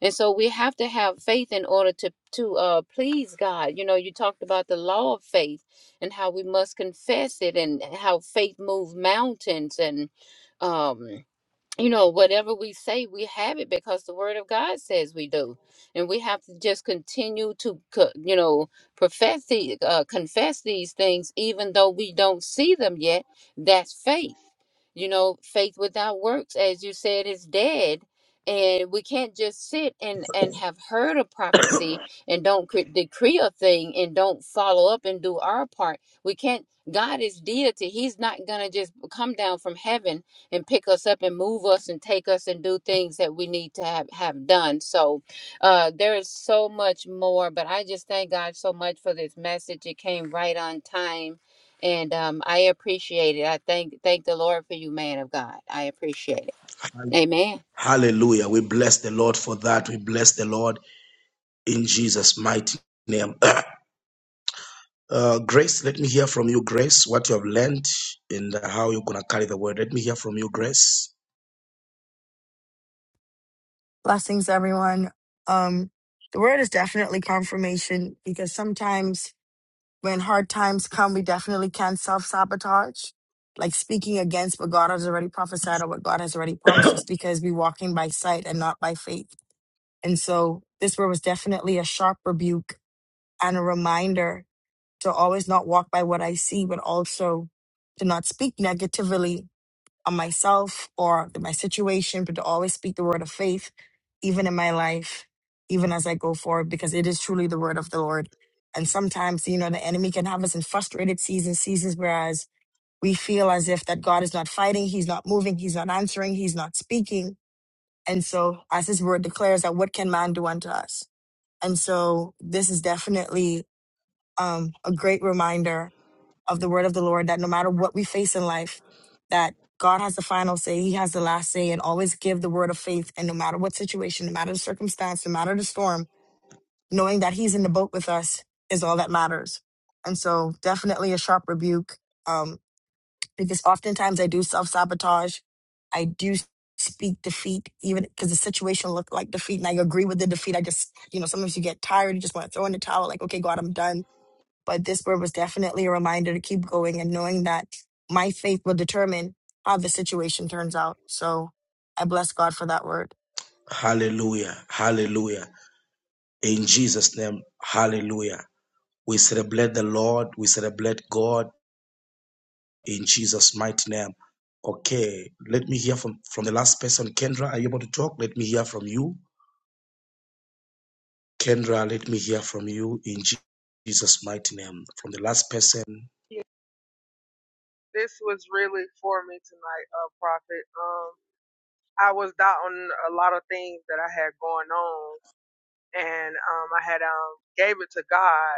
and so we have to have faith in order to to uh, please God. You know, you talked about the law of faith and how we must confess it, and how faith moves mountains, and um, you know, whatever we say, we have it because the word of God says we do. And we have to just continue to, co- you know, profess the, uh, confess these things, even though we don't see them yet. That's faith. You know, faith without works, as you said, is dead. And we can't just sit and, and have heard a prophecy and don't cre- decree a thing and don't follow up and do our part. We can't, God is deity. He's not going to just come down from heaven and pick us up and move us and take us and do things that we need to have, have done. So uh, there is so much more, but I just thank God so much for this message. It came right on time, and um, I appreciate it. I thank thank the Lord for you, man of God. I appreciate it. Amen.
Hallelujah. We bless the Lord for that. We bless the Lord in Jesus' mighty name. Uh, Grace, let me hear from you, Grace, what you have learned and how you're going to carry the word. Let me hear from you, Grace.
Blessings, everyone. Um, the word is definitely confirmation because sometimes when hard times come, we definitely can self sabotage. Like speaking against what God has already prophesied or what God has already promised Just because we're walking by sight and not by faith. And so this word was definitely a sharp rebuke and a reminder to always not walk by what I see, but also to not speak negatively on myself or my situation, but to always speak the word of faith, even in my life, even as I go forward, because it is truly the word of the Lord. And sometimes, you know, the enemy can have us in frustrated seasons, seasons whereas we feel as if that God is not fighting, He's not moving, He's not answering, He's not speaking. And so, as His word declares, that what can man do unto us? And so, this is definitely um, a great reminder of the word of the Lord that no matter what we face in life, that God has the final say, He has the last say, and always give the word of faith. And no matter what situation, no matter the circumstance, no matter the storm, knowing that He's in the boat with us is all that matters. And so, definitely a sharp rebuke um, because oftentimes I do self sabotage. I do speak defeat, even because the situation looked like defeat, and I agree with the defeat. I just, you know, sometimes you get tired, you just want to throw in the towel, like, okay, God, I'm done but this word was definitely a reminder to keep going and knowing that my faith will determine how the situation turns out. So I bless God for that word.
Hallelujah. Hallelujah. In Jesus' name, hallelujah. We celebrate the Lord. We celebrate God. in Jesus' mighty name. Okay, let me hear from, from the last person. Kendra, are you able to talk? Let me hear from you. Kendra, let me hear from you in Jesus' mighty name. From the last person.
Yeah, This was really for me tonight, uh, Prophet. Um, I was doubting a lot of things that I had going on, and um, I had um gave it to God,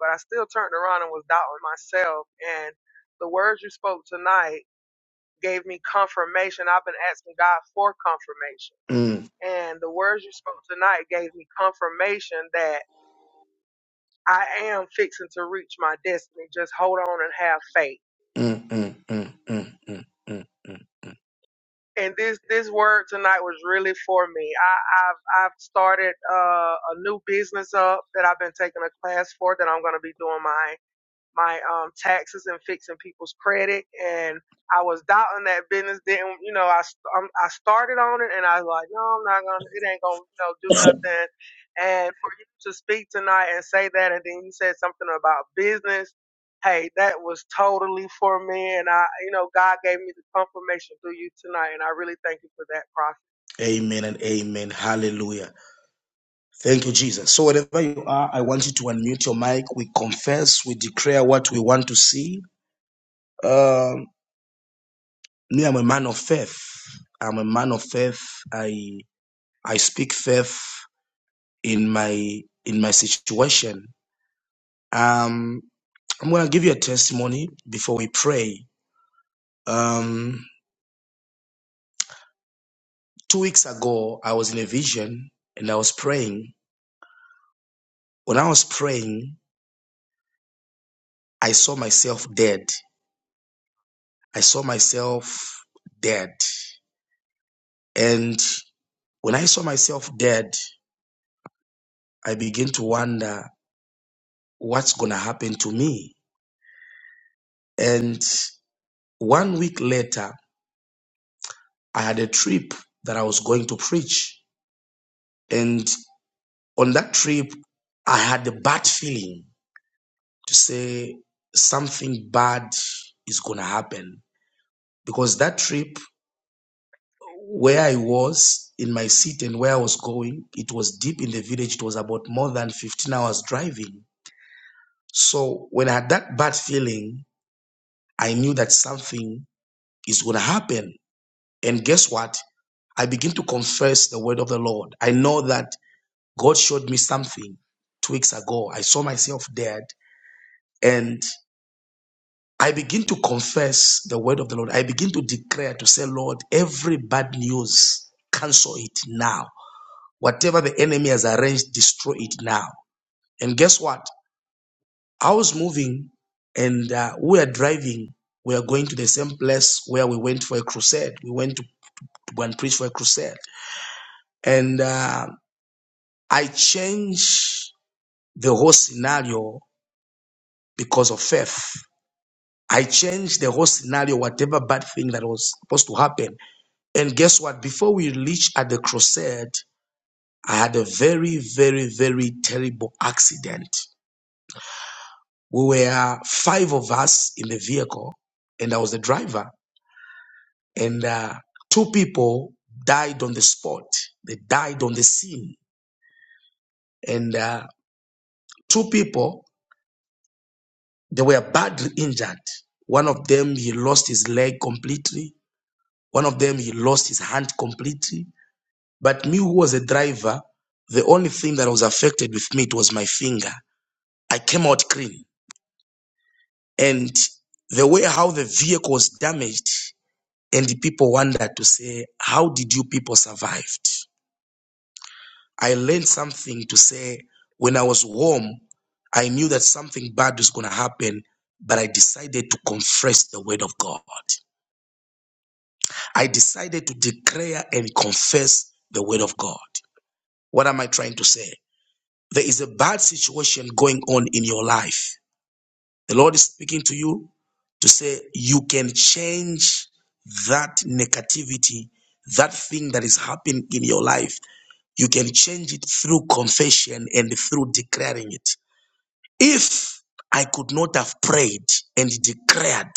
but I still turned around and was doubting myself. And the words you spoke tonight gave me confirmation. I've been asking God for confirmation
Mm,
And the words you spoke tonight gave me confirmation that I am fixing to reach my destiny. Just hold on and have faith.
mm, mm, mm, mm, mm, mm, mm.
And this this word tonight was really for me. I, I've I've started uh, a new business up that I've been taking a class for that I'm going to be doing my. my um, taxes and fixing people's credit. And I was doubting that business. Didn't you know? I st- um, I started on it, and I was like, no, I'm not gonna. It ain't gonna you know do nothing. And for you to speak tonight and say that, and then you said something about business. Hey, that was totally for me, and I, you know, God gave me the confirmation through you tonight, and I really thank you for that, Prophet.
Amen and amen. Hallelujah. Thank you, Jesus. So, wherever you are, I want you to unmute your mic. We confess, we declare what we want to see. Um, me, I'm a man of faith. I'm a man of faith. I I speak faith. in my in my situation. Um, I'm gonna give you a testimony before we pray. Um, two weeks ago, I was in a vision and I was praying. When I was praying, I saw myself dead. I saw myself dead, and when I saw myself dead, I began to wonder what's gonna happen to me. And one week later, I had a trip that I was going to preach. and. on that trip, I had a bad feeling to say something bad is going to happen because that trip, where I was in my seat and where I was going, it was deep in the village. It was about more than 15 hours driving. So when I had that bad feeling, I knew that something is going to happen. And guess what? I begin to confess the word of the Lord. I know that God showed me something two weeks ago. I saw myself dead. and. I begin to confess the word of the Lord. I begin to declare to say, Lord, every bad news, cancel it now. Whatever the enemy has arranged, destroy it now. And guess what? I was moving and uh, we are driving. We are going to the same place where we went for a crusade. We went to to go and preach for a crusade. And uh, I changed the whole scenario because of faith. I changed the whole scenario, whatever bad thing that was supposed to happen. And guess what? Before we reached at the crusade, I had a very, very, very terrible accident. We were five of us in the vehicle, and I was the driver. And uh, two people died on the spot. They died on the scene. And uh, two people, they were badly injured. One of them, he lost his leg completely. One of them, he lost his hand completely. But me, who was a driver, the only thing that was affected with me, it was my finger I came out clean. And the way how the vehicle was damaged, and the people wondered to say, How did you people survived? I learned something to say when I was home, I knew that something bad was gonna happen, but I decided to confess the word of God. I decided to declare and confess the word of God. What am I trying to say? There is a bad situation going on in your life. The Lord is speaking to you to say you can change that negativity, that thing that is happening in your life. You can change it through confession and through declaring it. If I could not have prayed and declared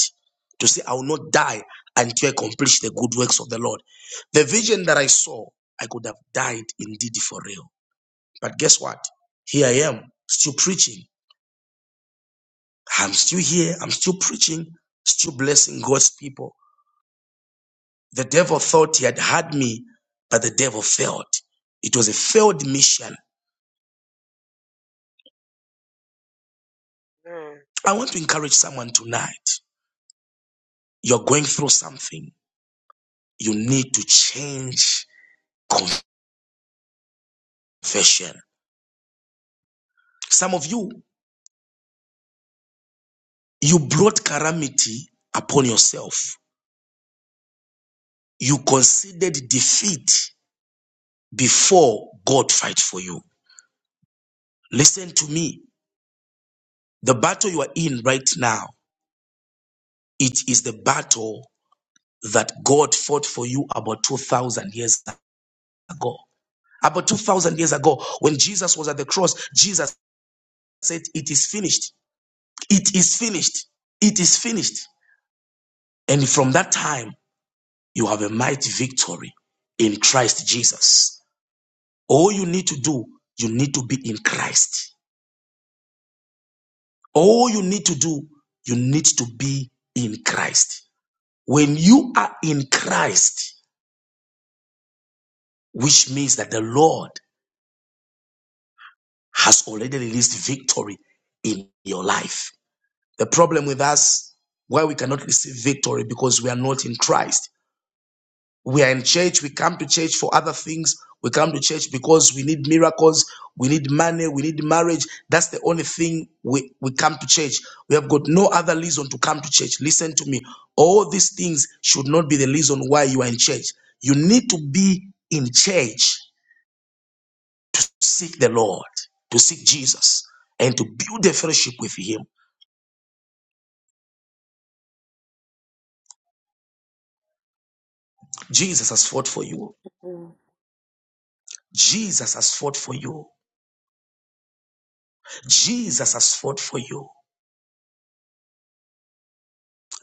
to say, I will not die until I accomplish the good works of the Lord. The vision that I saw, I could have died indeed for real. But guess what? Here I am, still preaching I'm still here. I'm still preaching, still blessing God's people. The devil thought he had had me, but the devil failed. It was a failed mission.
Mm.
I want to encourage someone tonight. You're going through something. You need to change confession. Some of you, you brought calamity upon yourself. You considered defeat before God fight for you. Listen to me. The battle you are in right now, it is the battle that God fought for you about 2,000 years ago. About 2,000 years ago, when Jesus was at the cross, Jesus said, It is finished. It is finished. It is finished. And from that time, you have a mighty victory in Christ Jesus. All you need to do, you need to be in Christ. All you need to do, you need to be in Christ. When you are in Christ, which means that the Lord has already released victory in your life. The problem with us, why we cannot receive victory because we are not in Christ. We are in church, we come to church for other things. We come to church because we need miracles, we need money, we need marriage. That's the only thing we, we come to church. We have got no other reason to come to church. Listen to me. All these things should not be the reason why you are in church. You need to be in church seek the Lord, to seek Jesus, and to build a fellowship with Him. Jesus has fought for you.
Mm.
Jesus has fought for you. Jesus has fought for you.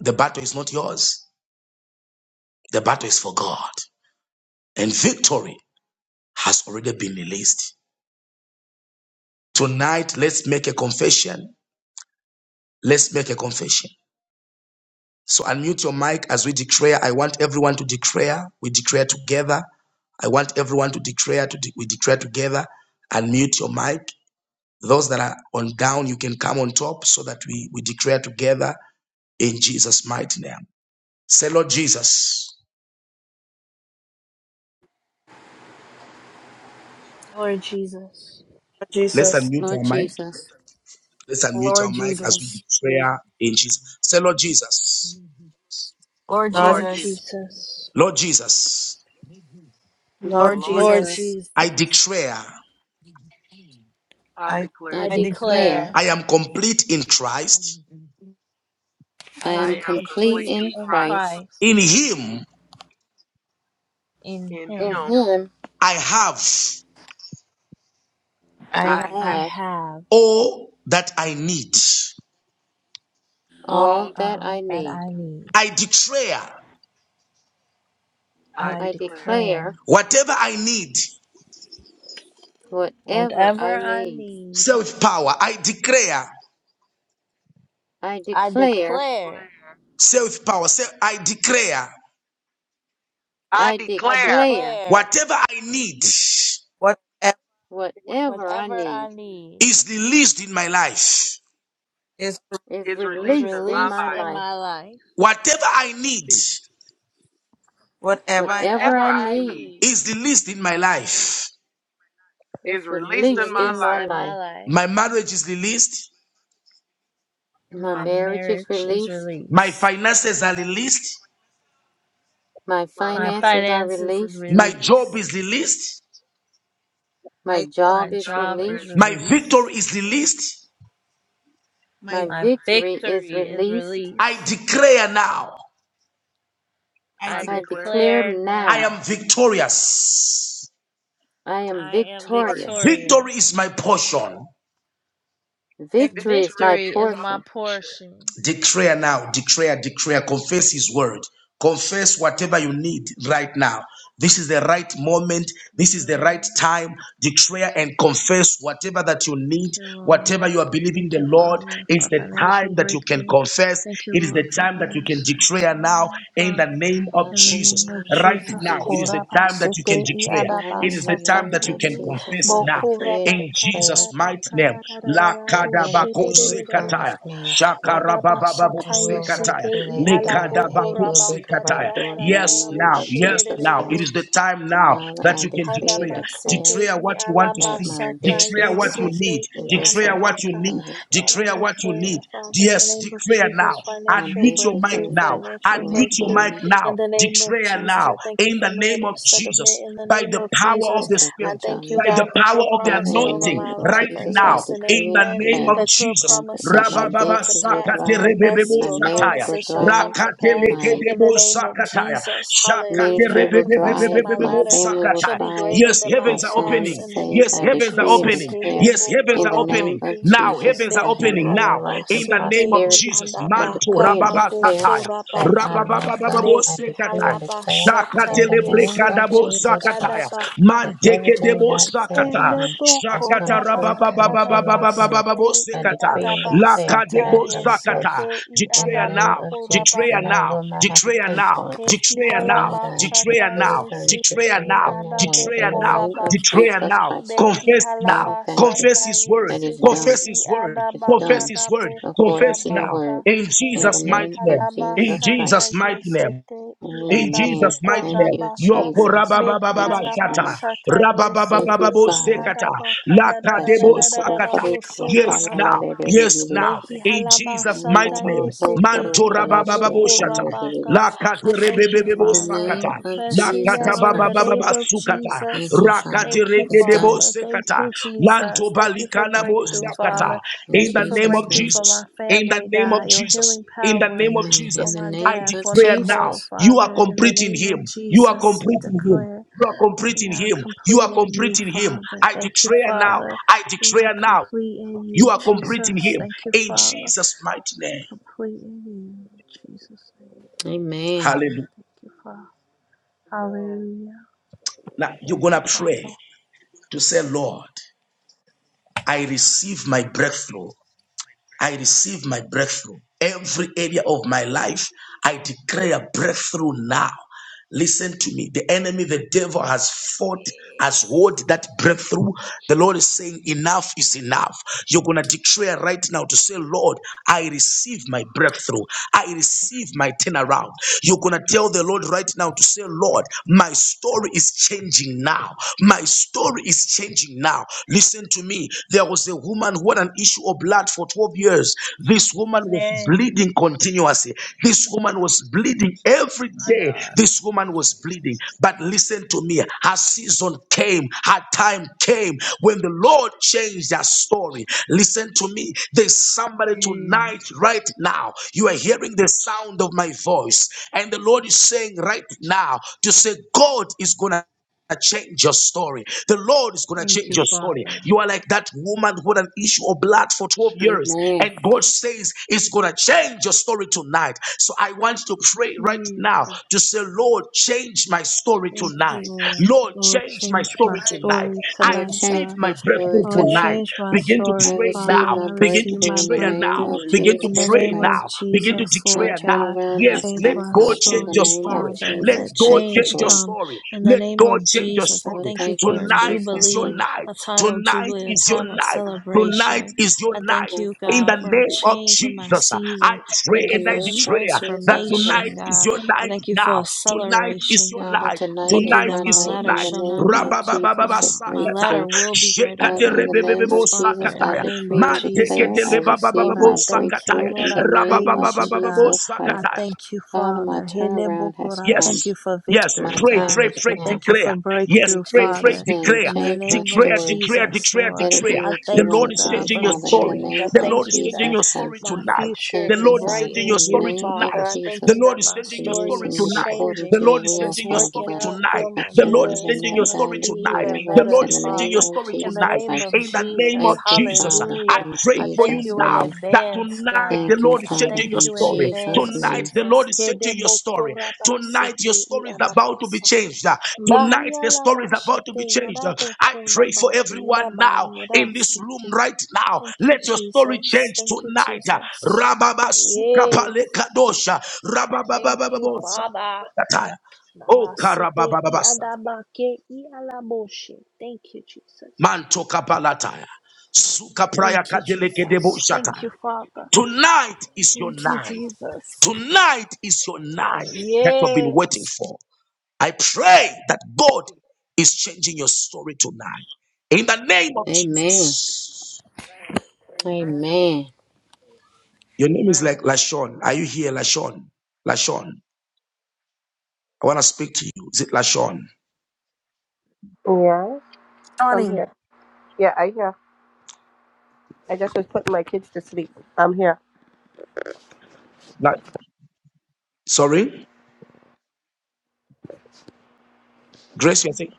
The battle is not yours, the battle is for God. And victory has already been released. Tonight, let's make a confession. Let's make a confession. So, unmute your mic as we declare. I want everyone to declare. We declare together. I want everyone to declare. To de- we declare together. Unmute your mic Those that are on down, you can come on top so that we, we declare together in Jesus' mighty name. Say, Lord Jesus,
Lord Jesus,
Lord
let's
Jesus,
unmute
Lord
our mic.
Jesus,
Let's unmute our
Lord
mic as we
Jesus,
declare in Jesus. Say, Lord Jesus,
Lord
Lord,
Lord
Lord Jesus,
Jesus,
Jesus,
Lord Jesus,
Lord,
Lord
Lord
Lord
Lord
Jesus,
Jesus,
Jesus,
I
Jesus,
declare
I
I,
I
declare
I
I
declare
declare
declare
I am complete in Christ.
I
I
I
am
am
am
complete
complete
complete
in
in
in
Christ.
Christ.
In
Christ.
Him,
In
In
In
Him
Him,
Him,
I have
I
I
have
I have.
I
have
have
all that I need.
all,
all
all
that I
all
day.
that
need.
I need.
I declare
I
I,
I
I
declare,
declare.
declare
whatever I need,
whatever
whatever
I
I
need.
need.
self power. I declare
I
I
I
declare,
declare,
declare,
self power. Say, I declare.
I
I
I
declare
declare,
declare
Whatever I need is
whatever
what
whatever I
whatever
need
I need
the least in my life.
is,
is
is
is
released
released
in my
in
released
my
life.
in
life.
my life.
Whatever I need
Jesus.
whatever I-
Whatever
Whatever
Whatever
I
I
I
need
need
need
is the least in my life.
is
is
is
released in
released
my
in
released
my
life.
in my
life.
life.
My marriage is the least.
My
My
My
marriage
marriage is
marriage is
released.
is
My
released,
released.
finances are the least.
My
my
My
finances
finances
are
are
finances is
released.
released,
My job
released.
is the least.
My
my,
job
My
is
job
job
is
is
released.
My
released.
released.
victory is the least.
My
my,
My
My
vic-
victory is
victory is
released.
I
released.
declare now,
I
I
I
I
declare,
declare
declare
now
declare
I
now
am
now
victorious.
I
I
am
am
I am
victorious.
victorious.
Victory
victorious.
is my portion.
Victory is
Victory
my
Victory
is
is
my
my
portion.
portion.
portion.
Declare now, declare, declare, confess His word. Confess whatever you need right now. This is the right moment.
Thank
This is
you,
the right
Lord.
time.
Thank you,
Declare and confess
Jesus.
whatever that you
Thank
need,
you,
whatever
Lord.
you are believing
Thank
the
you,
Lord.
Father,
It's
for
the
financial
time that you can
breakthrough.
confess.
Thank you,
It is
Lord,
the
for
time that you can
mercy. so
declare now in
Father.
the name of
Father,
In the
in the
Jesus.
name of
name
Right
of
Jesus,
now, it is
Jesus.
the
Koraba
time that you can
Sete
declare.
Father,
Iadaba
It
in
is
the
the time
Sata
name
that you
of
can
Yende
Jesus,
confess
I
now
decree and
Bokuraba
in
declare
Jesus'
Kadaraba
mighty name. La
that
Kadarabo
kadabako
Shete
everything you
Rabo
zekataya.
promised me is here.
Hadaba
Shakarabababu
I
Sata
will walk
Sekataya.
Yesete
through that door,
Ialabo
and it
Lekadabaku
will
Koraba
be the
Sekataya.
right door in the
Yes,
Kadarabo
name
now.
of
Yes,
Shete
Jesus
now. It
Christ.
is
Rabo
the time now
Father,
that
I
you can
decree and
declare.
Hanamasete
declare
Declare
i
what you want to
that
see.
my
alamasata
Declare
business it
what you
has
need.
yesete i
it will
Declare
su-
what you
anabaka.
need.
uh,
God, I
Declare what you need.
declare, Father, in the
Yes,
name of
declare
Jesus,
now.
my
financial
Unmute your
business
mic
breakthrough,
uh,
now.
it
financial
will
Unmute your
breakthrough.
mic
um
In
now.
the name of
Declare
Jesus, I
now.
thank you
In
for
the name of
marital settlement.
Jesus.
In the
By
name
the
of
power
Jesus,
of the
it's a
I
Spirit
reach
thank
on
you,
by the
this.
God, that
power
your
of the
Father,
promises
in the
over
anointing
my
name of
life
right
are
Jesus, I
now
yes and
in
decree and
the
amen.
name
declare
of
That your
Jesus.
that
promises
that my
shall come
Rababa
to
business will
pass. I
sakate
thrive,
confess
rebebebo
my
your
marriage
sataya.
will
promises shall
thrive,
come to
Rakate
pass
my.
in the
lekedebo
name of
sakataya.
Jesus.
Shakate
Ministry
Hallelujah. I
will
confess that
thrive.
my
My
rebebebebebebebo
latter
family will
shall
sakataya.
be
thrive.
greater
Yes,
than my
My
heavens are
son
past
is
opening.
in the
saved.
name
Yes,
I
of
heavens are
decree and
Jesus.
opening.
declare
Yes, heavens
in
are
the name
opening.
of
Hedebokorabaki,
Now,
Jesus
heavens
that
are
I have
opening
long
now.
life and
In the
mehihalabasete
name of
i
prosperity.
Jesus.
I
Manto
decree and
rababa
declare
sataya.
that I
alabakadabokorabaki,
Rababa
love God.
bababo
I decree and
sekataya.
declare in the
Shakatele
name of
mehihalabasatayesete
brekadabo
i
Jesus
sakataya.
Christ
alabaka,
that
Manteke
everything
debo
God said about
sakata.
me has
Shakata
come true in Jesus' name.
rabababababababababo
helebokorabakadabasete
I
i
sekata.
decree and declare that
Lakadebo
I have a
sakata.
house
alabasatayesete i
in the
Declare
name
now.
of Jesus
Declare
and
alabokorabaka.
I
now.
will not have to
Declare
pay
now.
for it
He
Declare
at One
now.
hihalaba
Rwanda is
sata
Declare
fully
now.
furnished with
yesite
Declare
i
now.
everything I
adabo
wanted. In
Declare
the
now.
name of
korabaka.
Declare
Jesus
now.
Christ,
Be
Confess now.
Father,
hihalaba
thank you.
sata
Confess his word.
It is
yesite
done.
Confess
i
his word.
It's
adabaka
Confess
done
his
dabo
word.
according
Confess
to your
now.
korabaka.
word.
In
Be
In the
Jesus'
name
mighty
of
name.
hihalaba
In
Jesus
sata
Christ.
Jesus' mighty name.
yesite i
In
adabo
Amen.
Jesus' mighty
Thank
name,
you,
korabaka.
Yoko
Jesus.
Be
In
Rabababa
Jesus'
hihalaba
Shata,
name.
sata
Thank
yesite
you,
Rababababo
i
Father.
Sekata,
adabaka da da da da
Lakadebo
da
Kachina
da da
koro
da
Sakata.
korishia,
soto
Yes,
kala
now,
rabaka.
yes,
Be
now, in
hihalaba
Jesus'
sata
mighty name,
yesite i
Mantora
adabo
Babababo Shata,
korabaka.
Lakate
I thank you,
In
Rebebebo
the
Father.
name
Sakata,
of
Confessing
Jesus
Lakata
now in the
Christ.
name
Babababa
of
Sukata,
Thank
Jesus.
you,
Rakate
Father.
Thank you,
It's done.
Rekedebo
Father. Thank
Sekata,
you, Jesus.
Lanto
Thank you for
Balikana
Yes, God
breakthrough,
is done.
Sakata,
Father.
In
in
Thank you
the
for
name
Jesus'
of
breakthrough
name.
for my
Jesus, in the
family,
name of
God. Your
Jesus,
healing
in the
power
name of
Amen.
for
In
Jesus.
the
my
I
name
dad,
of
for
declare now,
Nicole,
Jesus.
you are
Father. In the
complete in
name of
him. You are
Jesus, we
complete in him.
declare
You are
that
complete
we
in
are
him. You
complete
are
in
complete
you,
in him.
Father.
I
Thank you,
declare now.
Father.
I
We are
declare now.
complete in
You
you,
are complete in
Jesus.
him.
Thank you,
In
Father.
Jesus' mighty name.
Complete in you, Jesus.
Amen.
Hallelujah.
Thank you, Father.
No,
Hallelujah.
Now you're
Thank you,
gonna
Father.
pray to say, Lord, I receive my breakthrough. I receive my breakthrough. Every area of my life, I declare a breakthrough now. Listen to me. The enemy, the devil has fought, has won that breakthrough. The Lord is saying, enough is enough. You're going to declare right now to say, Lord, I receive my breakthrough. I receive my turnaround. You're going to tell the Lord right now to say, Lord, my story is changing now. My story is changing now. Listen to me. There was a woman who had an issue of blood for 12 years. This woman was
Yes,
bleeding continuously. This woman was bleeding every
my
day.
God.
This woman was bleeding. But listen to me. Her season came. Her time came when the Lord changed her story. Listen to me. There's somebody
Mm,
tonight, right now. You are hearing the sound of my voice. And the Lord is saying right now to say, God is going to to change your story. The Lord is going to
Thank
change
you,
your story.
Father.
You are like that woman who had an issue of blood for 12
Change
years,
Amen.
and God says it's going to change your story tonight. So I want you to pray right
it.
now
Jesus.
to say, Lord, change my story
Thank you,
tonight.
Lord.
Lord,
Lord,
change my
change my
story
Change
tonight.
story
myself.
I
Lord,
tonight,
receive
change
God.
my
my story
breakthrough
Lord,
tonight.
tonight.
change my
Begin to
I
story,
pray
receive
now.
Father.
my
I
Begin to
receive
breakthrough
my
in the
declare
name
now.
breakthrough
of
Lord.
Begin to
in the
Jesus
pray
name of
Christ.
now. Begin to
Jesus,
My
Lord
declare now.
God.
turnaround
Yes,
has
Change
let
come,
my
God
Father, in
change
the
your
story,
name of
story.
Father.
Let let
Jesus.
Let
God
Thank you,
change
change your
Lord.
come
story.
in the
Let
name
God
of
change your
Jesus. I
Lord,
story.
thank you
thank you,
for a
Tonight is
Jesus,
your
for
Jubilee,
your
night.
a time of
Tonight
Jubilee, a
is your
time of
night. Tonight
celebration.
is your
I
night.
thank
Yes,
you,
In
God.
God,
the
for a
name of
change in my
Jesus, uh, I
season.
pray
In
Thank
the
you
and I
for
name of
declare that
Jesus
tonight
transformation,
Christ.
is
God.
your
I
night
thank you for
now. Tonight is
acceleration,
your
Father,
God.
night.
I
tonight
thank
is
you
Tonight
that
my
my
is
night
your
ladder
in the
night.
shall not
name
be
of Jesus
Rabababa
for
uh, my
breakthrough.
sakataya.
latter will be greater than
Father,
Shekate
my
in the name
rebebebebo
of
past, Father,
Jesus,
in
I
the
sakataya.
name
decree
of
and declare
Mandekete
I
Jesus.
receive
Lord, I
lebabababo
my
thank you.
sakataya.
breakthrough
Lord,
in the
I
name of
praise you, God.
Rababababo
Jesus
I
Christ.
sakataya.
thank you,
Father, my
Father. Hele
turnaround has
bokora. I
come.
thank
Yes.
you for
Yes,
My
victory,
pray,
God.
time
pray,
is
I
pray,
now.
thank you
declare.
for
Yes,
In
breakthrough,
pray, pray,
Jesus'
Father.
name,
In
declare.
the
change my
name of
Declare,
story.
declare,
Jesus,
declare,
Lord,
Let it be
declare.
I
what you
The
thank
want
Lord
you,
it
is
to
God,
be,
changing
for
your
the
Father, in the
story.
change. I
name
The
of
Lord
thank
is
you
changing
that
Jesus
your story
Christ.
my
tonight.
future
The
Thank
is
you,
Lord is
bright
Father,
changing your
in
in the
you,
story
name of
Father.
tonight.
I thank
The
Jesus,
you
Lord
that
is
my
changing
for
your
story
story
using
is
me
tonight.
changing
according
The
to your
Lord is
and
will,
it's
changing your
Father
working
story
God.
out
tonight.
for
I
my
The
shall
Lord
live
is
good.
and
It's
changing your
not
going to
die
story
and
be
declare
tonight.
your
even
The
works
Lord
better,
in
is
the
changing
name
your
Father.
of
story
In the
Jesus
tonight.
name of
Christ.
In the name
Jesus,
of
Thank you,
Jesus,
Father,
I
hallelujah.
in
pray
I
for
thank
you
Jesus'
you in
now
name.
that
advance,
tonight
God.
the
Thank you,
Lord is
I
Father,
changing
thank
your
in
you in
story.
Jesus'
advance,
Tonight
name.
the
Jesus.
Lord is changing your story. Tonight your
Kedebokorabasete
story is about to be
iadabasa.
changed. Tonight the story is about to be
Bayalabashete
changed. I pray for
adabokorabake
everyone now in this room
labayarasete.
right now.
Thank you,
Let your story
Jesus.
change
Thank you,
tonight.
Jesus.
Rababa
Yes.
sukapalekadosha.
Thank you, Father.
Rabababababosakataya. Oh
Namasete i
karababababasa.
adabake i alaboshe. Thank you, Jesus.
Manto kapalataya. Suka
Thank
praya
you,
kadele kedebo
Jesus. Thank you, Father.
Tonight is your
Thank you,
night.
Jesus.
Tonight is your night
Let it
that you have been waiting
Yes.
for. I pray that God
be.
is changing your story tonight. In the name of
Amen.
Jesus.
Amen. Amen.
Amen.
Your name is
Amen.
like Lashon. Are you here, Lashon? Lashon. I want to speak to you. Is it Lashon?
Yeah, I'm
Shawnee
here. Yeah, I hear. I just was putting my kids to sleep. I'm here.
La- Sorry? Grace, you're saying?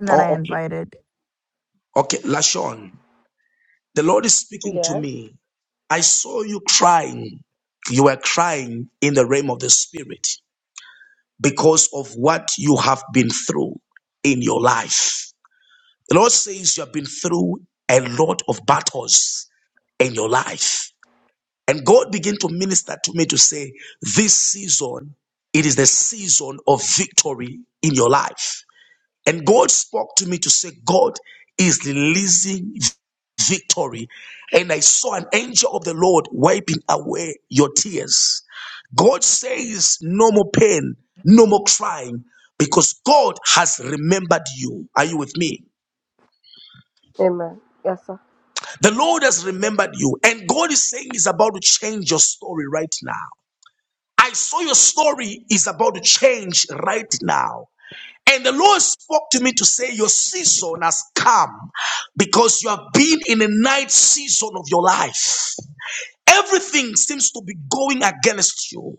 that I
Oh, okay.
invited.
Okay, Lashon. The Lord is speaking to
Yes.
me. I saw you crying. You were crying in the realm of the spirit. because of what you have been through in your life. The Lord says you have been through a lot of battles in your life. And God began to minister to me to say, This season, it is the season of victory in your life. And God spoke to me to say, God is releasing victory. And I saw an angel of the Lord wiping away your tears. God says, No more pain, no more crying, because God has remembered you. Are you with me?
Amen. Yes, sir.
The Lord has remembered you, and God is saying He's about to change your story right now. I saw your story is about to change right now. And the Lord spoke to me to say, Your season has come because you have been in a night season of your life. Everything seems to be going against you.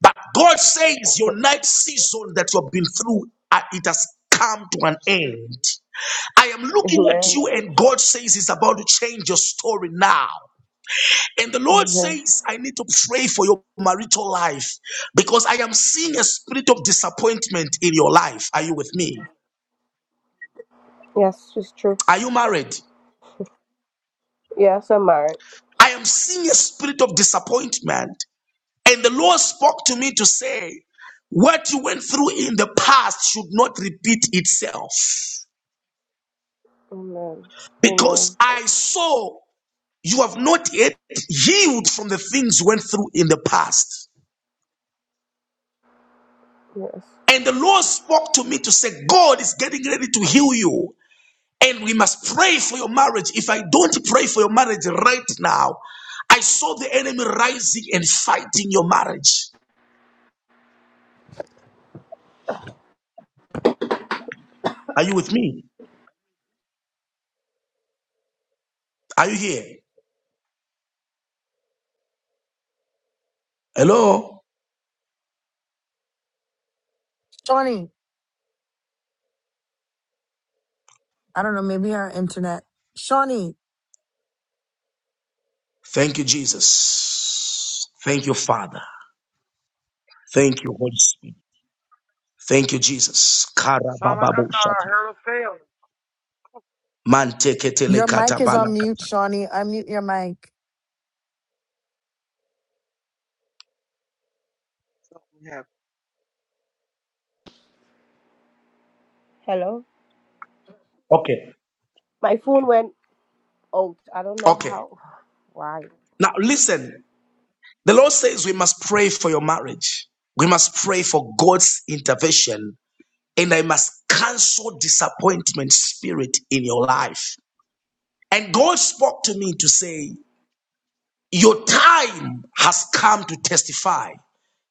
But God says, Your night season that you have been through, uh, it has come to an
Excuse me.
end. I am looking at
Amen.
you, and God says, it's about to change your story now. And the Lord
Amen.
says, I need to pray for your marital life because I am seeing a spirit of disappointment in your life. Are you with me?
Yes, it's true.
Are you married?
Yes, I'm married.
I am seeing a spirit of disappointment. And the Lord spoke to me to say, What you went through in the past should not repeat itself.
Amen.
Because
Amen.
I saw you have not yet healed from the things you went through in the past.
Yes.
And the Lord spoke to me to say, God is getting ready to heal you. And we must pray for your marriage. If I don't pray for your marriage right now, I saw the enemy rising and fighting your marriage. Are you with me? Are you here? Hello?
Shawnee, I don't know, maybe our internet. Shawnee,
Thank you, Jesus. Thank you, Father. Thank you, Holy Spirit. Thank you, Jesus.
It Sound like I thought I
Karabababoshata.
heard a fail.
your mic is on mute.
Manteketelekatabalakata.
Shawnee, unmute your mic.
Something happened
Hello?
Okay.
My phone went out. I don't know
Okay.
how. Why?
Now listen. The Lord says we must pray for your marriage. We must pray for God's intervention. And I must cancel disappointment spirit in your life. And God spoke to me to say, Your time has come to testify.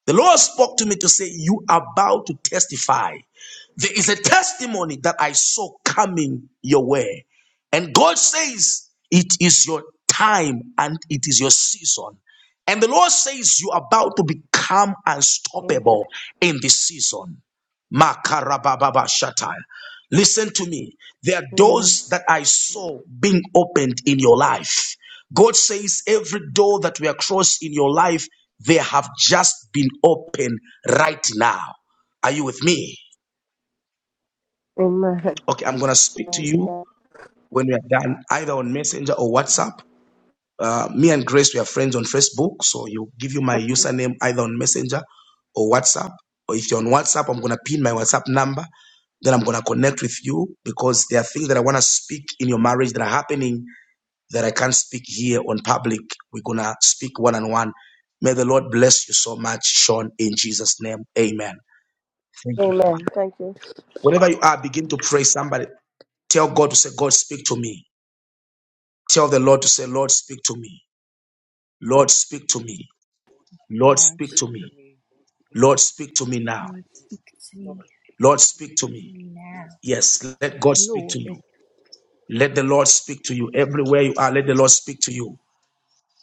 The Lord spoke to me to say, You are about to testify. There is a testimony that I saw coming your way. And God says, It is your time and it is your season. And the Lord says, You're about to become
Amen.
unstoppable in this season. Makarababa Shatai. Listen to me. There are
Amen.
doors that I saw being opened in your life. God says every door that we are crossed in your life, they have just been opened right now. Are you with me?
Amen.
Okay, I'm gonna speak to
Amen.
you when we are done, either on Messenger or WhatsApp. Uh, me and Grace, we are friends on Facebook, so you give you my username either on Messenger or WhatsApp. Or if you're on WhatsApp, I'm gonna pin my WhatsApp number. Then I'm gonna connect with you because there are things that I wanna speak in your marriage that are happening that I can't speak here on public. We're gonna speak one on one. May the Lord bless you so much, Sean, in Jesus' name. Amen. Thank you,
Amen.
Father.
Thank you.
Whenever you are, begin to pray somebody. Tell God to say, God, speak to me. Tell the Lord to say, Lord, speak to me. Lord, speak to me. Lord,
Lord,
speak
Speak
to
to
me.
me.
Lord, speak to me now.
Lord, speak to
Lord,
me,
speak
Lord,
to
speak
me.
to
to
me.
me now.
Yes,
Yeah,
let God speak to
Lord,
you. Let the Lord speak to
I
you
don't speak
everywhere you are. Let the Lord speak to you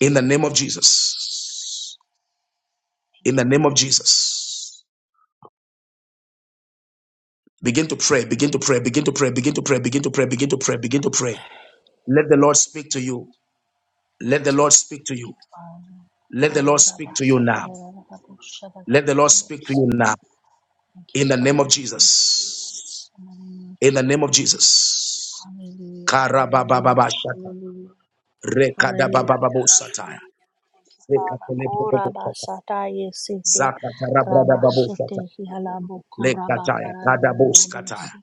in the name of Jesus. In
thank
the
you,
name of
Father.
Jesus. Begin to pray, begin to pray, begin to pray, begin to pray, begin to pray, begin to pray, begin to pray. Let the Lord speak to you. Let the Lord speak to you.
Father.
Let the
Oh,
Lord speak to you now. Let the Lord speak to
rabashatarabushatarabusha.
you now.
Thank you,
In the name of
Father. Thank you, Jesus.
Jesus.
In the name of
in the name of
Jesus.
Jesus.
Hallelujah. Hallelujah.
Karabababashata.
Hallelujah. Hallelujah.
Rekadabababosataya.
Hallelujah. Thank you, Father. Ora
Rekatelebobobosata.
basata yesete rabashete
Zakatarabradababosata.
hialabu koraba
Lekataya. Kadaboskataya.
kararararabusi.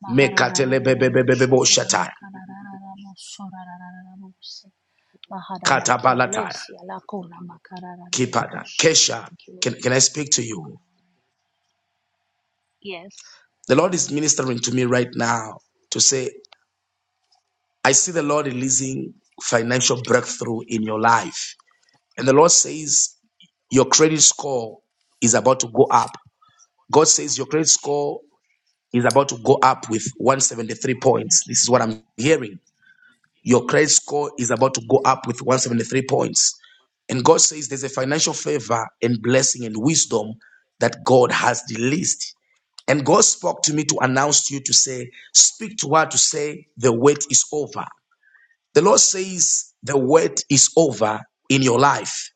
Mahararararabusho
Mekatelebebebebebosataya.
torabakarararabuso rarararabusi.
Katabalataya.
Maharabakielesi alakorama
Kipada.
kararararabusha.
Kesha.
Thank you,
Can,
Lord.
can I speak to you?
Yes.
The Lord is ministering to me right now to say, I see the Lord releasing financial breakthrough in your life. And the Lord says, your credit score is about to go up God says your credit score is about to go up with 173 points.
Thank you,
This is what
Lord.
I'm hearing. Your credit score is about to go up with 173 points. And God says there's a financial favor and blessing and wisdom that God has released. And God spoke to me to announce to you to say, speak to her to say, the wait is over. The Lord says, the wait is over in your life.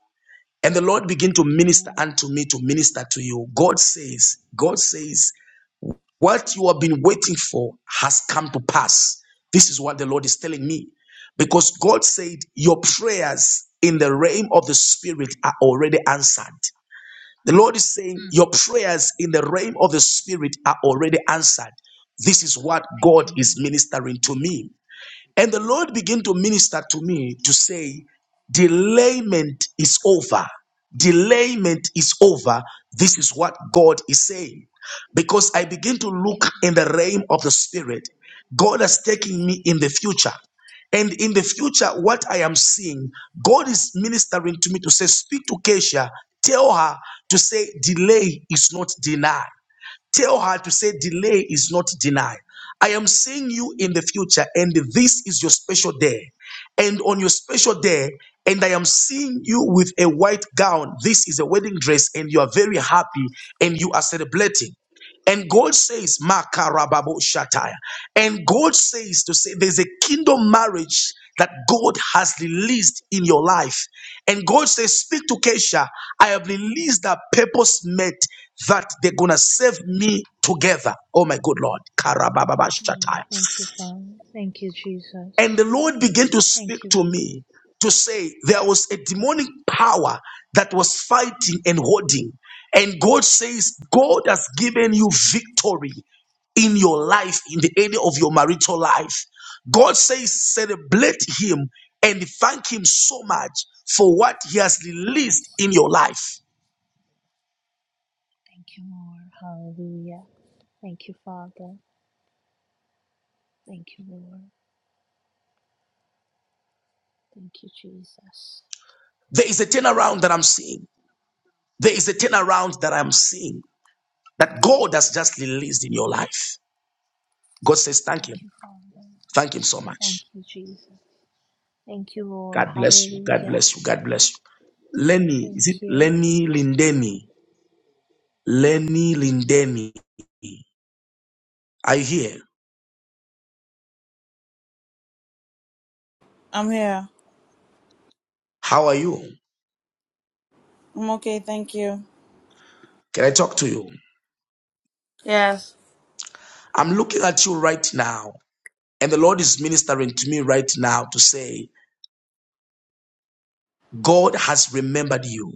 And the Lord begin to
Thank you,
minister
Lord.
unto me to minister to you. God says, God says, what you have been waiting for has come to pass. This is what the Lord is telling me. Because God said, Your prayers in the realm of the Spirit are already answered. The Lord is saying,
Mm.
Your prayers in the realm of the Spirit are already answered. This is what
Thank you,
God is
Lord.
ministering to me. And the Lord began to minister to me to say, Delayment is over. Delayment is over. This is what God is saying. Because I begin to
Thank
look
you,
in
Lord.
the realm of the Spirit. God is taking me in the future. And in the future, what I am seeing, God is ministering to me to say, Speak to Keisha, tell her to say, Delay is not denied. Tell her to say, delay is not denied. I am seeing you in the future, and this is your special day. And on your special day, and I am seeing you with a white gown. This is a wedding dress, and you are very happy and you are celebrating. And God says, Makarababo Shataya. And God says to say there's a kingdom marriage that God has released in your life. And God says, Speak to Kesha. I have released that purpose met that they're gonna save me together. Oh my good Lord. Karababa
Thank you, Lord. Thank you, Father. Thank you,
and
Jesus.
the Lord began to speak
Thank you.
to me to say there was a demonic power that was fighting and holding. And God says, God has given you victory in your life, in the area of your marital life. God says, celebrate Him and thank Him so much for what He has released
Yes.
in your life.
Thank you, Lord. Hallelujah. Thank you, Father. Thank you, Lord. Thank you, Jesus.
There is a turnaround that I'm seeing. There is a turnaround that I'm seeing that God has just released in your life. God says, thank
Thank
Him.
you, Father.
Thank Him so
Thank
much.
you, Jesus. Thank you, Lord.
God bless you. God
Hallelujah.
bless you. God bless you. Lenny,
Thank
is it
you.
Lenny Lindeni? Lenny Lindeni. Are you here?
I'm here.
How are you?
I'm okay, thank you.
Can I talk to you?
Yes.
I'm looking at you right now, and the Lord is ministering to me right now to say, God has remembered you.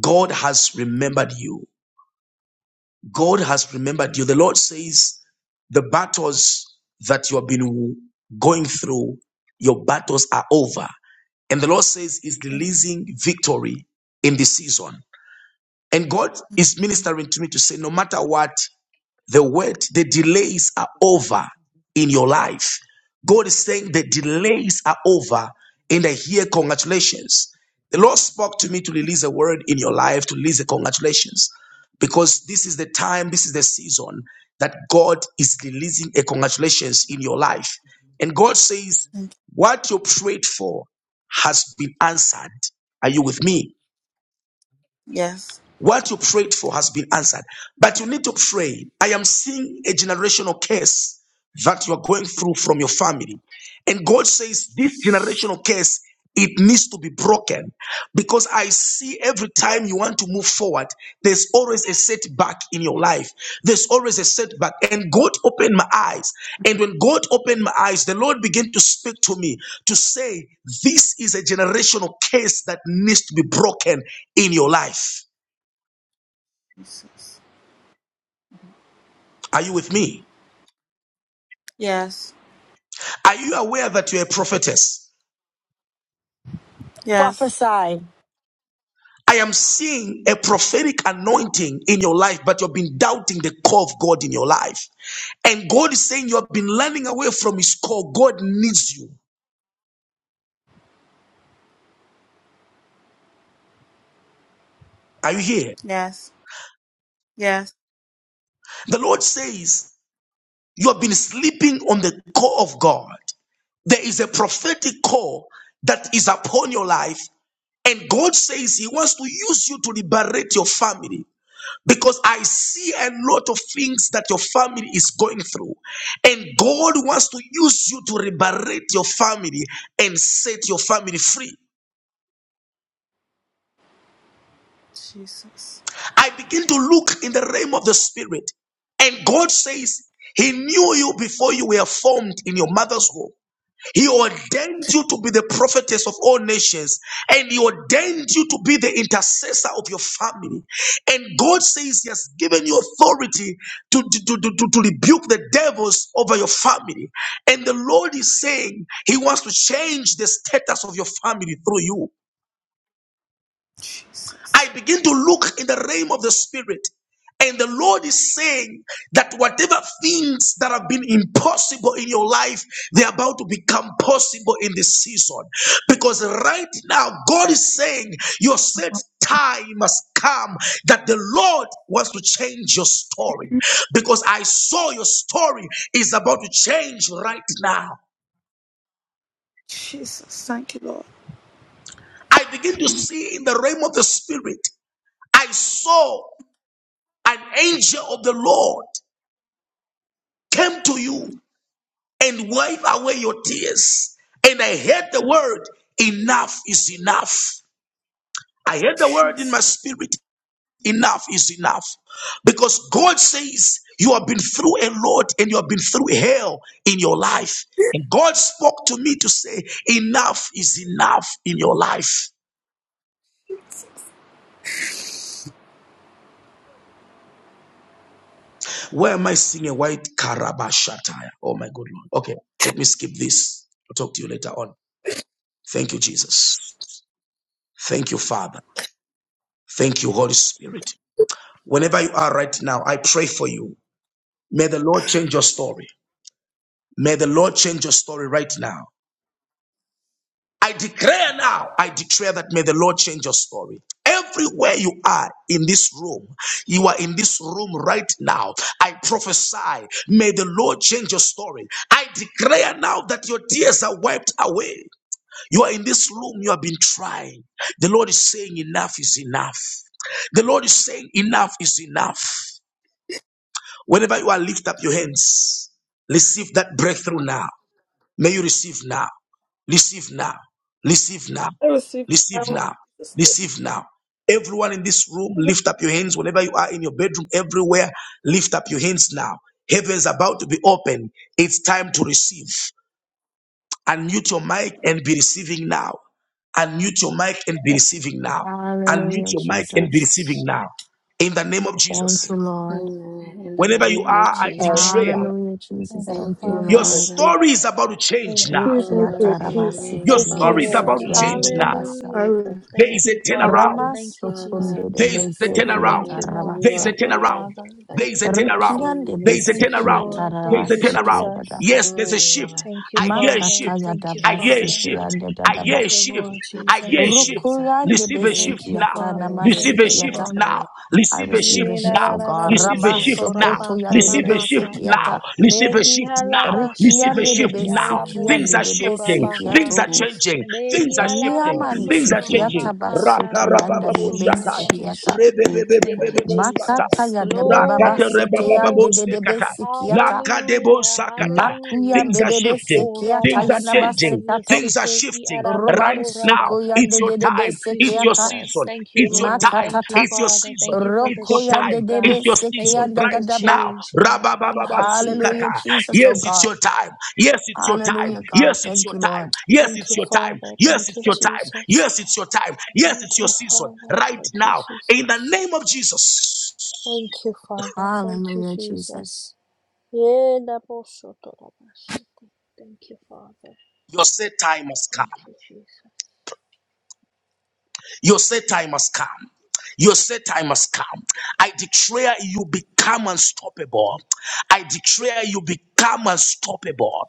God has remembered you. God has remembered you. The Lord says the battles that you have been going through, your battles are over. And the Lord says is releasing victory in this season. And God is ministering to me to say, no matter what the wait, the delays are over in your life. God is saying the delays are over in the here. Congratulations. The Lord spoke to me to release a word in your life, to release a congratulations, because this is the time, this is the season that God is releasing a congratulations in your life. And God says,
Thank
What you prayed for has been answered. Are you with me?
you. Yes.
What you prayed for has been answered. But you need to pray. I am seeing a generational curse that you are going through from your family. And God says this generational curse, it needs to be broken. Because I see every time you want to move forward, there's always a setback in your life. There's always a setback. And God opened my eyes. And when God opened my eyes, the Lord began to speak to me to say, This is a generational curse that needs to be broken in your life.
Jesus.
Are you with me?
Yes.
Are you aware that you're a prophetess?
Yes.
Prophesy.
I am seeing a prophetic anointing in your life, but you've been doubting the call of God in your life. And God is saying you have been running away from His call. God needs you. Are you here?
Yes. Yes.
The Lord says you have been sleeping on the call of God. There is a prophetic call that is upon your life, and God says He wants to use you to liberate your family. Because I see a lot of things that your family is going through. And God wants to use you to liberate your family and set your family free.
Jesus.
I begin to look in the realm of the spirit. And God says, He knew you before you were formed in your mother's womb. He ordained you to be the prophetess of all nations, and He ordained you to be the intercessor of your family. And God says He has given you authority to, to, to, to, to rebuke the devils over your family. And the Lord is saying He wants to change the status of your family through you. I
Jesus.
begin to look in the realm of the spirit. And the Lord is saying that whatever things that have been impossible in your life, they're about to become possible in this season. Because right now, God is saying your set time has come that the Lord wants to change your story. Because I saw your story is about to change right now.
Jesus. Thank you, Lord.
I begin to see in the realm of the spirit, I saw an angel of the Lord came to you and wipe away your tears. And I heard the word, enough is enough. I heard the word in
Jesus.
my spirit, enough is enough. Because God says, you have been through a lot and you have been through hell in your life. And God spoke to me to say, enough is enough in your life. Why am I seeing a white Karabashataya? Oh my good Lord. Okay, let me skip this. I'll talk to you later on. Thank you, Jesus. Thank you, Father. Thank you, Holy Spirit. Whenever you are right now, I pray for you. May the Lord change your story. May the Lord change your story right now. I declare now, I declare that may the Lord change your story. Everywhere you are in this room, you are in this room right now. I prophesy, may the Lord change your story. I declare now that your tears are wiped away. You are in this room, you have been trying. The Lord is saying, enough is enough. The Lord is saying, enough is enough. Whenever you are, lift up your hands. Receive that breakthrough now. May you receive now. Receive now. Receive now.
I receive
Receive
now.
now.
Jesus' name.
Receive now. Everyone in this room, lift up your hands. Whenever you are in your bedroom, everywhere, lift up your hands now. Heaven is about to be open. It's time to receive. Unmute your mic and be receiving now. Unmute your mic and be receiving now. Unmute
Hallelujah,
your mic and be
Jesus.
receiving now. In the name of
Thank you,
Thank
Jesus.
you,
Jesus.
Lord.
Amen. In the
Whenever you
name of
are, I
Thank
I
you,
Jesus.
Father.
receive
declare
it.
Hallelujah, Jesus.
I
Thank you,
Thank
Thank you,
receive
you,
it
Your
Father.
for
Lord.
Father.
two.
story is about to
I
change now.
receive it
Ekia
Glory
for
to your
two.
tarabasi
name,
Your
Thank you,
story is
Father,
tiribisi
about
Lord.
in
to
the
kia
change
name
now.
of
mbebekabasa.
I
Hallelujah.
Jesus
There is
Thank
Christ.
receive
a
you,
it
Father.
turnaround.
for
Thank
Ramaso
you,
Father, I
kunde de
There
Jesus.
is
bless
a
your
bese
truth.
kia
holy
Thank you,
turnaround.
name, for
Lord.
you
There is
are
a
tarabasa.
Thank you,
Lord and
turnaround.
Father.
God.
Thank
There is a
you,
You are
Lord.
turnaround.
Rikiande
King, you
There is a
are
besi
Thank you,
kia
turnaround.
everything.
Lord.
There
Thank
is a
you,
tarabasi tia
turnaround.
Jesus.
Yes, there's a
Only will
shift.
I
Thank you,
I hear a
Father.
shift.
Makata ya
Thank you,
I hear a
thank
dabasi
you,
Father.
shift.
tia
Father.
nde
I
Thank
hear
dadaba.
a
you,
shift.
Lord
Thank
I
you,
hear a
Jesus.
shift.
Jesus.
Rukuyande
Receive a
besi
Thank
shift
Thank
you,
you
kia
now.
for turning
Father.
Receive
tanamasi
things
Thank
a
you,
kia
shift
around
ta.
for
Father.
me.
now.
I
Receive a
Thank
receive
shift
you
a
He
for
la
shift,
la
oh
now.
la la
God.
bo
Receive a
consuming
so
us,
shift
to
Rabaso
ra
now.
Father,
koto
ba
ya
for
ka
de
ra
putting
de
Receive
the
a
ba
besi
shift
ka.
fire
now.
in us,
Me
Receive
God,
a
hi
shift
ha
now.
la ba
the
she
Receive
fire
a
te
Rikiande de
of
shift
i a
God
now.
la
in the
bo
Things
besikiande
so
are
name
de
of
to ra
shifting.
ba ka.
Jesus
Things are
besikiato.
Christ.
changing. Things are shifting.
Riaman
Thank
Things
you,
are changing.
sikiata
Father.
basoto yanda
In the
de
name of
Rakarabababoshakai.
Jesus.
besikiata.
Behialabosotorabakarararabosotoreraboshi.
Thank you,
Thank
God.
you,
Rebebebebebebebosata.
Makata
Jesus.
yanda bababa
Rakata
Glory,
sete yande de
glory.
de
rebabababosekata.
besikiata.
Hallelujah,
Lakadebosakata.
Makuyan
Things
hallelujah.
are
bebebe
shifting.
sekiata
Things are
yanda
Korabasata
changing.
basekato.
Things are
yesete
shifting
iarabo
Roban
right now.
soko
korabaka.
It's
yande
your
de de
time.
Thank you,
It's your
besekiata.
Jesus.
season.
Thank you,
It's your
Lord.
time.
Thank you,
Makatata.
It's your
Father.
season.
Thank you for the
It's your
Roko
shift,
yande
time.
de
God.
It's your
Thank
season
you
besekianda
for the
right
dadaba.
now.
change, God. Thank you,
Hallelujah,
Rababababasukata.
Jesus.
Jesus, oh
Yes, it's
God.
your time. Yes, it's your time.
Hallelujah, God.
Yes, it's
Thank
your
you,
time.
Lord.
Yes,
Thank you,
it's your time.
Father.
Yes,
Thank you,
it's your time.
Jesus.
Yes, it's your time. Yes,
Thank
it's your
you,
season
Father.
right
Thank you,
now. In the
Jesus.
name of Jesus,
Thank you, Father. Thank you,
Hallelujah, Jesus.
Jesus. Yeah, that also to the machete. Thank you, Father.
your set time has
Thank
come.
you, Jesus.
Your set time has come. Your set time has come. I declare you become unstoppable. I declare you become unstoppable.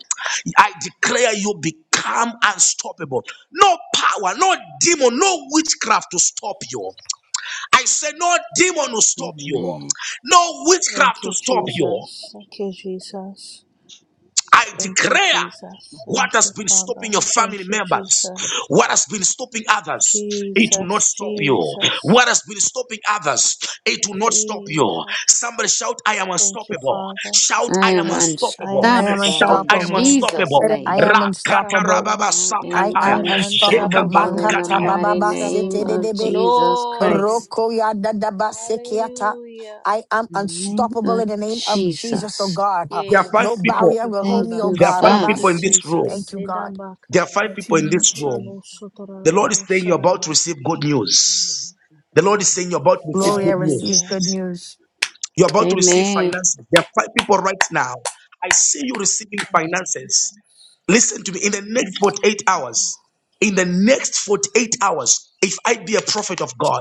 I declare you become unstoppable. No power, no demon, no witchcraft to stop you. I say, no demon will stop you.
Amen.
No witchcraft
Thank
to
you,
stop you.
Jesus. Thank you, Jesus.
I
Thank you,
declare
Jesus.
what
Thank
has
you,
been stopping
Father.
your family
Thank you,
members,
Jesus.
what has been stopping others, it will not
Jesus,
stop you. What
Jesus,
has been stopping others, it will not stop you.
Jesus.
Somebody shout, I am
Thank you,
unstoppable.
Father.
Shout,
I
I am
that.
am
I am
unstoppable.
I am
unstoppable
Shout,
in
I am
unstoppable.
unstoppable.
Jesus'
unstoppable.
I
I
name.
am
am
Rakata
unstoppable.
unstoppable.
rababa
I
I
am
I
sakataya.
am
am
unstoppable.
unstoppable in
unstoppable.
the
I
Makata
Jekapalukataya.
am
mighty
bababa
name
unstoppable.
of
setedebe.
Jesus
Glory.
Christ.
Roko yadadaba sekiata.
Hallelujah.
I am
In the name
unstoppable
of
in the name of Jesus, oh
Jesus.
God. Uh,
There are
No
five
Yes.
Oh,
people.
Thank
barrier
you,
will hold
Thank
me,
Father.
oh
you,
There are
God.
five
Thank
Father.
people
you,
in
Rabasu.
this room.
Jesus.
Thank you, God.
There
Sedambaka.
are five
Mighty
people in
name of
this
Jesus.
room. The Lord is saying you're about to
Urabosotorabosarababa.
receive good news. The Lord is saying you're about to receive
Gloria
good
receives
Hallelujah.
good
news.
news.
You're about to receive
Amen.
finances. There are five people right now. I see you receiving
Thank you,
finances.
Jesus.
Listen to me. In the
Thank
next
you,
48
Jesus.
hours, in the next 48 hours, if I be a prophet of God,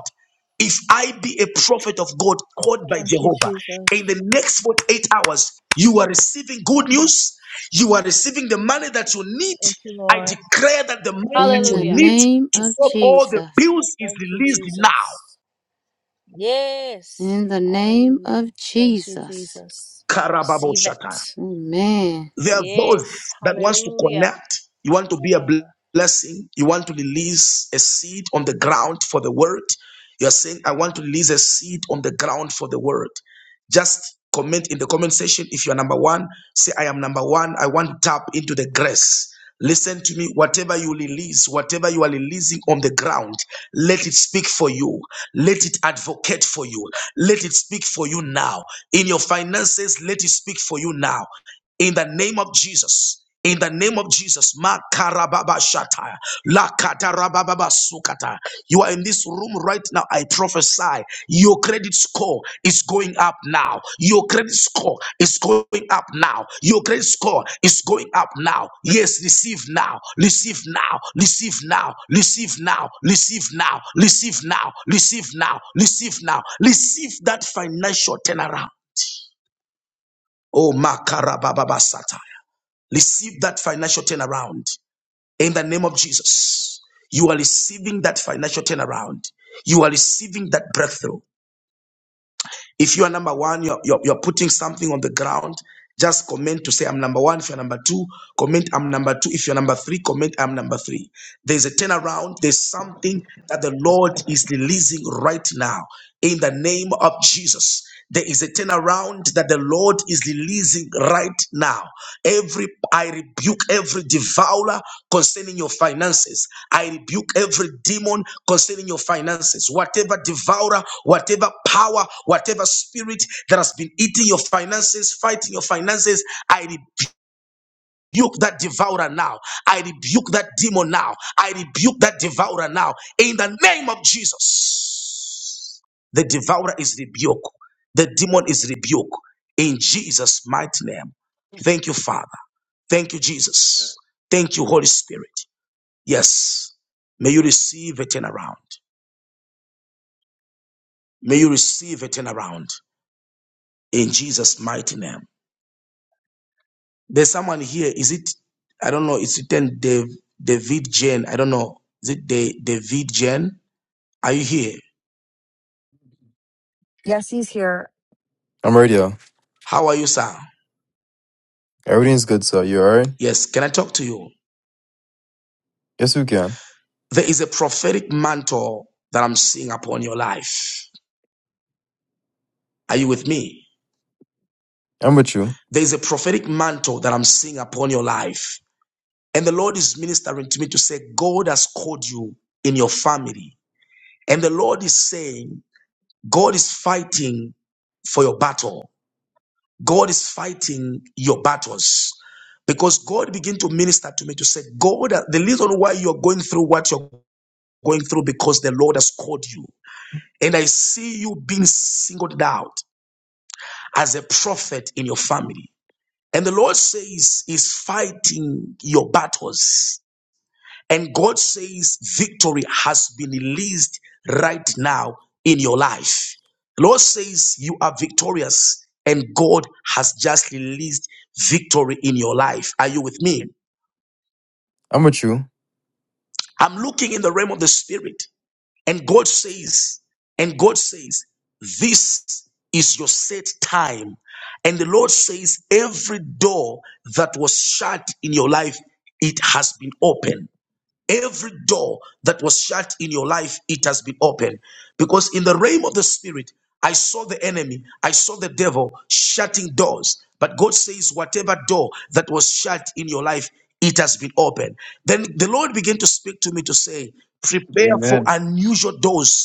if I be a prophet of God called by
Thank you,
Jehovah,
Jesus.
in the next 48 hours, you are receiving good
Mm.
news. You are receiving the money that you need.
Thank you,
I
Lord.
declare that the money that
In
you
the
Hallelujah.
need
name
to
of
solve all the
Jesus.
bills is
Thank you,
released now.
Jesus. Yes.
In
Jesus.
the name
Hallelujah.
of
Thank you,
Jesus.
Jesus.
What you
Karababo
Receive
Shata.
it.
Amen.
There are those
Yes.
that wants to
Hallelujah.
connect. You
Thank
want to
you,
be a
Father.
blessing. You want to release a seed on the ground for the word. You're saying, I want to release a seed on the ground for the word. Just comment in the comment section if you are number one. Say, I am number one. I want to tap into the grace. Listen to me. Whatever you release, whatever you are releasing on the ground, let it speak for you. Let it advocate for you. Let it speak for you now. In your finances, let it speak for you now. In the name of Jesus. In the name of Jesus, Makarababa Shata, You are in this room right now. I prophesy your credit score is going up now. Your credit score is going up now. Your credit score is going up now. Yes, receive now, receive now, receive now, receive now, receive now, receive now, receive now, receive now, receive that financial turnaround. Oh, Makarabababasata. Receive that financial turnaround. In the name of Jesus, you are receiving that financial turnaround. You are receiving that breakthrough. If you are number one, you're, you're, you're putting something on the ground. Just comment to say, I'm number one. If you're number two, comment, I'm number two. If you're number three, comment, I'm number three. There's a turnaround. There's something that the Lord is releasing right now in the name of Jesus. There is a turnaround that the Lord is releasing right now. Every I rebuke every devourer concerning your finances. I rebuke every demon concerning your finances. Whatever devourer, whatever power, whatever spirit that has been eating your finances, fighting your finances, I rebuke rebuke that devourer now. I rebuke that demon now. I rebuke that devourer now. In the name of Jesus. The devourer is rebuked. The demon is rebuked. In Jesus' mighty name.
doing?
Thank you, Father. Thank you,
Uh,
Jesus. Thank you, Holy Spirit. Yes. May you receive a turnaround. May you receive a turnaround. In Jesus' mighty name. There's someone here. Is it? I don't know. It's written Dev, David Jane? I don't know. Is it De, David Jane? Are you here?
Yes, he's here.
I'm ready. yo.
How are you, sir?
Everything's good, sir. You alright?
Yes. Can I talk to you?
Yes, we can.
There is a prophetic mantle that I'm seeing upon your life. Are you with me?
I'm with you.
There is a prophetic mantle that I'm seeing upon your life. And the Lord is ministering to me to say, God has called you in your family. And the Lord is saying, God is fighting for your battle. God is fighting your battles. Because God began to minister to me to say, God, the reason why you're going through what you're going through because the Lord has called you. And I see you being singled out as a prophet in your family. And the Lord says, is fighting your battles. And God says victory has been released right now in your life. The Lord says you are victorious and God has just released victory in your life. Are you with me?
I'm with you.
I'm looking in the realm of the spirit and God says, and God says, this is your set time. And the Lord says, every door that was shut in your life, it has been opened. Every door that was shut in your life, it has been opened. Because in the realm of the spirit, I saw the enemy, I saw the devil shutting doors. But God says, whatever door that was shut in your life, it has been opened. Then the Lord began to speak to me to say, prepare for unusual doors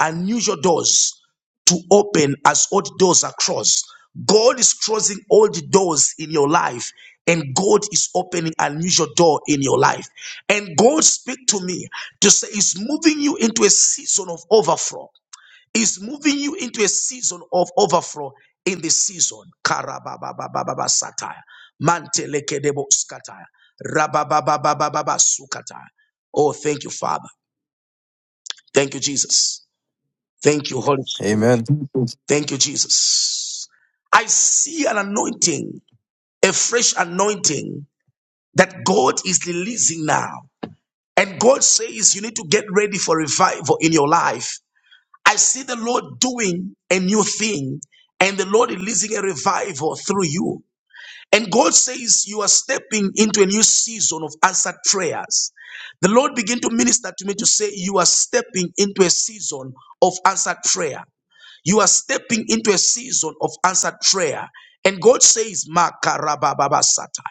unusual doors to open as old doors are crossed. God is crossing old doors in your life, and God is opening unusual door in your life. And God speak to me to say, He's moving you into a season of overflow. He's moving you into a season of overflow in this season. Karabababababa satire. Mantelekedebo skatire. Rababababababa sukatire. Oh, thank you, Father. Thank you, Jesus. Thank you, Holy Spirit.
Amen.
Thank you, Jesus. I see an anointing, a fresh anointing that God is releasing now. And God says you need to get ready for revival in your life. I see the Lord doing a new thing and the Lord releasing a revival through you. And God says you are stepping into a new season of answered prayers. The Lord began to minister to me to say you are stepping into a season of answered prayer. You are stepping into a season of answered prayer. And God says, Makarabababasata.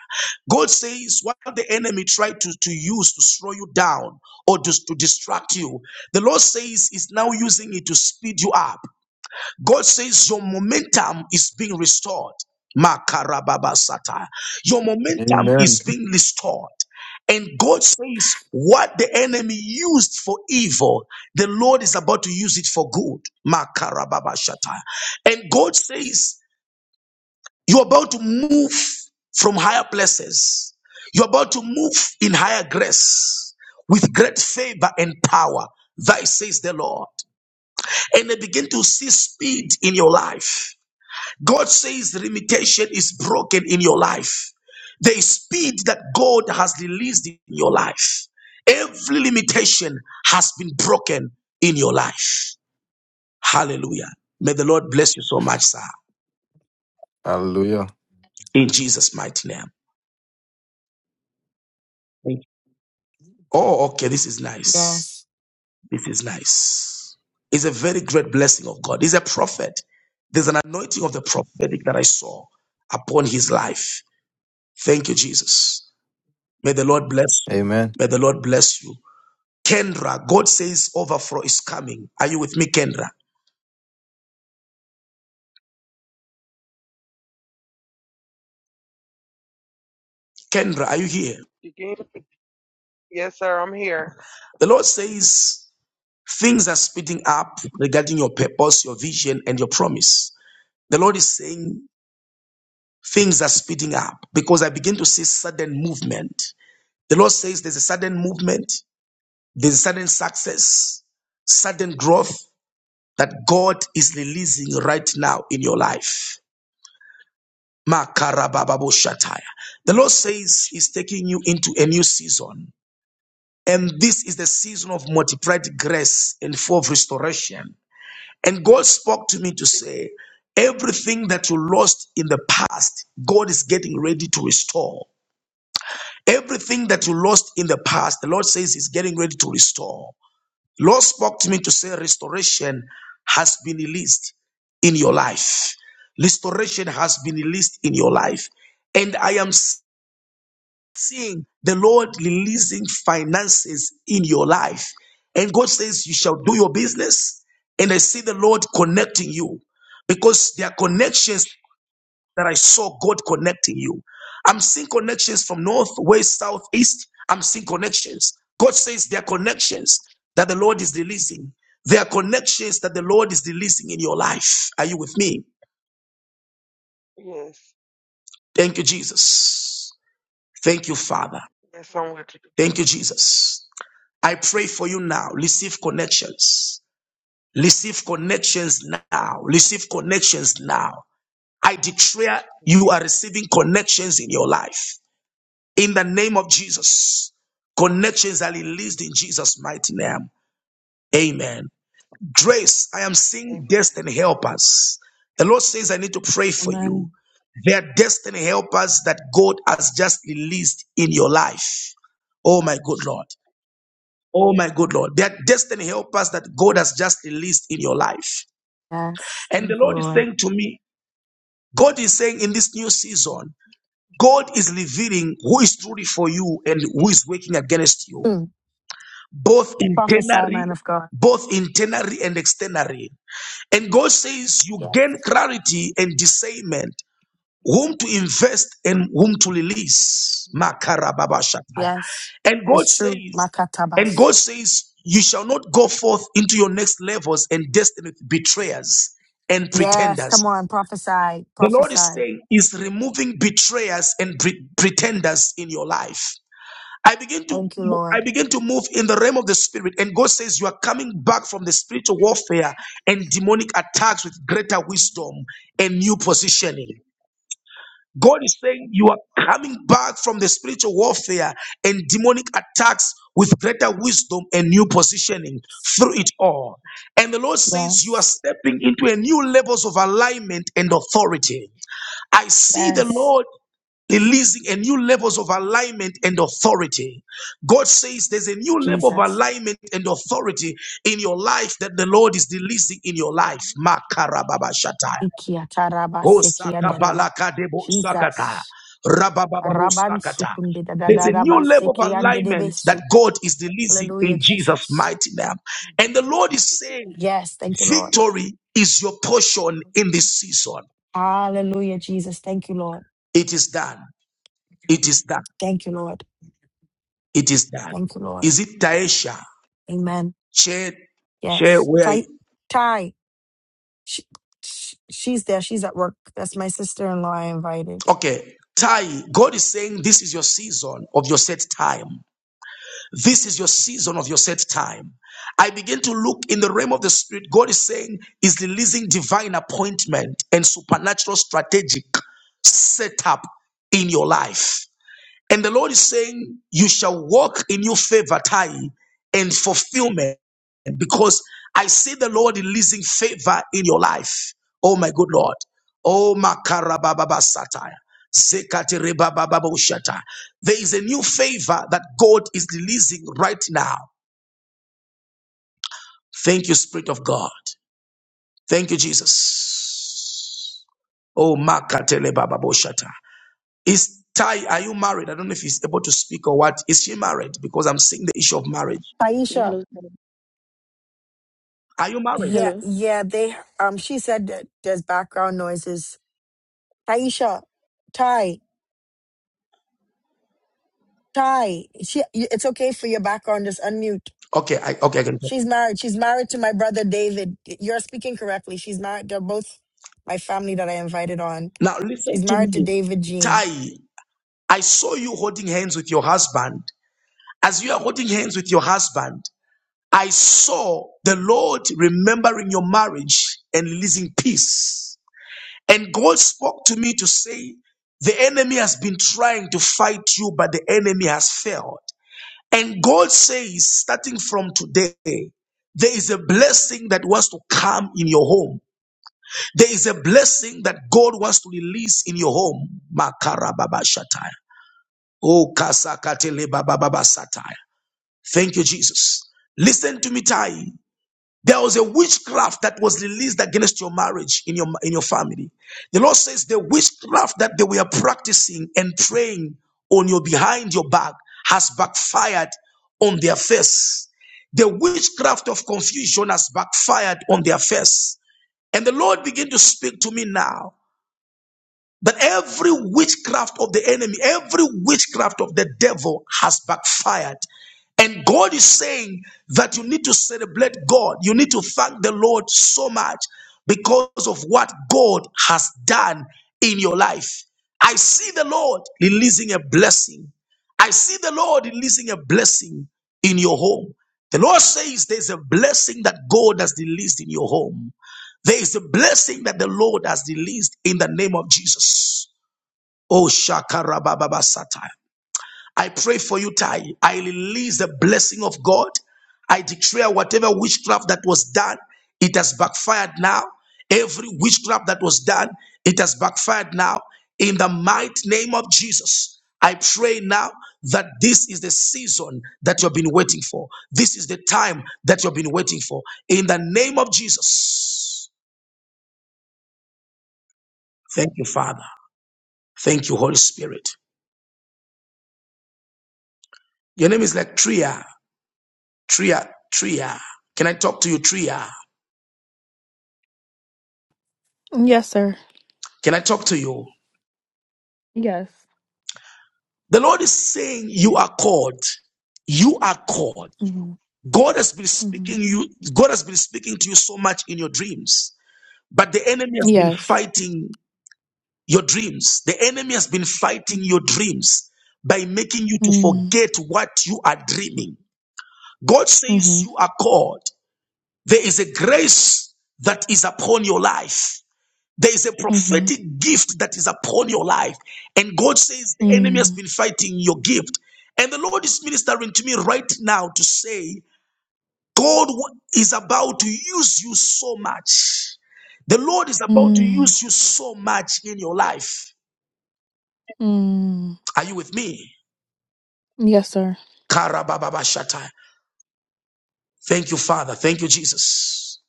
God says, what the enemy tried to, to use to slow you down or just to distract you, the Lord says, is now using it to speed you up. God says your momentum is being restored. Makarababasata. Your momentum
Amen.
is being restored. And God says what the enemy used for evil, the Lord is about to use it for good. Makarababashata. And God says you're about to move from higher places. You're about to move in higher grace with great favor and power. Thy says the Lord. And I begin to see speed in your life. God says the limitation is broken in your life. There is speed that God has released in your life. Every limitation has been broken in your life. Hallelujah. May the Lord bless you so much, sir.
Hallelujah.
In Jesus' mighty name. Thank you. Oh, okay. This is nice.
Yes.
This is nice. It's a very great blessing of God. He's a prophet. There's an anointing of the prophetic that I saw upon his life. Thank you, Jesus. May the Lord bless you.
Amen.
May the Lord bless you. Kendra, God says overflow is coming. Are you with me, Kendra? Kendra, are you here?
You can- Yes, sir. I'm here.
The Lord says things are speeding up regarding your purpose, your vision, and your promise. The Lord is saying things are speeding up because I begin to see sudden movement. The Lord says there's a sudden movement, there's a sudden success, sudden growth that God is releasing right now in your life. Makarabababoshataya. The Lord says He's taking you into a new season. And this is the season of multiplied grace and full of restoration. And God spoke to me to
Jesus.
say, everything that you lost in the past, God is getting ready to restore. Everything that you lost in the past, the Lord says He's getting ready to restore. The Lord spoke to me to say, restoration has been released in your life. Restoration has been released in your life. And I am seeing the Lord releasing finances in your life. And God says, You
Jesus.
shall do your business. And I see the Lord connecting you because there are connections that I saw God connecting you. I'm seeing connections from north, west, south, east. I'm seeing connections. God says there are connections that the Lord is releasing. There are connections that the Lord is releasing in your life. Are you with me?
Yes.
Thank you, Jesus. Thank you, Father.
Yes, I'm with you.
Thank you, Jesus. I pray for you now. Receive connections. Receive connections now. Receive connections now. I declare you are receiving connections in your life. In the name of Jesus, connections are released in Jesus' mighty name. Amen. Grace, I am seeing
Amen.
destiny helpers. The Lord says, I need to pray for you.
Amen.
They are destiny helpers that God has just released in your life. Oh my good Lord. Oh my good Lord, that destiny helpers that God has just released in your life.
Yes.
And the
Thank the
Lord is
Lord.
saying to me, God is saying in this new season, God is revealing who is truly for you and who is working against you,
Mm.
both
Prophesy, man
internally,
of God.
both internally and externally. And God says you
Yes.
gain clarity and discernment whom to invest and whom to release. Makarababashataya.
Yes.
And God
It's
says,
true.
and
Makatabas.
God says, you shall not go forth into your next levels and destiny with betrayers and
Yes,
pretenders.
come on, prophesy,
The Lord is
prophesy.
saying, is removing betrayers and pre- pretenders in your life. I begin to
Thank you,
mo- I
Lord.
begin to move in the realm of the spirit, and God says you are coming back from the spiritual warfare and demonic attacks with greater wisdom and new positioning. God is saying you are coming back from the spiritual warfare and demonic attacks with greater wisdom and new positioning through it all. And the Lord says you are stepping into a new levels of alignment and authority. I see the
Yes,
Lord releasing a new levels of alignment and authority. God says there's a new level of
Jesus.
alignment and authority in your life that the Lord is releasing in your life. Makarababashatai.
Ikia taraba seki andereba. Jesus. Raban sukunde da da
There's
da
a
da ba
new level of
seki
alignment that
anderebesu.
God is releasing
Hallelujah,
in Jesus'
Jesus.
mighty name. And the Lord is saying,
Yes, thank you, Lord.
Victory is your portion in this season.
Hallelujah, Jesus. Thank you, Lord.
It is done. It is done.
Thank you, Lord.
It is done.
Thank you, Lord.
Is it Taisha?
Amen.
Chair, chair,
Yes.
where?
Ty, Ty, she, sh she's there. She's at work. That's my sister-in-law I invited.
Okay. Tai, God is saying, This is your season of your set time. This is your season of your set time. I begin to look in the realm of the spirit. God is saying, is releasing divine appointment and supernatural strategic setup in your life. And the Lord is saying, You shall walk in your favor time and fulfillment because I see the Lord releasing favor in your life. Oh, my good Lord. Oh, Makarababa Satire. There is a new favor that God is releasing right now. Thank you, Spirit of God. Thank you, Jesus. Oh, Makatele Baba boshata. Is Ty, are you married? I don't know if he's able to speak or what. Is she married? Because I'm seeing the issue of marriage.
Yeah,
Taisha.
hello.
Are you married?
Yeah,
Hello.
yeah, they um she said that there's background noises. Taisha, Ty, Ty, she y- it's okay for your background, just unmute.
Okay, I okay, I can talk.
She's married. She's married to my brother David. You're speaking correctly. She's married. They're both my family that I invited on.
Now listen
She's
to
married to
me.
David Jean.
Ty, I saw you holding hands with your husband. As you are holding hands with your husband, I saw the Lord remembering your marriage and releasing peace. And God spoke to me to say, the enemy has been trying to fight you, but the enemy has failed. And God says, starting from today, there is a blessing that wants to come in your home. There is a blessing that God wants to release in your home. Makara baba Makarababashataya. Oh, kasakatelebababababataya. Thank you, Jesus. Listen to me, Tai. There was a witchcraft that was released against your marriage in your in your family. The Lord says the witchcraft that they were practicing and praying on your behind your back has backfired on their face. The witchcraft of confusion has backfired on their face. And the Lord began to speak to me now. That every witchcraft of the enemy, every witchcraft of the devil has backfired. And God is saying that you need to celebrate God. You need to thank the Lord so much because of what God has done in your life. I see the Lord releasing a blessing. I see the Lord releasing a blessing in your home. The Lord says there's a blessing that God has released in your home. There is a blessing that the Lord has released in the name of Jesus. Oh, Shakarabababasata. I pray for you, Tai. I release the blessing of God. I declare whatever witchcraft that was done, it has backfired now. Every witchcraft that was done, it has backfired now. In the mighty name of Jesus, I pray now that this is the season that you've been waiting for. This is the time that you've been waiting for. In the name of Jesus. Thank you, Father. Thank you, Holy Spirit. Your name is like Tria, Tria, Tria. Can I talk to you, Tria?
Yes, sir.
Can I talk to you?
Yes.
The Lord is saying, You are called. You are called.
hmm
God has been
hmm
speaking you, God has been speaking to you so much in your dreams, but the enemy has been
Yes.
fighting your dreams. The enemy has been fighting your dreams by making you to
Mm-hmm.
forget what you are dreaming. God says
Mm-hmm.
you are called. There is a grace that is upon your life. There is a
Mm-hmm.
prophetic gift that is upon your life. And God says the enemy has been fighting your gift. And the Lord is ministering to me right now to say, God is about to use you so much. The Lord is about to
Mm-hmm.
use you so much in your life.
Mm-hmm.
Are you with me?
Yes, sir.
Karabababashata. Thank you, Father. Thank you, Jesus.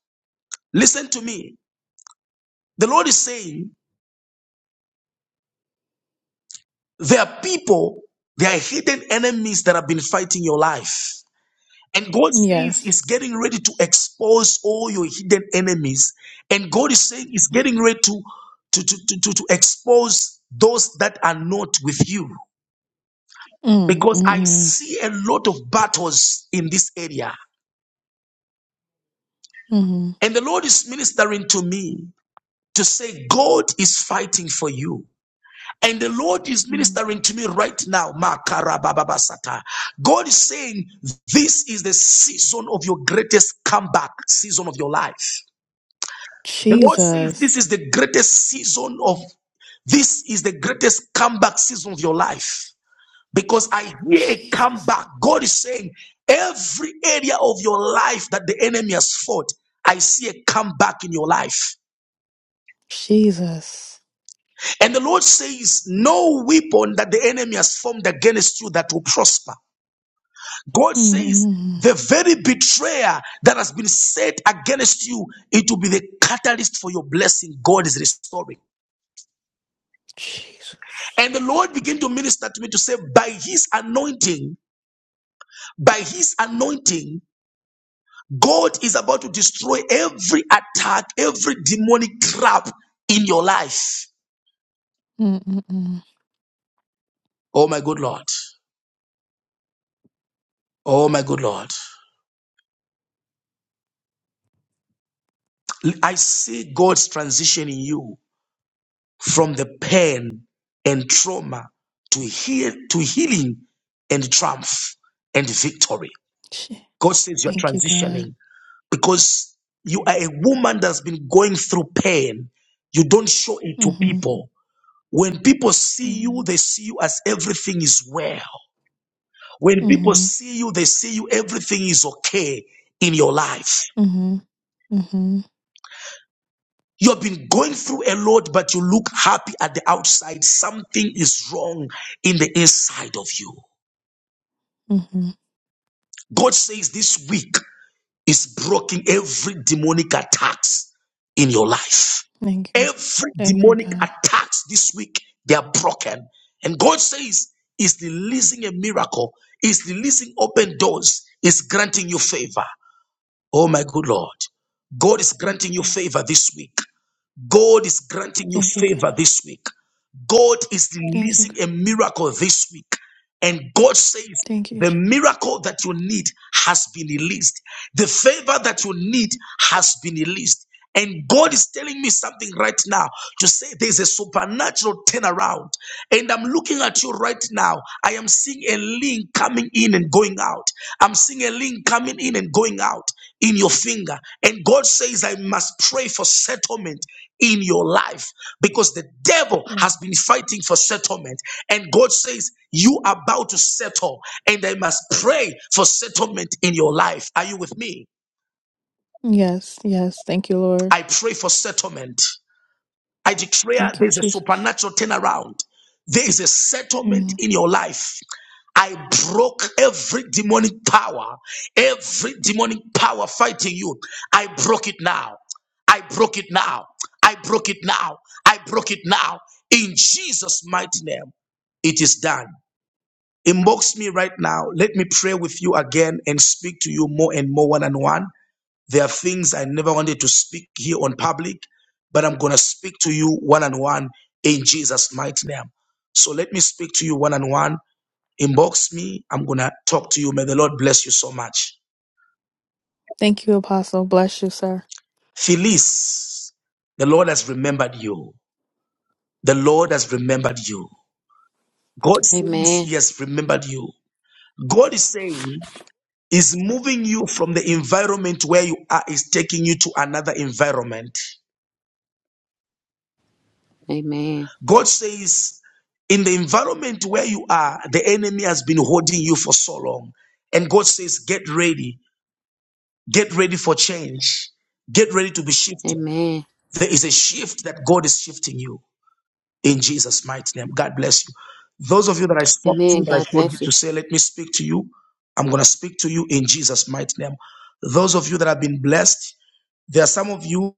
Listen to me. The Lord is saying, there are people, there are hidden enemies that have been fighting your life. And God says
Yes.
He's getting ready to expose all your hidden enemies. And God is saying He's getting ready to, to, to, to, to, to expose those that are not with you. Because I
Mm-hmm.
see a lot of battles in this area.
Mm-hmm.
And the Lord is ministering to me to say, God is fighting for you. And the Lord is ministering to me right now. Makarabababasata. God is saying, This is the season of your greatest comeback, season of your life. The Lord says this is
Jesus.
the greatest season of this is the greatest comeback season of your life. Because I hear a
Jesus.
comeback. God is saying every area of your life that the enemy has fought, I see a comeback in your life.
Jesus.
And the Lord says, No weapon that the enemy has formed against you that will prosper. God says,
Mm-hmm.
the very betrayer that has been set against you, it will be the catalyst for your blessing. God is restoring.
Jesus.
And the Lord began to minister to me to say, by his anointing, by his anointing, God is about to destroy every attack, every demonic trap in your life.
Mm-hmm.
Oh my good Lord. Oh my good Lord. I see God's transition in you from the pain and trauma to heal to healing and triumph and victory. God says you're
Thank you, God.
transitioning. because you are a woman that's been going through pain. You don't show it to
Mm-hmm.
people. When people see
Mm-hmm.
you, they see you as everything is well. When people
Mm-hmm.
see you, they see you everything is okay in your life.
Mm-hmm.
You have been going through a lot, but you look happy at the outside. Something is wrong in the inside of you.
Mm-hmm.
God says this week, is broken every demonic attacks in your life.
Thank you.
Every
Thank you,
demonic
God.
attacks this week, they are broken. And God says, is releasing a miracle, is releasing open doors, is granting you favor. Oh my good Lord. God is
Thank
granting you
you, God.
favor this week. God is granting you
Thank you, God.
favor this week. God is
Thank you, God.
releasing a miracle this week. And God says,
Thank you,
the
Jesus.
miracle that you need has been released. The favor that you need has been released. And God is telling me something right now to say there's a supernatural turnaround. And I'm looking at you right now. I am seeing a link coming in and going out. I'm seeing a link coming in and going out in your finger. And God says, I must pray for settlement in your life because the devil
Yes.
has been fighting for settlement. And God says, You are about to settle, and I must pray for settlement in your life. Are you with me?
Yes, yes. Thank you, Lord.
I pray for settlement. I declare
Thank you,
there's a
Jesus.
supernatural turnaround. There is a settlement
Mm.
in your life. I broke every demonic power, every demonic power fighting you. I broke it now. I broke it now. I broke it now. I broke it now. In Jesus' mighty name, it is done. Inbox me right now. Let me pray with you again and speak to you more and more one on one. There are things I never wanted to speak here on public, but I'm going to speak to you one on one in Jesus' mighty name. So let me speak to you one on one. Inbox me. I'm going to talk to you. May the Lord bless you so much.
Thank you, Apostle. Bless you, sir.
Felice, the Lord has remembered you. The Lord has remembered you. God says
Amen.
He has remembered you. God is saying He's moving you from the environment where you are, is taking you to another environment.
Amen.
God says, in the environment where you are, the enemy has been holding you for so long. And God says, get ready, get ready for change, get ready to be shifted.
Amen.
There is a shift that God is shifting you in Jesus' mighty name. God bless you. Those of you that I spoke
Amen.
to, that
God
I told you
bless you.
to say, let me speak to you, I'm going to speak to you in Jesus' mighty name. Those of you that have been blessed, there are some of you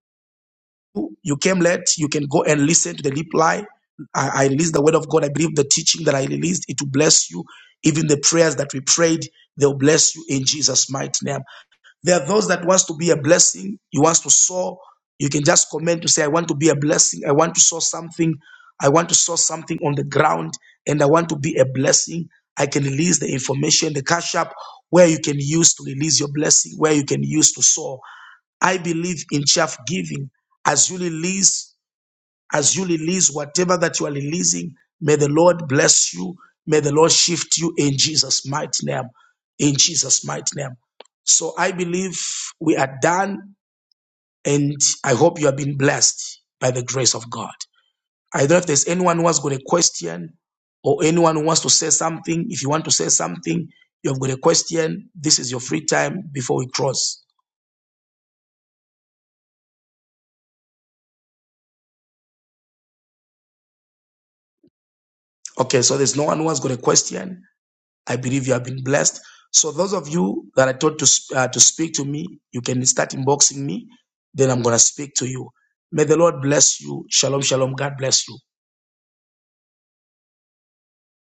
you came late, you can go and listen to the reply. I, I released the word of God. I believe the teaching that I released, it will bless you. Even the prayers that we prayed, they'll bless you in Jesus' mighty name. There are those that wants to be a blessing. You wants to sow. You can just comment to say, I want to be a blessing. I want to sow something. I want to sow something on the ground and I want to be a blessing. I can release the information, the cash app where you can use to release your blessing, where you can use to sow. I believe in chaff giving. As you release, as you release whatever that you are releasing, may the Lord bless you. May the Lord shift you in Jesus' mighty name. In Jesus' mighty name. So I believe we are done, and I hope you have been blessed by the grace of God. I don't know if there's anyone who has got a question or anyone who wants to say something. If you want to say something, you have got a question. This is your free time before we cross. Okay, so there's no one who has got a question. I believe you have been blessed. So those of you that I told to sp- uh, to speak to me, you can start inboxing me. Then I'm gonna speak to you. May the Lord bless you. Shalom, shalom. God bless you.